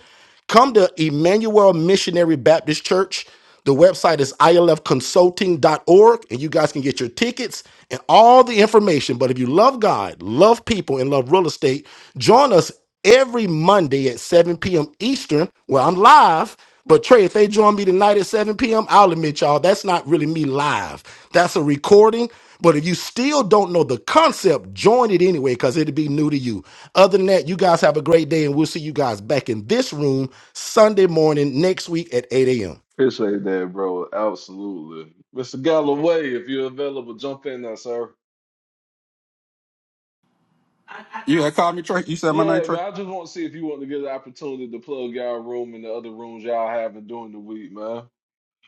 [SPEAKER 6] come to Emmanuel Missionary Baptist Church. The website is I L F consulting dot org, and you guys can get your tickets and all the information. But if you love God, love people, and love real estate, join us every Monday at 7 p.m. Eastern, where I'm live. But Trey, if they join me tonight at 7 p.m., I'll admit y'all, that's not really me live. That's a recording. But if you still don't know the concept, join it anyway, because it'll be new to you. Other than that, you guys have a great day, and we'll see you guys back in this room Sunday morning next week at 8 a.m.
[SPEAKER 2] Appreciate that, bro. Absolutely. Mr. Galloway, if you're available, jump in there, sir.
[SPEAKER 17] You had called me Trey. You said my name,
[SPEAKER 2] Yeah,
[SPEAKER 17] Trey.
[SPEAKER 2] man, I just want to see if you want to get an opportunity to plug y'all room and the other rooms y'all having during the week, man.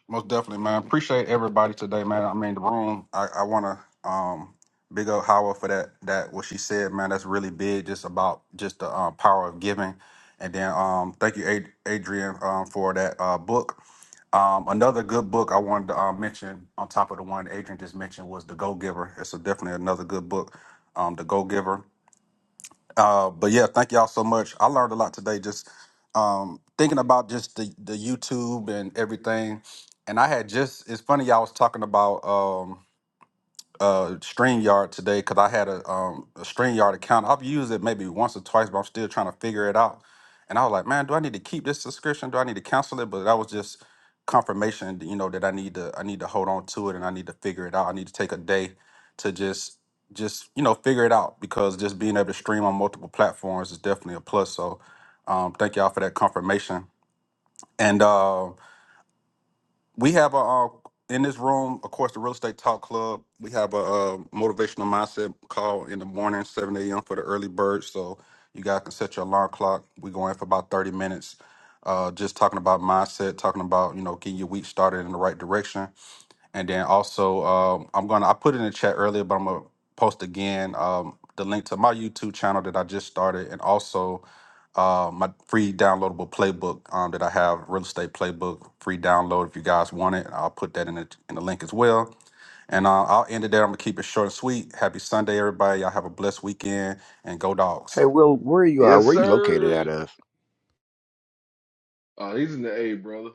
[SPEAKER 17] Most definitely, man. Appreciate everybody today, man. I mean, the room. I, I want to um big up Howard for that. That what she said, man. That's really big. Just about just the um, power of giving. And then um, thank you, Ad- Adrian, um, for that uh, book. Um, another good book I wanted to uh, mention on top of the one Adrian just mentioned was The Go Giver. It's a, definitely another good book. Um, the Go Giver. Uh, but yeah, thank y'all so much. I learned a lot today just um, thinking about just the, the YouTube and everything. And I had just, it's funny, y'all was talking about um, uh StreamYard today because I had a um a StreamYard account. I've used it maybe once or twice, but I'm still trying to figure it out. And I was like, man, do I need to keep this subscription? Do I need to cancel it? But that was just confirmation, you know, that I need to I need to hold on to it and I need to figure it out. I need to take a day to just just you know figure it out because just being able to stream on multiple platforms is definitely a plus. So um thank y'all for that confirmation. And uh, we have a uh, in this room, of course, the Real Estate Talk Club. We have a, uh motivational mindset call in the morning, seven a.m. for the early birds. So you guys can set your alarm clock. We go in for about thirty minutes, uh, just talking about mindset, talking about you know getting your week started in the right direction. And then also, um, I'm gonna I put it in the chat earlier, but I'm gonna post again um, the link to my YouTube channel that I just started, and also uh, my free downloadable playbook um, that I have, real estate playbook, free download. If you guys want it, I'll put that in the in the link as well. And uh, I'll end it there. I'm gonna keep it short and sweet. Happy Sunday, everybody. Y'all have a blessed weekend, and go
[SPEAKER 14] hey
[SPEAKER 17] dogs.
[SPEAKER 14] will where are you uh
[SPEAKER 2] Yes,
[SPEAKER 14] where are you located out
[SPEAKER 2] sir.
[SPEAKER 14] of
[SPEAKER 2] Oh, he's in the A, brother.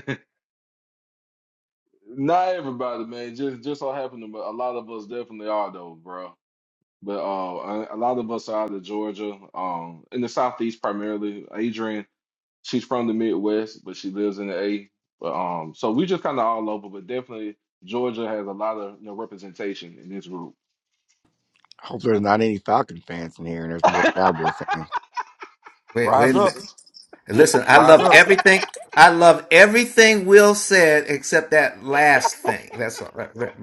[SPEAKER 2] Not everybody, man. Just just so happened, to- but a lot of us definitely are though, bro. But uh, a a lot of us are out of Georgia, um, in the Southeast primarily. Adrian, she's from the Midwest, but she lives in the A. But um, so we just kind of all over, but definitely Georgia has a lot of you know, representation in this group.
[SPEAKER 14] i hope there's not any falcon fans in here and there's more cowboy fans
[SPEAKER 8] Wait,
[SPEAKER 17] Rise
[SPEAKER 8] wait a
[SPEAKER 17] up,
[SPEAKER 8] minute. Listen, I
[SPEAKER 17] rise
[SPEAKER 8] loved
[SPEAKER 17] up.
[SPEAKER 8] everything. I love everything Will said except that last thing. That's all. right.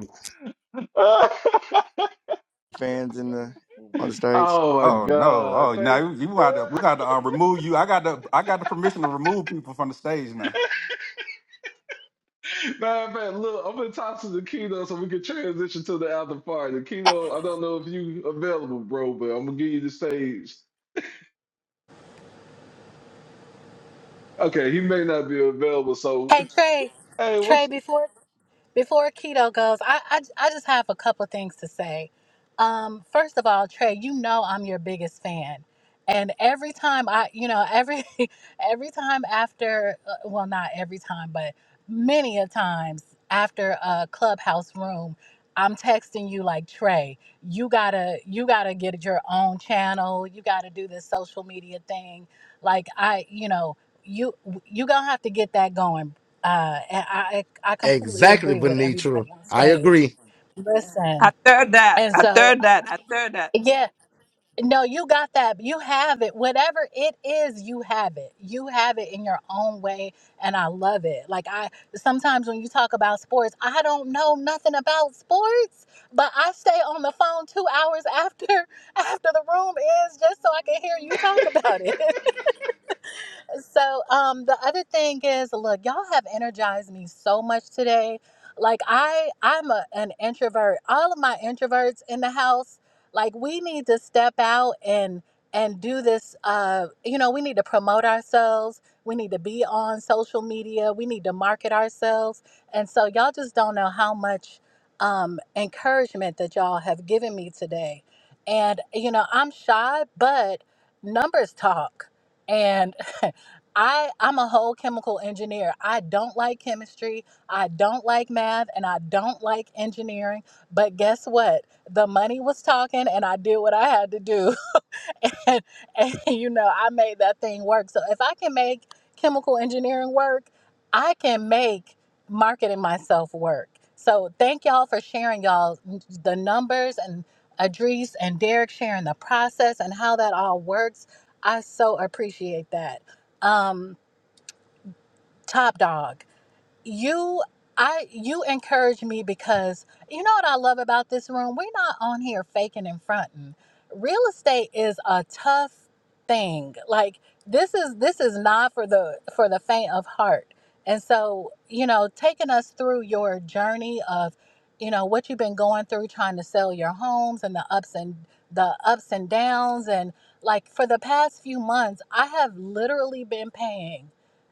[SPEAKER 14] fans in the on the
[SPEAKER 2] oh
[SPEAKER 14] stage
[SPEAKER 2] my
[SPEAKER 17] Oh no!
[SPEAKER 2] God!
[SPEAKER 17] Oh, now
[SPEAKER 2] Thank.
[SPEAKER 17] you, you got to we got to uh, remove you. I got the I got the permission to remove people from the stage now.
[SPEAKER 2] Matter of fact, look, I'm gonna toss to the keto so we can transition to the after party. Keto, I don't know if you available, bro, but I'm gonna give you the stage. Okay, he may not be available, so
[SPEAKER 5] Hey Trey,
[SPEAKER 2] hey,
[SPEAKER 5] Trey,
[SPEAKER 2] what's
[SPEAKER 5] before Before keto goes, I, I, I just have a couple of things to say. Um, first of all, Trey, you know I'm your biggest fan. And every time I, you know, every every time after, uh, well, not every time, but many of times after a clubhouse room, I'm texting you like Trey, you gotta you gotta get your own channel. You gotta do this social media thing. Like I, you know, you you gonna have to get that going, uh, and I I completely
[SPEAKER 6] Exactly,
[SPEAKER 5] agree with
[SPEAKER 6] Venetra.
[SPEAKER 5] everybody on
[SPEAKER 6] I
[SPEAKER 5] stage.
[SPEAKER 6] agree.
[SPEAKER 5] Listen,
[SPEAKER 4] I third that.
[SPEAKER 5] and
[SPEAKER 4] I
[SPEAKER 5] so
[SPEAKER 4] third that. I third that.
[SPEAKER 5] yeah, no, you got that. You have it. Whatever it is, you have it. You have it in your own way, and I love it. Like I sometimes when you talk about sports, I don't know nothing about sports, but I stay on the phone two hours after after the room is just so I can hear you talk about it. So um the other thing is look, y'all have energized me so much today. Like I I'm a, an introvert. All of my introverts in the house, like we need to step out and and do this uh you know, we need to promote ourselves. We need to be on social media. We need to market ourselves. And so y'all just don't know how much um encouragement that y'all have given me today. And you know, I'm shy, but numbers talk. And I I'm a whole chemical engineer. I don't like chemistry, I don't like math, and I don't like engineering. But guess what? The money was talking and I did what I had to do. and, and you know, I made that thing work. So if I can make chemical engineering work, I can make marketing myself work. So thank y'all for sharing y'all the numbers and Adrice and Derek sharing the process and how that all works. I so appreciate that. Um, Top dog, you I you encourage me because you know what I love about this room? We're not on here faking and fronting. Real estate is a tough thing. Like this is this is not for the for the faint of heart. And so, you know, taking us through your journey of, you know, what you've been going through trying to sell your homes and the ups and the ups and downs and like for the past few months, I have literally been paying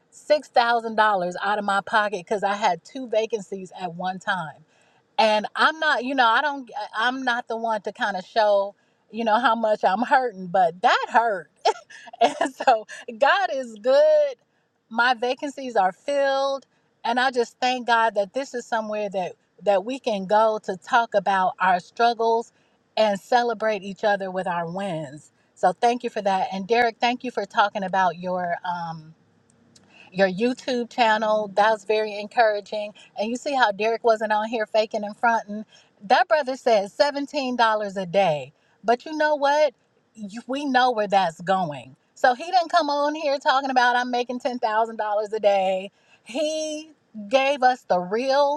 [SPEAKER 5] six thousand dollars out of my pocket because I had two vacancies at one time. And I'm not, you know, I don't, I'm not the one to kind of show, you know, how much I'm hurting, but that hurt. And so God is good. My vacancies are filled, and I just thank God that this is somewhere that that we can go to talk about our struggles and celebrate each other with our wins. So thank you for that. And Derek, thank you for talking about your um, your YouTube channel. That was very encouraging. And you see how Derek wasn't on here faking and fronting. That brother said $17 a day. But you know what? You, we know where that's going. So he didn't come on here talking about I'm making $10,000 a day. He gave us the real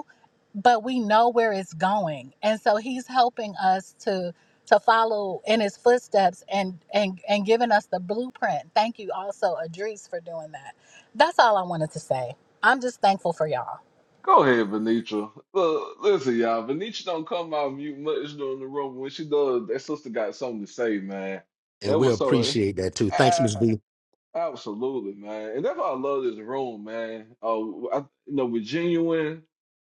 [SPEAKER 5] but we know where it's going and so he's helping us to to follow in his footsteps and and and giving us the blueprint thank you also adris for doing that that's all i wanted to say i'm just thankful for y'all
[SPEAKER 2] go ahead, Venetra. Look, listen, y'all, Venetra don't come out mute much during the room. When she does, that sister got something to say, man.
[SPEAKER 6] And
[SPEAKER 2] That
[SPEAKER 6] we
[SPEAKER 2] was so.
[SPEAKER 6] appreciate that too. Thanks,
[SPEAKER 2] ah,
[SPEAKER 6] Miss B.
[SPEAKER 2] Absolutely, man, and that's why I love this room, man. Uh, I, you know, we're genuine.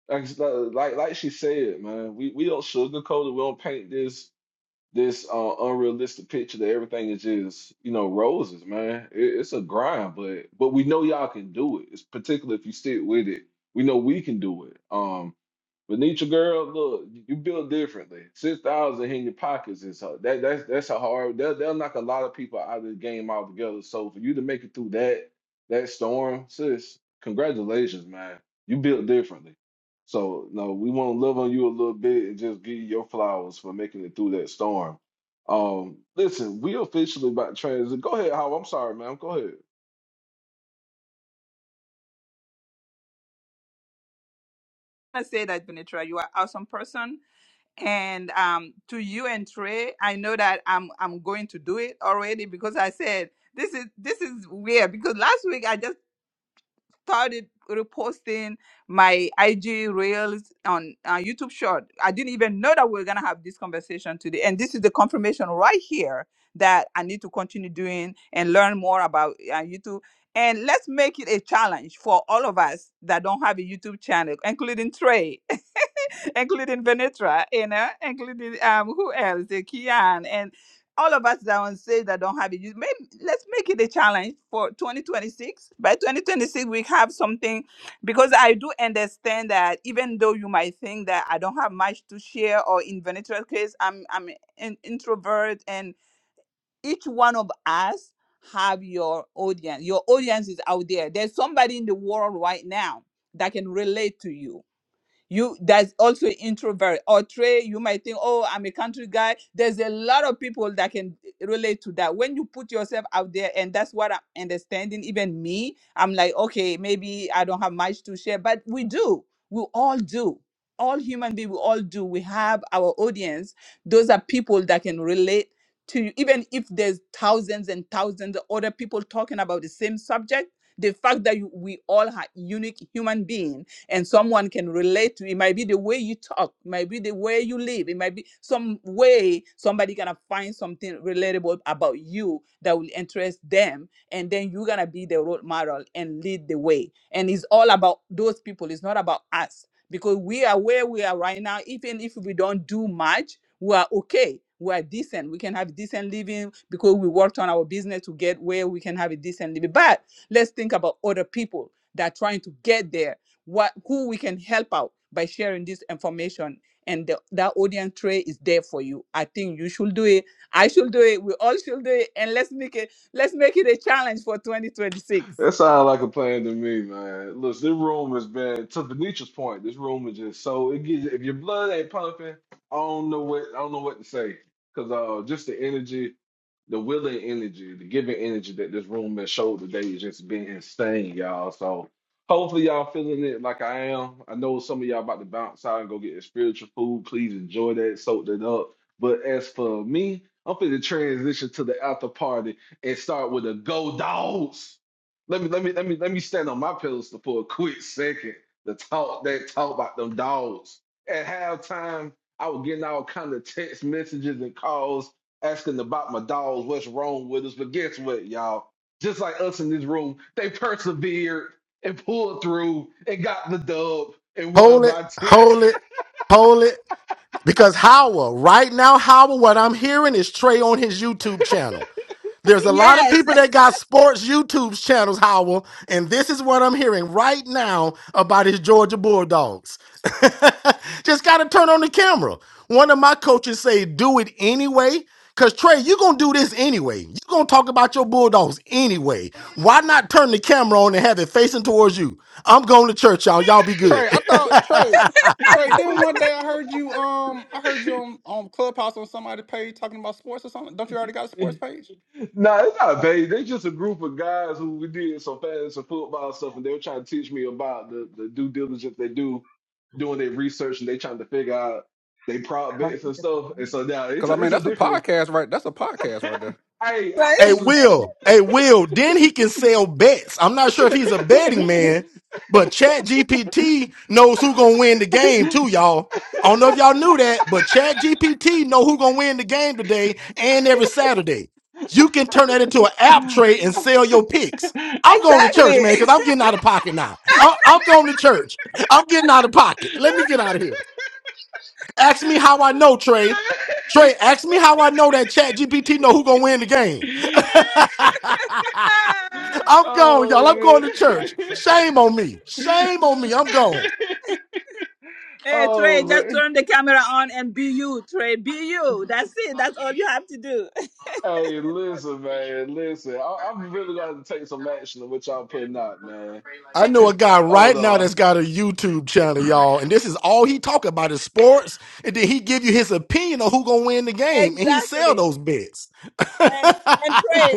[SPEAKER 2] Like, like, like like she said, man, we we don't sugarcoat it. We don't paint this this uh, unrealistic picture that everything is just you know roses, man. It, it's a grind, but but we know y'all can do it. It's particularly if you stick with it. We know we can do it. Um. But Venetra girl, look, you built differently. Six thousand in your pockets is hard. that that's that's a hard. They'll, they'll knock a lot of people out of the game altogether. So for you to make it through that that storm, sis, congratulations, man. You built differently. So no, we want to love on you a little bit and just give you your flowers for making it through that storm. Um, listen, we officially about to transit. Go ahead, Howard. I'm sorry, man. Go ahead.
[SPEAKER 4] I say that, Benitra, you are awesome person. And um, to you and Trey, I know that I'm I'm going to do it already because I said this is this is weird because last week I just started reposting my IG reels on uh, YouTube short. I didn't even know that we were gonna have this conversation today. And this is the confirmation right here that I need to continue doing and learn more about uh, YouTube. And let's make it a challenge for all of us that don't have a YouTube channel, including Trey. including Venetra, you know, including um who else? Uh, Kian and all of us down say that don't have it. You may, let's make it a challenge for 2026. By 2026, we have something because I do understand that even though you might think that I don't have much to share, or in Venetra's case, I'm I'm an introvert, and each one of us have your audience. Your audience is out there. There's somebody in the world right now that can relate to you you There's also introvert or trey you might think oh i'm a country guy there's a lot of people that can eh, relate to that when you put yourself out there and that's what i'm understanding even me i'm like okay maybe i don't have much to share but we do we all do all human beings we all do we have our audience those are people that can relate to you even if there's thousands and thousands of other people talking about the same subject the fact that you, we all are unique human beings and someone can relate to it. might be the way you talk, it might be the way you live, it might be some way somebody gonna find something relatable about you that will interest them, and then you're gonna be the role model and lead the way. And it's all about those people, it's not about us because we are where we are right now, even if we don't do much, we are okay. We are decent. We can have decent living because we worked on our business to get where we can have a decent living. But let's think about other people that are trying to get there what who we can help out by sharing this information and the, that audience tray is there for you i think you should do it i should do it we all should do it and let's make it let's make it a challenge for 2026
[SPEAKER 2] That sounds like a plan to me, man. Look, this room has been to Venetra's point. This room is just so it gets if your blood ain't pumping, I don't know what I don't know what to say because uh, just the energy, the willing energy, the giving energy that this room has showed today has just been insane, y'all. So hopefully y'all feeling it like I am. I know some of y'all about to bounce out and go get your spiritual food. Please enjoy that, soak that up. But as for me, I'm finna transition to the after party and start with the go dogs. Let me let me let me let me stand on my pedestal for a quick second to talk that talk about them dogs. At halftime, I was getting all kind of text messages and calls asking about my dogs, what's wrong with us. But guess what, y'all? Just like us in this room, they persevered and pulled through and got the dub and won
[SPEAKER 6] Hold it,
[SPEAKER 2] by ten.
[SPEAKER 6] hold it, hold it. Because Howard, right now, Howard, what I'm hearing is Trey on his YouTube channel. There's a lot of
[SPEAKER 4] yes
[SPEAKER 6] people that got sports YouTube channels, Howell, and this is what I'm hearing right now about his Georgia Bulldogs. Just got to turn on the camera. One of my coaches say, "Do it anyway." Cause Trey, you gonna do this anyway. you gonna talk about your bulldogs anyway. Why not turn the camera on and have it facing towards you? I'm going to church, y'all. Y'all be good.
[SPEAKER 17] Trey, I thought Trey, Trey. Then one day I heard you. Um, I heard you on, on Clubhouse on somebody's page talking about sports or something. Don't you already got a sports page?
[SPEAKER 2] No, it's not a baby. They just a group of guys who we did some fast some football stuff, and they were trying to teach me about the, the due diligence they do, doing their research, and they trying to figure out they prop bets and stuff. And
[SPEAKER 18] Hallelujah.
[SPEAKER 2] so now it's
[SPEAKER 17] Cause
[SPEAKER 2] a,
[SPEAKER 17] I mean
[SPEAKER 2] it's a
[SPEAKER 17] that's a
[SPEAKER 2] different.
[SPEAKER 17] podcast, right? That's a podcast right
[SPEAKER 2] hey,
[SPEAKER 17] there.
[SPEAKER 2] I
[SPEAKER 4] right
[SPEAKER 6] A
[SPEAKER 2] actually.
[SPEAKER 6] Will, a Will, then he can sell bets. I'm not sure if he's a betting man, but Chat GPT knows who gonna win the game too, y'all. I don't know if y'all knew that, but Chat GPT know who gonna win the game today and every Saturday. You can turn that into an app trade and sell your picks. I'm going to church,
[SPEAKER 4] exactly
[SPEAKER 6] man, because I'm getting out of pocket now. I- I'm going to church. I'm getting out of pocket. Let me get out of here. Ask me how I know, Trey. Trey, ask me how I know that Chat GPT know who gonna win the game.
[SPEAKER 4] Ah.
[SPEAKER 6] I'm gone, y'all.
[SPEAKER 18] Thank
[SPEAKER 6] I'm
[SPEAKER 18] you,
[SPEAKER 2] oh
[SPEAKER 6] going
[SPEAKER 18] my
[SPEAKER 6] to
[SPEAKER 18] God.
[SPEAKER 6] church.
[SPEAKER 18] Fuck
[SPEAKER 6] Shame on me.
[SPEAKER 2] yeah.
[SPEAKER 6] Shame on me. I'm gone.
[SPEAKER 4] hey
[SPEAKER 2] Oh
[SPEAKER 4] trey just
[SPEAKER 2] man.
[SPEAKER 4] turn the camera on and be you trey be you that's it
[SPEAKER 19] Well,
[SPEAKER 4] that's
[SPEAKER 19] we
[SPEAKER 4] all you
[SPEAKER 19] should
[SPEAKER 4] have to do
[SPEAKER 19] have
[SPEAKER 2] Hey, listen,
[SPEAKER 19] patience.
[SPEAKER 2] man, listen. I,
[SPEAKER 19] We're not
[SPEAKER 2] I'm
[SPEAKER 19] getting
[SPEAKER 2] really gonna
[SPEAKER 19] that
[SPEAKER 2] have to
[SPEAKER 19] game
[SPEAKER 2] take some
[SPEAKER 19] now.
[SPEAKER 2] action on what y'all putting out,
[SPEAKER 19] We'll
[SPEAKER 2] man.
[SPEAKER 19] play later
[SPEAKER 6] I
[SPEAKER 19] in the
[SPEAKER 6] know a guy
[SPEAKER 2] Oh
[SPEAKER 6] right
[SPEAKER 19] evening,
[SPEAKER 6] now
[SPEAKER 2] no.
[SPEAKER 6] that's got a YouTube channel,
[SPEAKER 19] early.
[SPEAKER 6] y'all, and this is all he talk about is sports, and then he give you his opinion on who gonna win the game, and he sell
[SPEAKER 4] exactly
[SPEAKER 6] those bets.
[SPEAKER 4] And and
[SPEAKER 2] I-
[SPEAKER 4] Trey,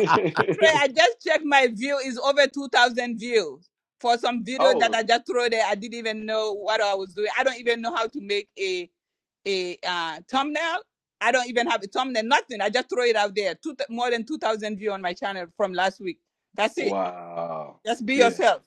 [SPEAKER 4] Trey, I just checked my view is over two thousand views for some video that I
[SPEAKER 2] Oh
[SPEAKER 4] just threw there. I didn't even know what I was doing. I don't even know how to make a a uh, thumbnail. I don't even have a thumbnail. Nothing. I just throw it out there. Two, more than two thousand view on my channel from last week. That's it.
[SPEAKER 2] wow.
[SPEAKER 4] Just be
[SPEAKER 2] Yeah.
[SPEAKER 4] yourself.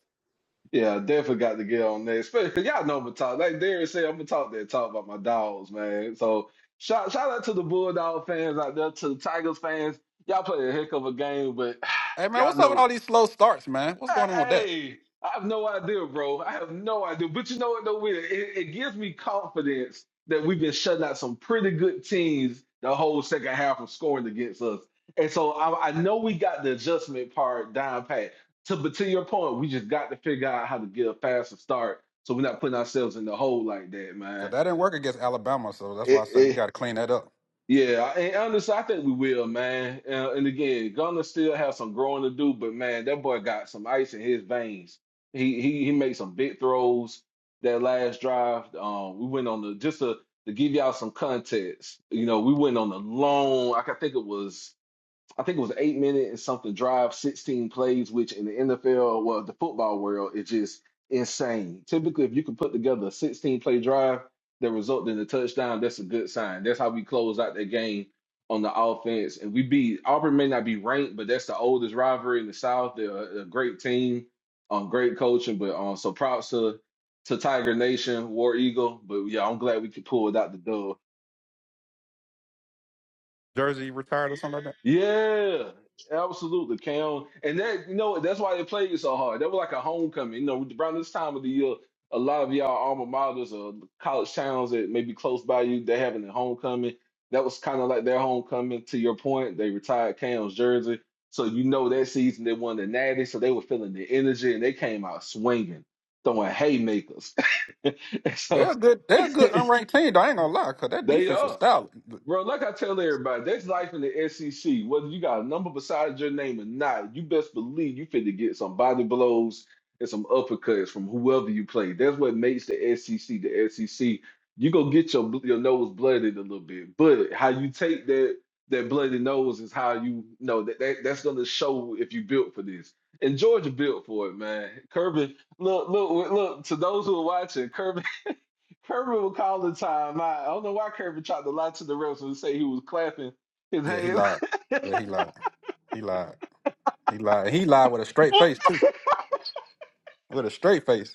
[SPEAKER 2] Yeah, I definitely got to get on that. Especially y'all know I'm gonna talk. Like Darren said, I'm gonna talk that talk about my dogs, man. So shout shout out to the Bulldog fans out there, to the Tigers fans. Y'all play a heck of a game, but
[SPEAKER 17] Hey man,
[SPEAKER 2] y'all
[SPEAKER 17] what's up with
[SPEAKER 2] know
[SPEAKER 17] all these slow starts, man? What's going on with that?
[SPEAKER 2] Hey, I have no idea, bro. I have no idea. But you know what, though, Will? it, it gives me confidence that we've been shutting out some pretty good teams the whole second half of scoring against us. And so I, I know we got the adjustment part down pat. To, but to your point, we just got to figure out how to get a faster start so we're not putting ourselves in the hole like that,
[SPEAKER 17] Cause
[SPEAKER 2] man.
[SPEAKER 17] that didn't work against Alabama, so that's why I said we got to clean that up.
[SPEAKER 2] Yeah, I- and honestly, I think we will, man. Uh, and again, Gunner still has some growing to do, but man, that boy got some ice in his veins. He he he made some big throws that last drive. Um, we went on the just to to give y'all some context. You know, we went on a long. I can think it was. I think it was eight minute and something drive, 16 plays, which in the NFL, well, the football world is just insane. Typically, if you can put together a 16 play drive that resulted in a touchdown, that's a good sign. That's how we close out that game on the offense. And we beat Auburn may not be ranked, but that's the oldest rivalry in the South. They're a, a great team, um, great coaching, but um, so props to to Tiger Nation, War Eagle. But yeah, I'm glad we could pull it out the dub.
[SPEAKER 17] Jersey retired or something like that.
[SPEAKER 2] Yeah, absolutely, Cam. And that you know that's why they played so hard. That was like a homecoming. You know, around this time of the year, a lot of y'all alma maters or college towns that may be close by you, they're having a homecoming. That was kind of like their homecoming. To your point, they retired Cam's jersey, so you know that season they won the Natty, so they were feeling the energy and they came out swinging, throwing haymakers.
[SPEAKER 17] They're a
[SPEAKER 2] so
[SPEAKER 17] good. They're a good unranked team. Though. I ain't gonna lie, cause that
[SPEAKER 2] they
[SPEAKER 17] defense was
[SPEAKER 2] are.
[SPEAKER 17] stout.
[SPEAKER 2] Bro, like I tell everybody, that's life in the SEC. Whether you got a number beside your name or not, you best believe you finna get some body blows and some uppercuts from whoever you play. That's what makes the SEC the SEC. You go get your bl- your nose blooded a little bit, but how you take that that bloody nose is how you know that, that that's gonna show if you built for this. And Georgia built for it, man. Kirby, look, look, look. To those who are watching, Kirby Kirby would call the time. I, I don't know why Kirby tried to lie to the refs and say he was clapping his
[SPEAKER 17] Yeah, he
[SPEAKER 2] hands.
[SPEAKER 17] lied. Yeah, he lied. He lied. He lied. He lied with a straight face too. With a straight face.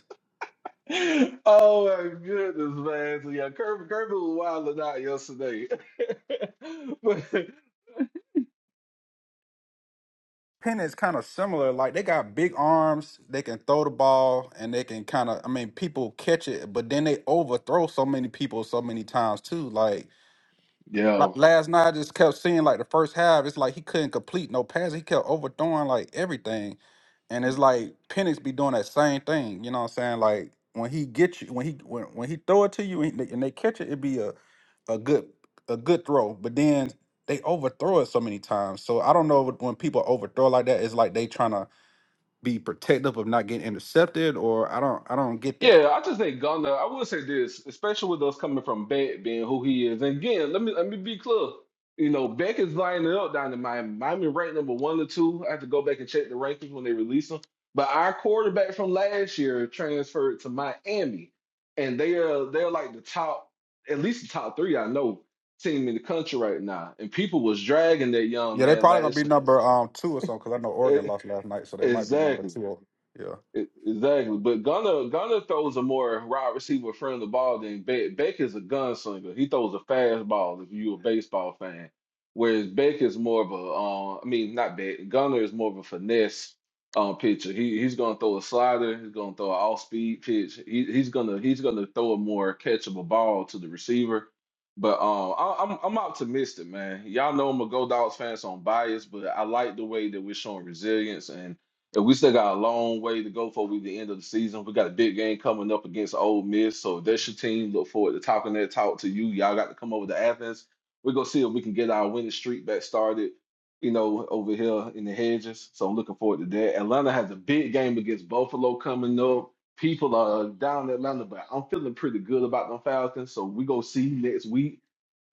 [SPEAKER 2] oh my goodness, man! So yeah, Kirby Kirby was wilding out yesterday. but
[SPEAKER 17] Penn is kind of similar. Like they got big arms, they can throw the ball, and they can kind of. I mean, people catch it, but then they overthrow so many people so many times too. Like like
[SPEAKER 2] yeah,
[SPEAKER 17] last night I just kept seeing like the first half, it's like he couldn't complete no passes. He kept overthrowing like everything. And it's like Penix be doing that same thing. You know what I'm saying? Like when he get you when he when, when he throw it to you and they, and they catch it, it'd be a, a good a good throw. But then they overthrow it so many times. So I don't know what- when people overthrow like that, it's like they trying to be protective of not getting intercepted or I don't I don't get that.
[SPEAKER 2] Yeah, I just think Gunner. I will say this, especially with us coming from Beck being who he is. And again, let me let me be clear. You know, Beck is lining up down in Miami. Miami ranked number one or two. I have to go back and check the rankings when they release them. But our quarterback from last year transferred to Miami, and they are they're like the top, at least the top three I know team in the country right now. And people was dragging that young
[SPEAKER 17] Yeah, they
[SPEAKER 2] man
[SPEAKER 17] probably gonna be
[SPEAKER 2] last.
[SPEAKER 17] number um two or something because I know Oregon
[SPEAKER 2] e-
[SPEAKER 17] lost last night, so they might be number
[SPEAKER 2] Exactly.
[SPEAKER 17] two. Or, Yeah.
[SPEAKER 2] E- Exactly, but Gunner Gunner throws a more wide receiver friendly ball than Beck. Beck is a gunslinger. He throws a fastball. If you're a baseball fan, whereas Beck is more of a, uh, I mean, not Beck. Gunner is more of a finesse um, pitcher. He he's gonna throw a slider. He's gonna throw an off speed pitch. He he's gonna he's gonna throw a more catchable ball to the receiver. But um, I, I'm I'm optimistic, man. Y'all know I'm a Go Dogs fan, so I'm biased, but I like the way that we're showing resilience and and we still got a long way to go before we the end of the season. We got a big game coming up against Ole Miss. So if that's your team, look forward to talking that talk to you. Y'all got to come over to Athens. We're gonna see if we can get our winning streak back started, you know, over here in the hedges. So I'm looking forward to that. Atlanta has a big game against Buffalo coming up. People are down in Atlanta, but I'm feeling pretty good about them Falcons. So we go see next week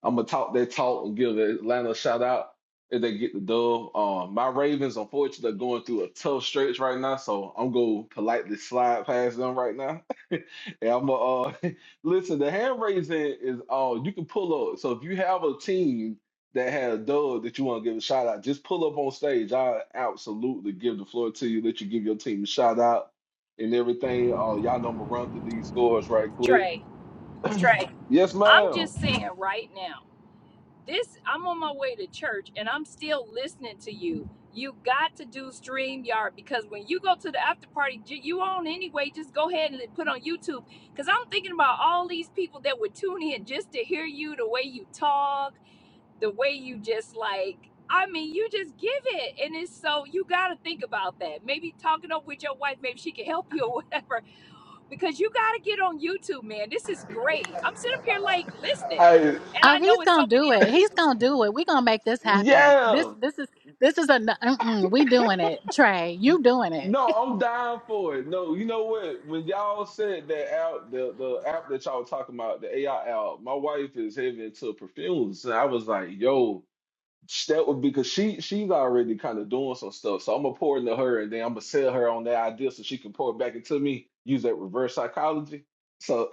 [SPEAKER 2] I'm gonna talk that talk and give Atlanta a shout out if they get the dub. Um, my Ravens, unfortunately, are going through a tough stretch right now, so I'm gonna politely slide past them right now. and I'm gonna uh, listen. The hand raising is uh, you can pull up. So if you have a team that had a dub that you want to give a shout out, just pull up on stage. I absolutely give the floor to you. Let you give your team a shout out and everything. Uh, y'all know I'm gonna run through these scores right quick.
[SPEAKER 7] Trey, Trey,
[SPEAKER 2] yes,
[SPEAKER 7] I'm
[SPEAKER 2] ma'am.
[SPEAKER 7] just saying right now. this I'm on my way to church and I'm still listening to you. You got to do StreamYard because when you go to the after party, j- you on anyway. Just go ahead and put on YouTube because I'm thinking about all these people that would tune in just to hear you, the way you talk, the way you just like. I mean, you just give it, and it's so you got to think about that. Maybe talking up with your wife, maybe she can help you or whatever. Because you got to get on YouTube, man. This is great. I'm sitting up here like listening, and
[SPEAKER 5] oh
[SPEAKER 7] I
[SPEAKER 5] he's
[SPEAKER 7] know it's so
[SPEAKER 5] gonna
[SPEAKER 7] many
[SPEAKER 5] do it
[SPEAKER 7] other
[SPEAKER 5] he's
[SPEAKER 7] people too.
[SPEAKER 5] gonna do it we gonna make this happen this
[SPEAKER 2] Yeah.
[SPEAKER 5] this is this is a mm-mm, we doing it trey you doing it
[SPEAKER 2] No, I'm dying for it. No, you know what? When y'all said that out the the app that y'all talking about, the AI app, my wife is heavy into perfumes. And I was like, yo, sh- that would because she she's already kind of doing some stuff. So I'm gonna pour into her and then I'm gonna sell her on that idea so she can pour it back into me, use that reverse psychology. So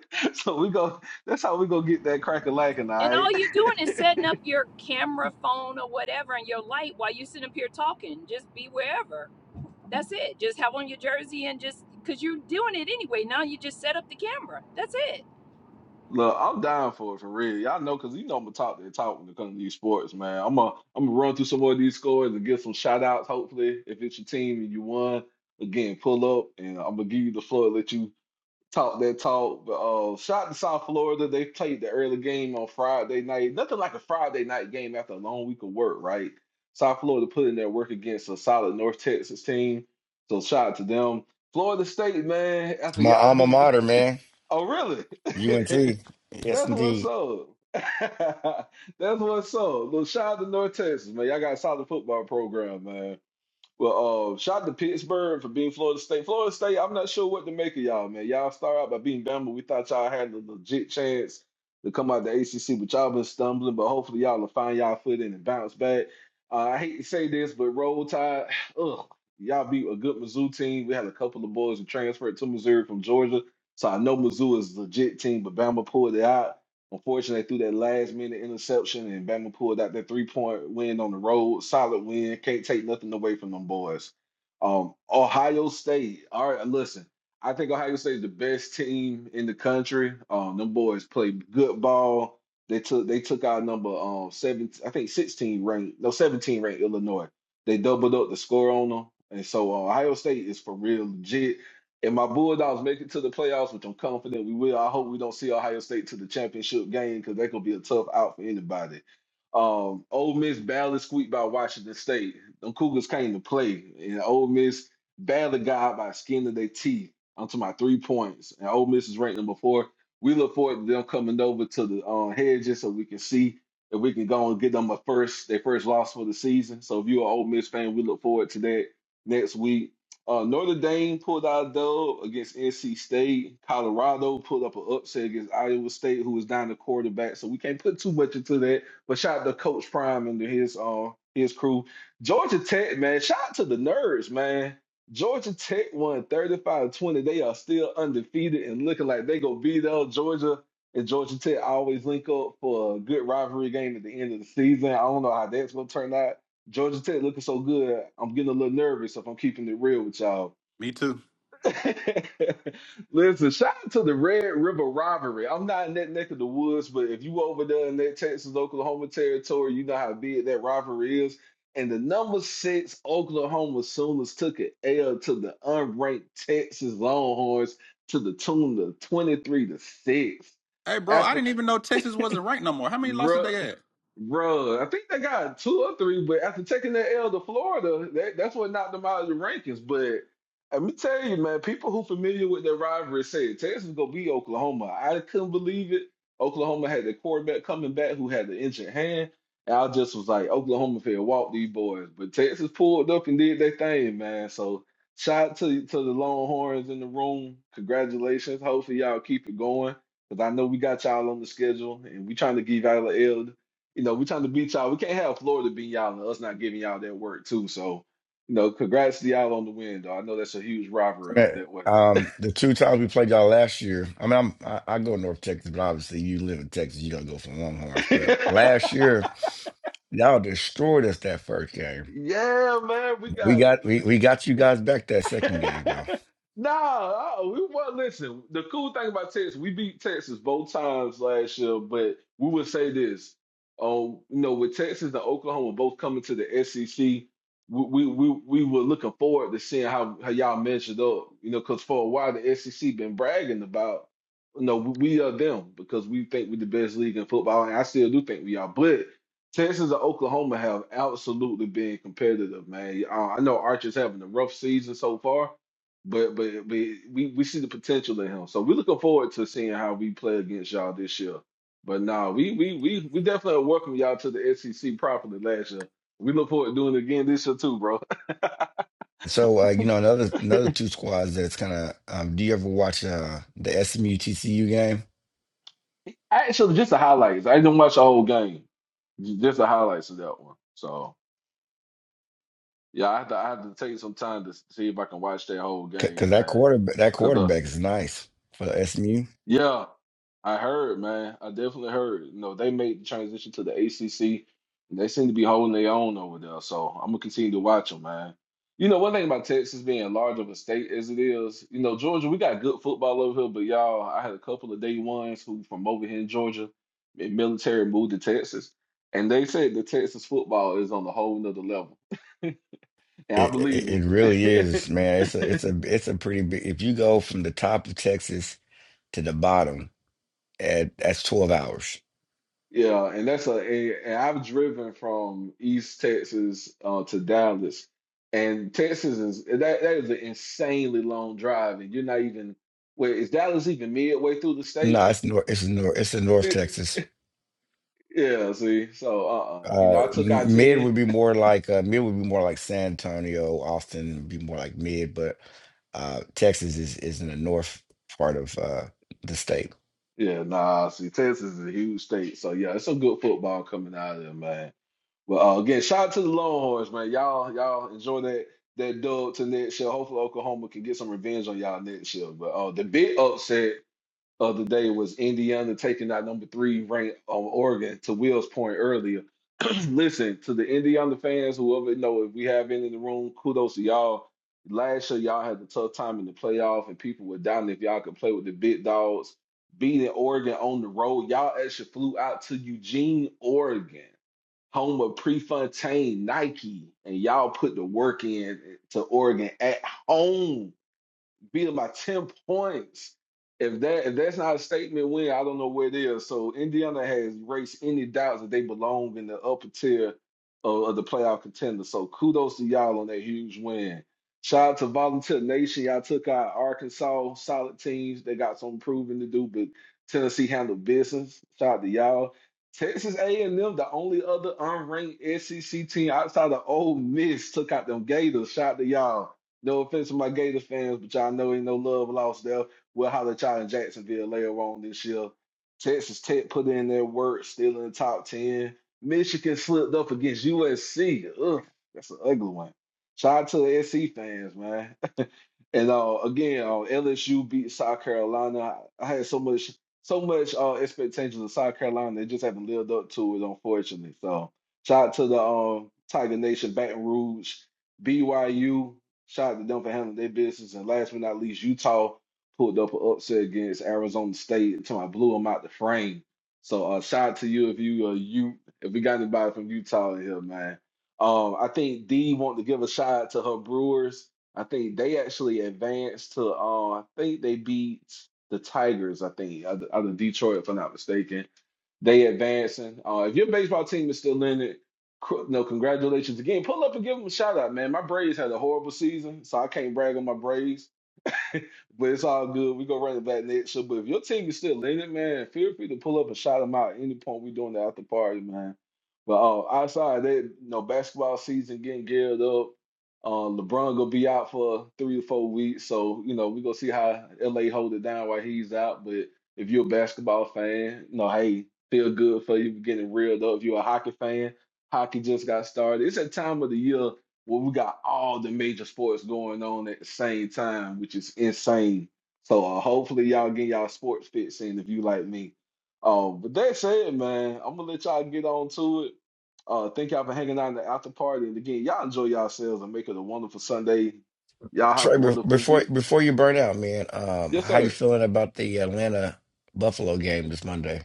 [SPEAKER 2] so we go that's how we gonna get that crack a lacking, all
[SPEAKER 7] And
[SPEAKER 2] right?
[SPEAKER 7] all you're doing is setting up your camera, phone, or whatever, and your light while you sit up here talking. Just be wherever. That's it. Just have on your jersey and just because you're doing it anyway. Now you just set up the camera. That's it.
[SPEAKER 2] Look, I'm down for it for real. Y'all know because you know I'm gonna talk that talk when it comes to these sports, man. I'm gonna I'm gonna run through some more of these scores and get some shout outs, hopefully, if it's your team and you won. Again, pull up and I'm gonna give you the floor, let you talk that talk. But uh shout to South Florida. They played the early game on Friday night. Nothing like a Friday night game after a long week of work, right? South Florida put in their work against a solid North Texas team. So shout out to them. Florida State, man,
[SPEAKER 14] It's
[SPEAKER 2] after
[SPEAKER 14] my
[SPEAKER 2] y'all
[SPEAKER 14] alma
[SPEAKER 2] beat
[SPEAKER 14] mater, man.
[SPEAKER 2] Oh, really?
[SPEAKER 14] UNT. Yes,
[SPEAKER 2] That's what's
[SPEAKER 14] indeed.
[SPEAKER 2] up. That's what's up. Little shout out to North Texas, man. Y'all got a solid football program, man. Well, uh, shout out to Pittsburgh for being Florida State. Florida State, I'm not sure what to make of y'all, man. Y'all start out by being Bama. We thought y'all had a legit chance to come out the ACC, but y'all been stumbling. But hopefully, y'all will find y'all footing and bounce back. Uh, I hate to say this, but Roll Tide, ugh, y'all beat a good Mizzou team. We had a couple of boys who transferred to Missouri from Georgia, so I know Mizzou is a legit team, but Bama pulled it out. Unfortunately, they threw that last minute interception and Bama pulled out that three point win on the road. Solid win. Can't take nothing away from them boys. Um, Ohio State. All right, listen. I think Ohio State is the best team in the country. Um, them boys played good ball. They took they took out number um seven, I think sixteen ranked, no seventeen ranked Illinois. They doubled up the score on them, and so uh, Ohio State is for real legit. And my Bulldogs make it to the playoffs, which I'm confident we will. I hope we don't see Ohio State to the championship game because that could be a tough out for anybody. Um, Ole Miss barely squeaked by Washington State. Them Cougars came to play, and Ole Miss barely got by the skin of their teeth onto my three points. And Ole Miss is ranked number four. We look forward to them coming over to the uh, hedges so we can see if we can go and get them a first their first loss for the season. So if you're an Ole Miss fan, we look forward to that next week. Uh, Notre Dame pulled out a dub against NC State. Colorado pulled up an upset against Iowa State, who was down the quarterback. So we can't put too much into that. But shout out to Coach Prime and to his uh his crew. Georgia Tech, man. Shout out to the nerds, man. Georgia Tech won 35-20. They are still undefeated and looking like they go beat up Georgia. And Georgia Tech always link up for a good rivalry game at the end of the season. I don't know how that's gonna turn out. Georgia Tech looking so good, I'm getting a little nervous if I'm keeping it real with y'all.
[SPEAKER 17] Me too.
[SPEAKER 2] Listen, shout out to the Red River Robbery. I'm not in that neck of the woods, but if you over there in that Texas, Oklahoma territory, you know how big that rivalry is. And the number six Oklahoma Sooners took an L to the unranked Texas Longhorns to the tune of 23 to 6.
[SPEAKER 17] Hey, bro, I
[SPEAKER 2] After
[SPEAKER 17] didn't even know Texas wasn't ranked no more. How many losses they had?
[SPEAKER 2] Bro, I think they got two or three, but after taking that L to Florida, that, that's what knocked them out of the rankings. But let me tell you, man, people who familiar with their rivalry said Texas gonna be Oklahoma. I couldn't believe it. Oklahoma had the quarterback coming back who had the injured hand. And I just was like, Oklahoma fair walk these boys. But Texas pulled up and did their thing, man. So shout out to to the Longhorns in the room. Congratulations. Hopefully y'all keep it going. Cause I know we got y'all on the schedule and we trying to give y'all an L you know, we're trying to beat y'all. We can't have Florida beat y'all and us not giving y'all that work too. So, you know, congrats to y'all on the win, though. I know that's a huge rivalry up
[SPEAKER 14] Man,
[SPEAKER 2] that
[SPEAKER 14] Um, the two times we played y'all last year, I mean, I'm, I, I go to North Texas, but obviously you live in Texas, you're gonna go for
[SPEAKER 2] way.
[SPEAKER 14] Longhorns. But last year, y'all destroyed us that first game.
[SPEAKER 2] Yeah, man, we
[SPEAKER 14] We
[SPEAKER 2] got.
[SPEAKER 14] got we, we got you guys back that second game though.
[SPEAKER 2] nah, uh, we well listen. The cool thing about Texas, we beat Texas both times last year, but we would say this. Um, you know, with Texas and Oklahoma both coming to the SEC, we we we, we were looking forward to seeing how, how y'all measured up. You know, because for a while the SEC been bragging about, you know, we, we are them because we think we're the best league in football, and I still do think we are. But Texas and Oklahoma have absolutely been competitive, man. Uh, I know Archer's having a rough season so far, but but, but we, we see the potential in him. So we're looking forward to seeing how we play against y'all this year. But nah, we we we we definitely welcome y'all to the SEC properly last year. We look forward to doing it again this year too, bro.
[SPEAKER 14] So uh, you know another another two squads that's kind of. Um, do you ever watch uh, the SMU TCU game?
[SPEAKER 2] Actually, just the highlights. I didn't watch the whole game. J- Just the highlights of that one. So yeah, I have to I have to take some time to see if I can watch that whole game,
[SPEAKER 14] Because that
[SPEAKER 2] man.
[SPEAKER 14] quarterback that quarterback is nice for SMU.
[SPEAKER 2] Yeah, I heard, man. I definitely heard. You know, they made the transition to the ACC, and they seem to be holding their own over there. So I'm gonna continue to watch them, man. You know, one thing about Texas being large of a state as it is, you know, Georgia, we got good football over here, but y'all, I had a couple of day ones who from over here in Georgia, in military moved to Texas, and they said the Texas football is on a whole nother level, and I
[SPEAKER 14] It,
[SPEAKER 2] believe
[SPEAKER 14] it it really
[SPEAKER 2] them.
[SPEAKER 14] is, man. It's a it's a it's a pretty big. If you go from the top of Texas to the bottom, at that's twelve hours.
[SPEAKER 2] Yeah, and that's a, a and I've driven from East Texas uh, to Dallas, and Texas is that that is an insanely long drive, and you're not even wait, is Dallas even midway through the state?
[SPEAKER 14] No, it's north. It's north. It's the North
[SPEAKER 2] Eh,
[SPEAKER 14] Texas.
[SPEAKER 2] yeah, see, so uh-uh. You
[SPEAKER 14] Uh,
[SPEAKER 2] know, I took
[SPEAKER 14] m- mid
[SPEAKER 2] I-10.
[SPEAKER 14] would be more like uh, mid would be more like San Antonio. Austin would be more like mid, but uh, Texas is is in the north part of uh, the state.
[SPEAKER 2] Yeah, nah, see, Texas is a huge state, so yeah, it's some good football coming out of there, man. But uh, again, shout out to the Longhorns, man. Y'all, y'all enjoy that that dub to next year. Hopefully, Oklahoma can get some revenge on y'all next year. But uh, the big upset. other day was Indiana taking out number three ranked on Oregon. To Will's point earlier, listen to the Indiana fans, whoever you know, if we have any in the room, kudos to y'all. Last year, y'all had a tough time in the playoff, and people were down if y'all could play with the big dogs. Beating Oregon on the road, y'all actually flew out to Eugene, Oregon, home of Prefontaine Nike, and y'all put the work in to Oregon at home beating by 10 points. If that if that's not a statement win, I don't know what it is. So Indiana has erased any doubts that they belong in the upper tier of, of the playoff contender. So kudos to y'all on that huge win. Shout out to Volunteer Nation. Y'all took out Arkansas solid teams. They got some proving to do, but Tennessee handled business. Shout out to y'all. Texas A&M, the only other unranked SEC team outside of Ole Miss, took out them Gators. Shout out to y'all. No offense to my Gator fans, but y'all know ain't no love lost there. We'll holler at y'all in Jacksonville later on this year. Texas Tech put in their work, still in the top 10. Michigan slipped up against USC. Ugh, that's an ugly one. Shout out to the SC fans, man. and uh, again, uh, LSU beat South Carolina. I, I had so much so much uh, expectations of South Carolina. They just haven't lived up to it, unfortunately. So shout out to the um, Tiger Nation, Baton Rouge, BYU. Shout out to them for handling their business. And last but not least, Utah pulled up an upset against Arizona State until I blew them out the frame. So uh, shout out to you if you uh, you if we got anybody from Utah in here, man. Um, I think Dee wanted to give a shout out to her Brewers. I think they actually advanced to uh, I think they beat the Tigers. I think out of out of Detroit, if I'm not mistaken. They advancing. Uh, if your baseball team is still in it, cr- no, congratulations again. Pull up and give them a shout out, man. My Braves had a horrible season, so I can't brag on my Braves. But it's all good. We gonna run it back next year. But if your team is still in it, man, feel free to pull up and shout them out at any point. We doing the after party, man. But uh, outside of that, you know, basketball season getting geared up. Uh, LeBron gonna be out for three to four weeks, so you know we gonna see how LA hold it down while he's out. But if you're a basketball fan, you know, hey, feel good for you getting reeled up. If you're a hockey fan, hockey just got started. It's that time of the year well, we got all the major sports going on at the same time, which is insane. So uh, hopefully y'all get y'all sports fits in if you like me. Uh, but that said, man, I'm gonna let y'all get on to it. Uh, thank y'all for hanging out in the after party. And again, y'all enjoy yourselves and make it a wonderful Sunday. Y'all have
[SPEAKER 14] Trey,
[SPEAKER 2] a
[SPEAKER 14] be-
[SPEAKER 2] wonderful
[SPEAKER 14] before
[SPEAKER 2] week.
[SPEAKER 14] before you burn out, man, um,
[SPEAKER 2] Yes,
[SPEAKER 14] how you
[SPEAKER 2] sir.
[SPEAKER 14] feeling about the Atlanta Buffalo game this Monday?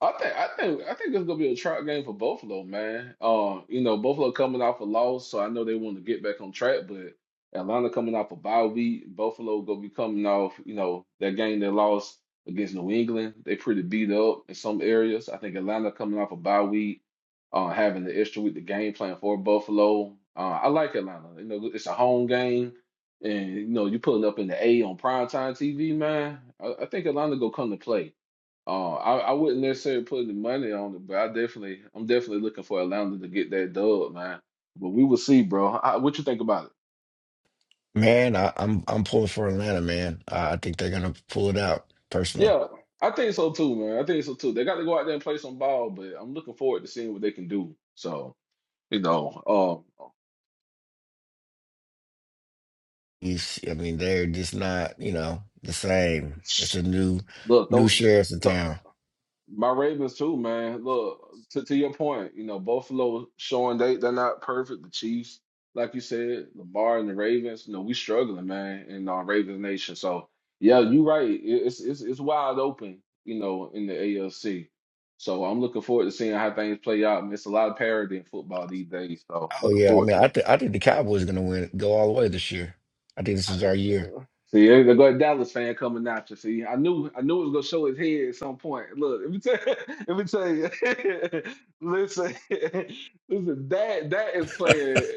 [SPEAKER 2] I think I think I think it's gonna be a trap game for Buffalo, man. Um, you know, Buffalo coming off a loss, so I know they want to get back on track, but Atlanta coming off a bye week, Buffalo gonna be coming off, you know, that game they lost against New England. They pretty beat up in some areas. I think Atlanta coming off a bye week, uh, having the extra week, the game plan for Buffalo. Uh, I like Atlanta. You know, it's a home game, and you know, you putting up in the A on primetime TV, man. I, I think Atlanta gonna come to play. Uh, I, I wouldn't necessarily put the money on it, but I definitely, I'm definitely looking for Atlanta to get that dub, man. But we will see, bro. I, what you think about it?
[SPEAKER 14] Man, I, I'm I'm pulling for Atlanta, man. Uh, I think they're gonna pull it out. Personally,
[SPEAKER 2] Yeah, I think so too, man. I think so too. They got to go out there and play some ball, but I'm looking forward to seeing what they can do. So, you know, um,
[SPEAKER 14] He's- I mean, they're just not you know the same. It's a new
[SPEAKER 2] look,
[SPEAKER 14] new sheriff's in
[SPEAKER 2] th
[SPEAKER 14] town.
[SPEAKER 2] My Ravens too, man. Look, to, to your point, you know, Buffalo showing they they're not perfect. The Chiefs, like you said, Lamar and the Ravens, you know, we struggling, man, in our Ravens nation. So yeah, you're right. It- It's it's it's wide open, you know, in the ALC. So I'm looking forward to seeing how things play out. And it's a lot of parity in football these days. So
[SPEAKER 14] Oh
[SPEAKER 2] looking
[SPEAKER 14] yeah, I
[SPEAKER 2] forward
[SPEAKER 14] mean,
[SPEAKER 2] to it.
[SPEAKER 14] I think I think the Cowboys going to win, go all the way this year. I think this is our year.
[SPEAKER 2] See, there there go a Dallas fan coming at you. See, I knew I knew it was gonna show his head at some point. Look, let me tell let me tell you. listen, listen, that that is playing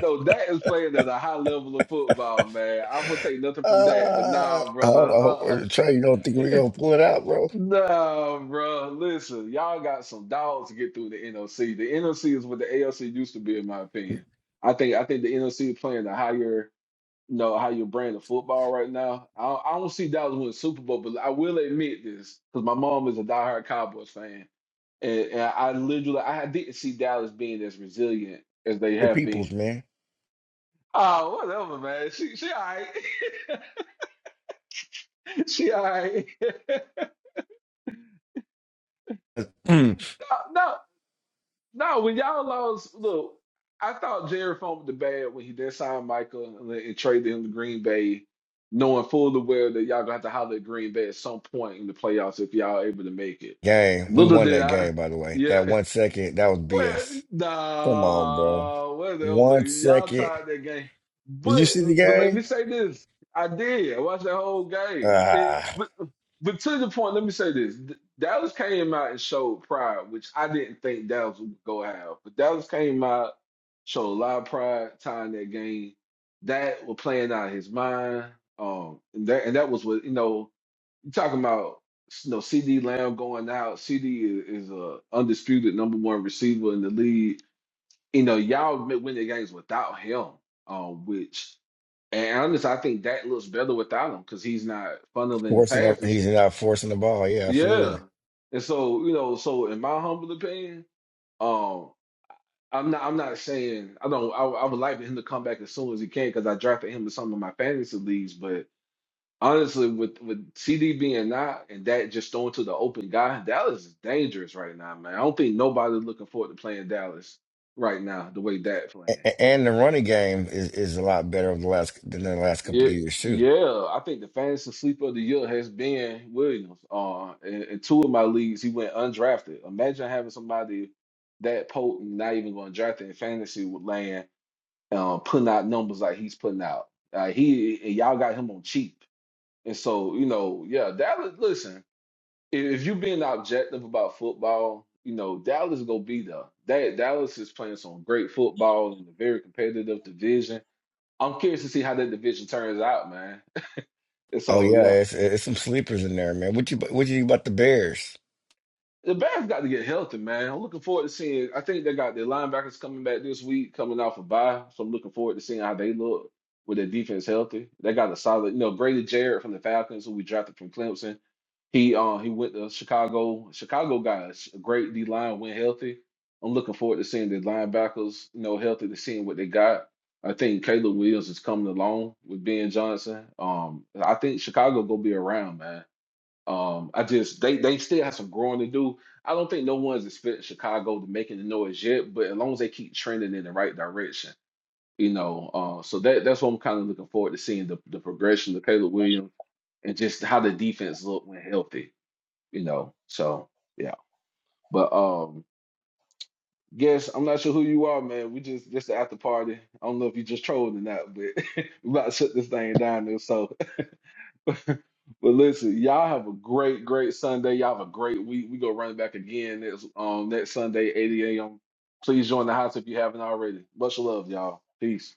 [SPEAKER 2] no, that is playing at a high level of football, man. I'm gonna take nothing from that, but
[SPEAKER 14] Uh,
[SPEAKER 2] nah,
[SPEAKER 14] I
[SPEAKER 2] brother.
[SPEAKER 14] don't know,
[SPEAKER 2] Uh
[SPEAKER 14] Or, Trey. You don't think we're
[SPEAKER 2] uh
[SPEAKER 14] going to pull it out, bro?
[SPEAKER 2] Nah, bro. Listen, y'all got some dogs to get through the NOC. The NOC is what the ALC used to be, in my opinion. I think I think the NOC is playing a higher know how you're branding football right now. I, I don't see Dallas winning the Super Bowl, but I will admit this because my mom is a diehard Cowboys fan, and, and I literally I didn't see Dallas being as resilient as they
[SPEAKER 14] Good
[SPEAKER 2] have been.
[SPEAKER 14] peoples, man.
[SPEAKER 2] Oh, whatever, man. She she all right. she all right. no, No, when y'all lost, look, I thought Jerry Funk the bad when he did sign Michael and, and traded him to Green Bay, knowing full well that y'all gonna have to holler at Green Bay at some point in the playoffs if y'all able to make it.
[SPEAKER 14] game, we
[SPEAKER 2] Little
[SPEAKER 14] won
[SPEAKER 2] did
[SPEAKER 14] that
[SPEAKER 2] I,
[SPEAKER 14] game. By the way,
[SPEAKER 2] yeah,
[SPEAKER 14] that one second, that was
[SPEAKER 2] well,
[SPEAKER 14] BS. Come on, bro.
[SPEAKER 2] nah, well, they over.
[SPEAKER 14] One
[SPEAKER 2] Y'all
[SPEAKER 14] second.
[SPEAKER 2] tied that game.
[SPEAKER 14] Did you
[SPEAKER 2] But
[SPEAKER 14] see the
[SPEAKER 2] but let me
[SPEAKER 14] game?
[SPEAKER 2] say this. I did. I watched that whole game. It,
[SPEAKER 14] Ah,
[SPEAKER 2] but but to the point, let me say this. D- Dallas came out and showed pride, which I didn't think Dallas would go have. But Dallas came out, showed a lot of pride tying that game. That was playing out of his mind. Um, and that and that was what you know. You talking about you know CD Lamb going out? CD is, is a undisputed number one receiver in the league. You know y'all win the games without him, um, which and honestly, I think that looks better without him because he's not funneling the
[SPEAKER 14] forcing up.
[SPEAKER 2] passes.
[SPEAKER 14] He's not forcing the ball. Yeah, absolutely.
[SPEAKER 2] Yeah, and so you know, so in my humble opinion, um, I'm not, I'm not saying I don't. I, I would like for him to come back as soon as he can because I drafted him in some of my fantasy leagues. but. Honestly, with with CD being out and that just thrown to the open guy, Dallas is dangerous right now, man. I don't think nobody's looking forward to playing Dallas right now the way that
[SPEAKER 14] A-
[SPEAKER 2] playing.
[SPEAKER 14] a- And the running game is, is a lot better over the last than the last couple of
[SPEAKER 2] Yeah,
[SPEAKER 14] years too.
[SPEAKER 2] yeah. I think the fantasy sleeper of the year has been Williams. Uh, in, in two of my leagues, he went undrafted. Imagine having somebody that potent, not even going drafted in fantasy with land, um, putting out numbers like he's putting out. Uh, he and y'all got him on cheap. And so, you know, yeah, Dallas. Listen, if you're being objective about football, you know Dallas gonna be there. That Dallas is playing some great football in a very competitive division. I'm curious to see how that division turns out, man.
[SPEAKER 14] Oh
[SPEAKER 2] So
[SPEAKER 14] yeah,
[SPEAKER 2] yeah.
[SPEAKER 14] it's, it's some sleepers in there, man. What you what you think about the Bears?
[SPEAKER 2] The Bears got to get healthy, man. I'm looking forward to seeing. I think they got their linebackers coming back this week, coming off a bye. So I'm looking forward to seeing how they look with their defense healthy. They got a solid, you know, Brady Jarrett from the Falcons, who we drafted from Clemson. He uh he went to Chicago. Chicago got a sh- a great D line when healthy. I'm looking forward to seeing the linebackers, you know, healthy to seeing what they got. I think Caleb Williams is coming along with Ben Johnson. Um, I think Chicago gonna be around, man. Um, I just they they still have some growing to do. I don't think no one's expecting Chicago to make any noise yet, but as long as they keep trending in the right direction, you know. Uh, so that that's what I'm kind of looking forward to seeing the the progression of Caleb Williams and just how the defense look when healthy, you know. So yeah, but um, guess I'm not sure who you are, man. We just just the after party. I don't know if you just trolling or not, but we about to shut this thing down. There, so But listen, y'all have a great, great Sunday. Y'all have a great week. We go running back again next um next Sunday, 8 a.m. Please join the house if you haven't already. Much love, y'all. Peace.